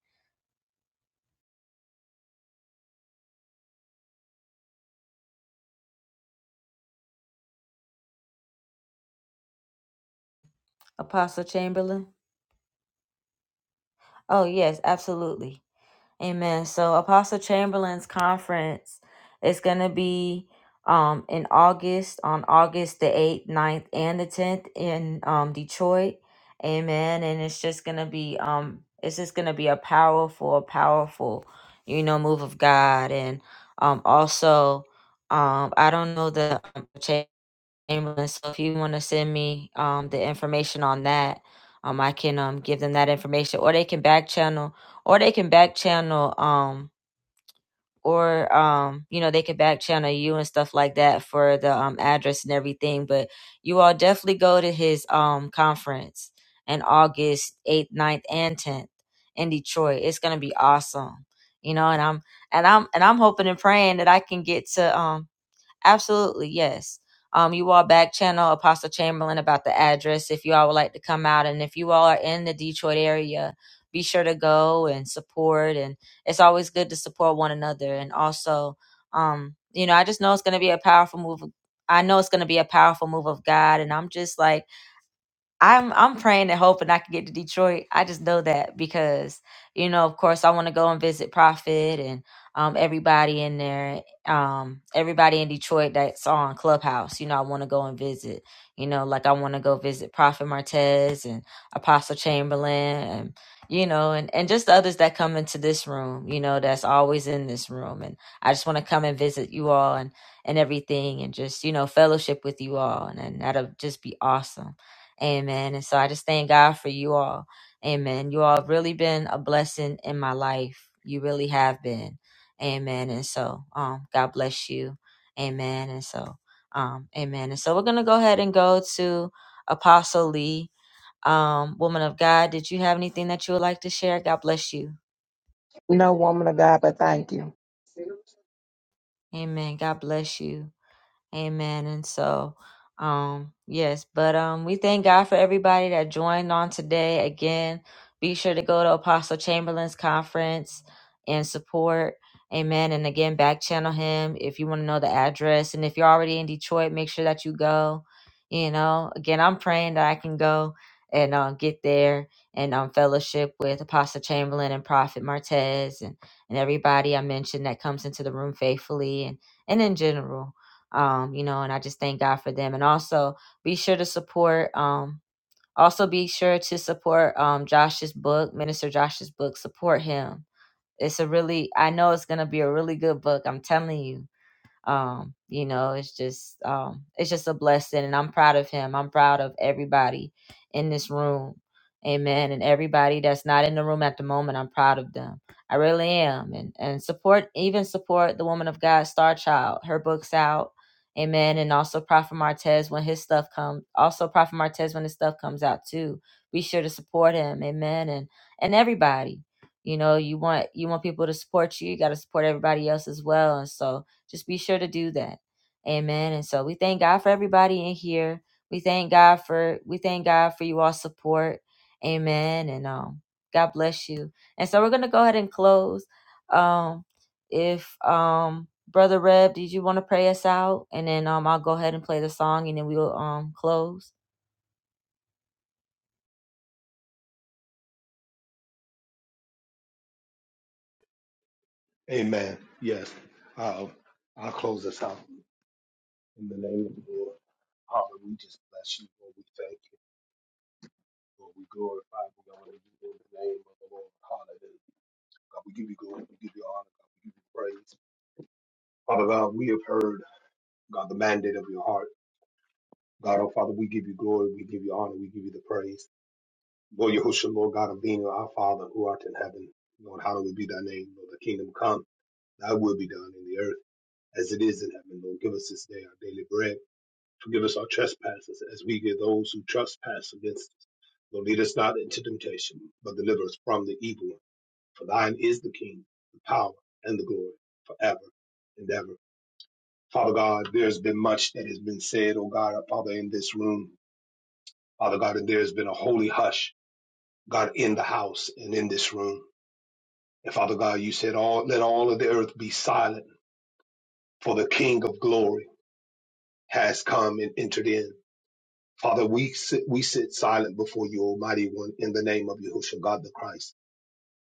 Apostle Chamberlain. Oh yes, absolutely. Amen. So Apostle Chamberlain's conference is going to be um, in August, on August the 8th, ninth, and the 10th in um, Detroit. Amen. And it's just going to be, um, it's just going to be a powerful, powerful, you know, move of God. And um, also, um, I don't know the um, ambulance. So if you want to send me um the information on that, um I can um give them that information or they can back channel or they can back channel um or um you know they can back channel you and stuff like that for the um address and everything, but you all definitely go to his um conference in August 8th, ninth, and 10th in Detroit. It's going to be awesome. You know, and I'm and I'm and I'm hoping and praying that I can get to um Absolutely, yes. Um, you all back channel Apostle Chamberlain about the address if you all would like to come out. And if you all are in the Detroit area, be sure to go and support. And it's always good to support one another. And also, um, you know, I just know it's going to be a powerful move. of- I know it's going to be a powerful move of God. And I'm just like, I'm I'm praying and hoping I can get to Detroit. I just know that because you know, of course, I want to go and visit Prophet and um, everybody in there, um, everybody in Detroit that's on Clubhouse. You know, I want to go and visit. You know, like I want to go visit Prophet Martez and Apostle Chamberlain, and you know, and and just the others that come into this room. You know, that's always in this room, and I just want to come and visit you all and and everything, and just you know, fellowship with you all, and, and that'll just be awesome Amen. And so I just thank God for you all. Amen. You all have really been a blessing in my life. You really have been. Amen. And so, um, God bless you. Amen. And so, um, amen. And so we're gonna go ahead and go to Apostle Lee. Um, woman of God, did you have anything that you would like to share? God bless you. No woman of God, but thank you. Amen. God bless you. Amen. And so, um, yes, but um, we thank God for everybody that joined on today. Again, be sure to go to Apostle Chamberlain's conference and support. Amen. And again, back channel him if you want to know the address. And if you're already in Detroit, make sure that you go. You know, again, I'm praying that I can go and uh, get there and um, fellowship with Apostle Chamberlain and Prophet Martez and, and everybody I mentioned that comes into the room faithfully and and in general um, you know, and I just thank God for them. And also be sure to support, um, also be sure to support um, Josh's book, Minister Josh's book, support him. It's a really, I know it's going to be a really good book. I'm telling you um you know it's just um it's just a blessing and i'm proud of him i'm proud of everybody in this room amen and everybody that's not in the room at the moment i'm proud of them i really am and and support even support the woman of god star child her books out amen and also prophet martez when his stuff comes also prophet martez when his stuff comes out too be sure to support him amen and and everybody you know you want you want people to support you you got to support everybody else as well and so just be sure to do that. Amen. And so we thank God for everybody in here. We thank God for we thank God for you all support. Amen. And um God bless you. And so we're gonna go ahead and close. Um if um Brother Reb, did you want to pray us out? And then um I'll go ahead and play the song and then we'll um close. Amen. Yes. Uh, I'll close this out in the name of the Lord. Father, we just bless you. Lord, we thank you. Lord, we glorify you. Lord, in the name of the Lord. Hallelujah. God, we give you glory. We give you honor. God, we give you praise. Father God, we have heard, God, the mandate of your heart. God, oh Father, we give you glory. We give you honor. We give you the praise. Lord Yahushua, Lord God of being our Father who art in heaven. Lord, hallowed be thy name. Lord, the kingdom come. Thy will be done in the earth as it is in heaven. Lord, give us this day our daily bread. Forgive us our trespasses as we give those who trespass against us. Lord, lead us not into temptation, but deliver us from the evil. one. For thine is the kingdom, the power, and the glory forever and ever. Father God, there's been much that has been said, oh God, Father, in this room. Father God, and there's been a holy hush, God, in the house and in this room. And Father God, you said, all, let all of the earth be silent, for the King of glory has come and entered in. Father, we sit, we sit silent before you, Almighty One, in the name of Yahushua, God the Christ.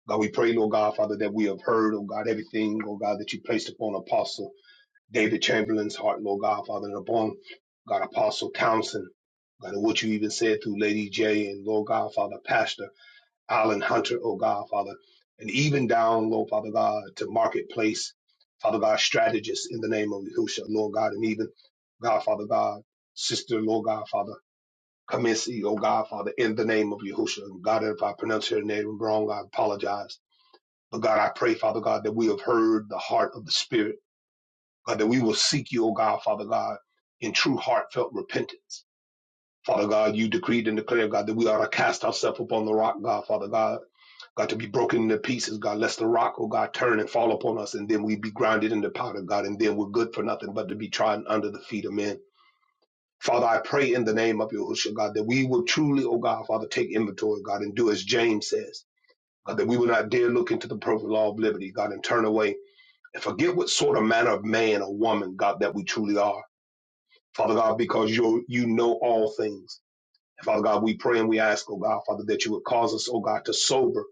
God, we pray, Lord God, Father, that we have heard, oh God, everything, oh God, that you placed upon Apostle. David Chamberlain's Heart Low Godfather and Upon, got Apostle Townsend, got what you even said through Lady J and Lord Godfather Pastor Alan Hunter, oh Godfather, and even down, Lord Father God, to Marketplace, Father God, strategist in the name of Yahushua, Lord God, and even Godfather God, Sister, Lord Godfather, Kamisi, oh Godfather, in the name of Yahushua. And God, if I pronounce your name wrong, I apologize. But God, I pray, Father God, that we have heard the heart of the Spirit. God, that we will seek you, O God, Father God, in true heartfelt repentance. Father God, you decreed and declared, God, that we ought to cast ourselves upon the rock, God, Father God, God, to be broken into pieces, God, lest the rock, oh God, turn and fall upon us, and then we be grounded into powder, God, and then we're good for nothing but to be trodden under the feet of men. Father, I pray in the name of Yahushua, God, that we will truly, oh God, Father, take inventory, God, and do as James says, God, that we will not dare look into the perfect law of liberty, God, and turn away and forget what sort of manner of man or woman, God, that we truly are. Father God, because you you know all things. And Father God, we pray and we ask, oh God, Father, that you would cause us, oh God, to sober,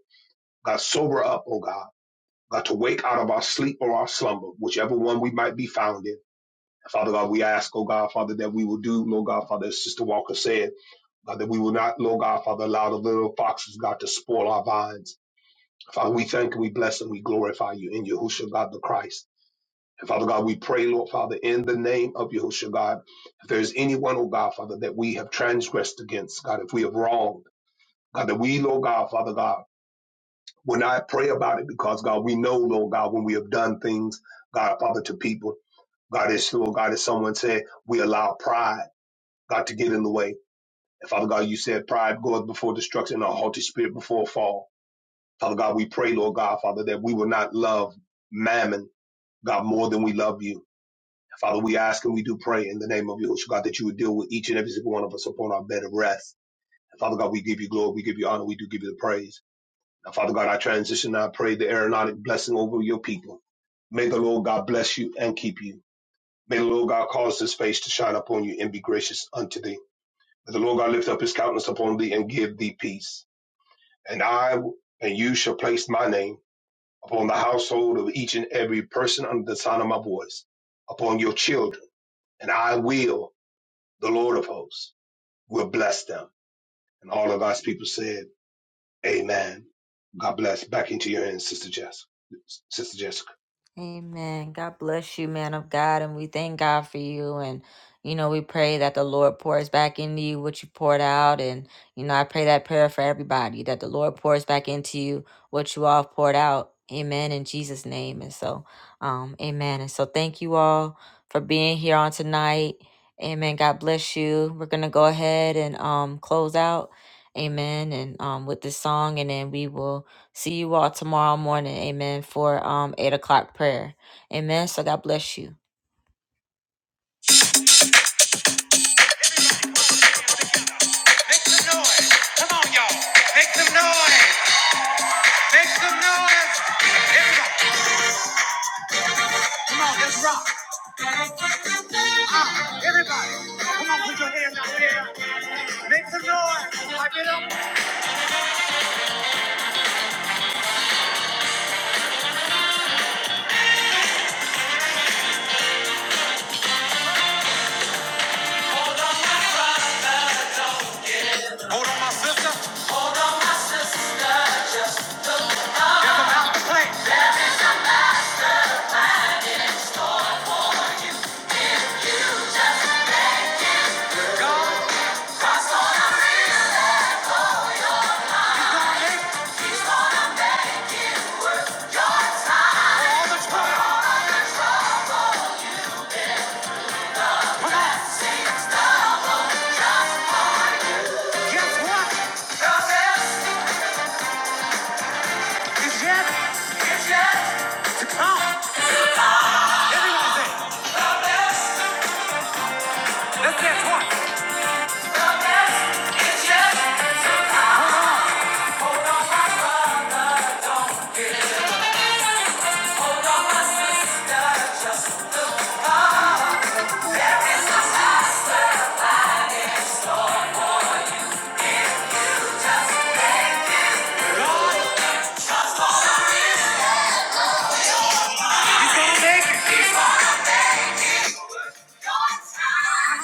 God, sober up, oh God, God, to wake out of our sleep or our slumber, whichever one we might be found in. Father God, we ask, oh God, Father, that we will do, Lord God, Father, as Sister Walker said, God, that we will not, Lord God, Father, allow the little foxes, God, to spoil our vines. Father, we thank and we bless and we glorify you in Yahushua, God the Christ. And Father God, we pray, Lord Father, in the name of Yahushua God, if there's anyone, oh God, Father, that we have transgressed against, God, if we have wronged, God, that we, Lord God, Father God, when I pray about it, because God, we know, Lord God, when we have done things, God, Father, to people, God, is Lord God, as someone said, we allow pride, God, to get in the way. And Father God, you said pride goeth before destruction, and a haughty spirit before a fall. Father God, we pray, Lord God, Father, that we will not love mammon, God, more than we love you. Father, we ask and we do pray in the name of Yahushua God that you would deal with each and every single one of us upon our bed of rest. And Father God, we give you glory, we give you honor, we do give you the praise. Now, Father God, I transition, and I pray the aeronautic blessing over your people. May the Lord God bless you and keep you. May the Lord God cause his face to shine upon you and be gracious unto thee. May the Lord God lift up his countenance upon thee and give thee peace. And I and you shall place my name upon the household of each and every person under the sound of my voice, upon your children. And I will the Lord of hosts will bless them. And all of us people said, Amen. God bless. Back into your hands, Sister Jess. Sister Jessica. Amen. God bless you, man of God. And we thank God for you. And, you know, we pray that the Lord pours back into you what you poured out. And, you know, I pray that prayer for everybody that the Lord pours back into you what you all poured out. Amen. In Jesus' name. And so, um, amen. And so thank you all for being here on tonight. Amen. God bless you. We're going to go ahead and um, close out. Amen. And um with this song and then we will see you all tomorrow morning, amen, for um eight o'clock prayer. Amen. So God bless you. Hold on, my sister. God gave all the time. Guess what? God says, it's yet. It's yet. Everyone say, God says. Let's dance one. God says, it's yet. God's time.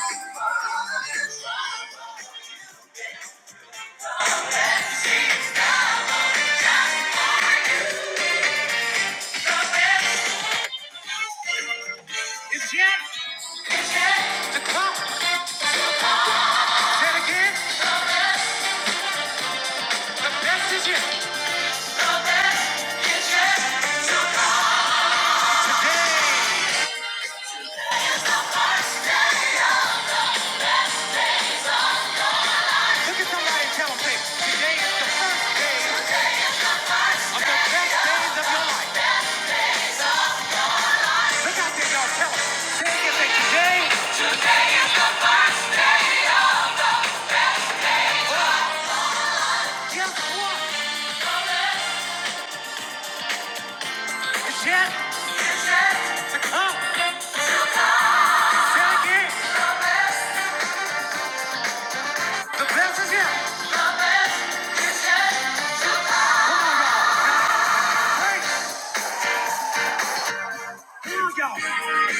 It's yet. best is yet. Hey, look at somebody and tell them, say, today is the first day of the best days of your life. Look out there, y'all. Tell them. Say it today, guess what? It's to come. Say again. The best is yet. All right. Now, y'all.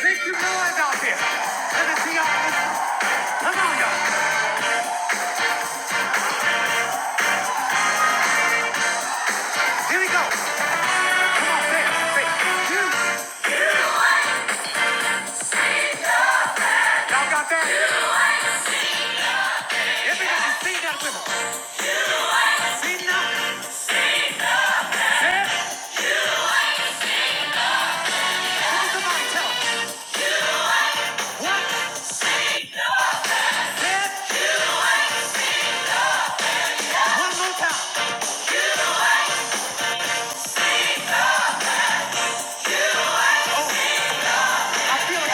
Make some noise out there. Let me see y'all. Come on, y'all. Here we go. Come on, say Say, you. Y'all got that? Everybody sing that with us. Sing that. And time. I feel a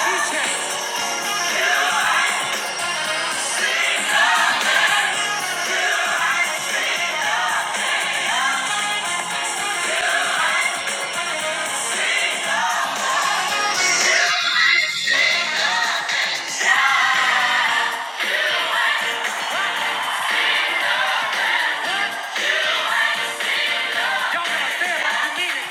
Y'all gotta say it like you mean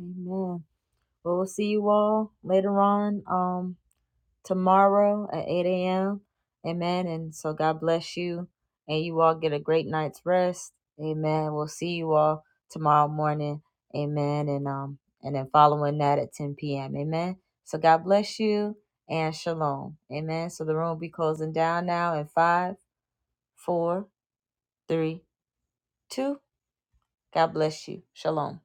Amen. Well, we'll see you all later on um, tomorrow at 8 a.m. Amen. And so God bless you. And you all get a great night's rest. Amen. We'll see you all tomorrow morning. Amen. And um and then following that at 10 p.m. Amen. So God bless you and shalom. Amen. So the room will be closing down now in five, four, three, two. God bless you. Shalom.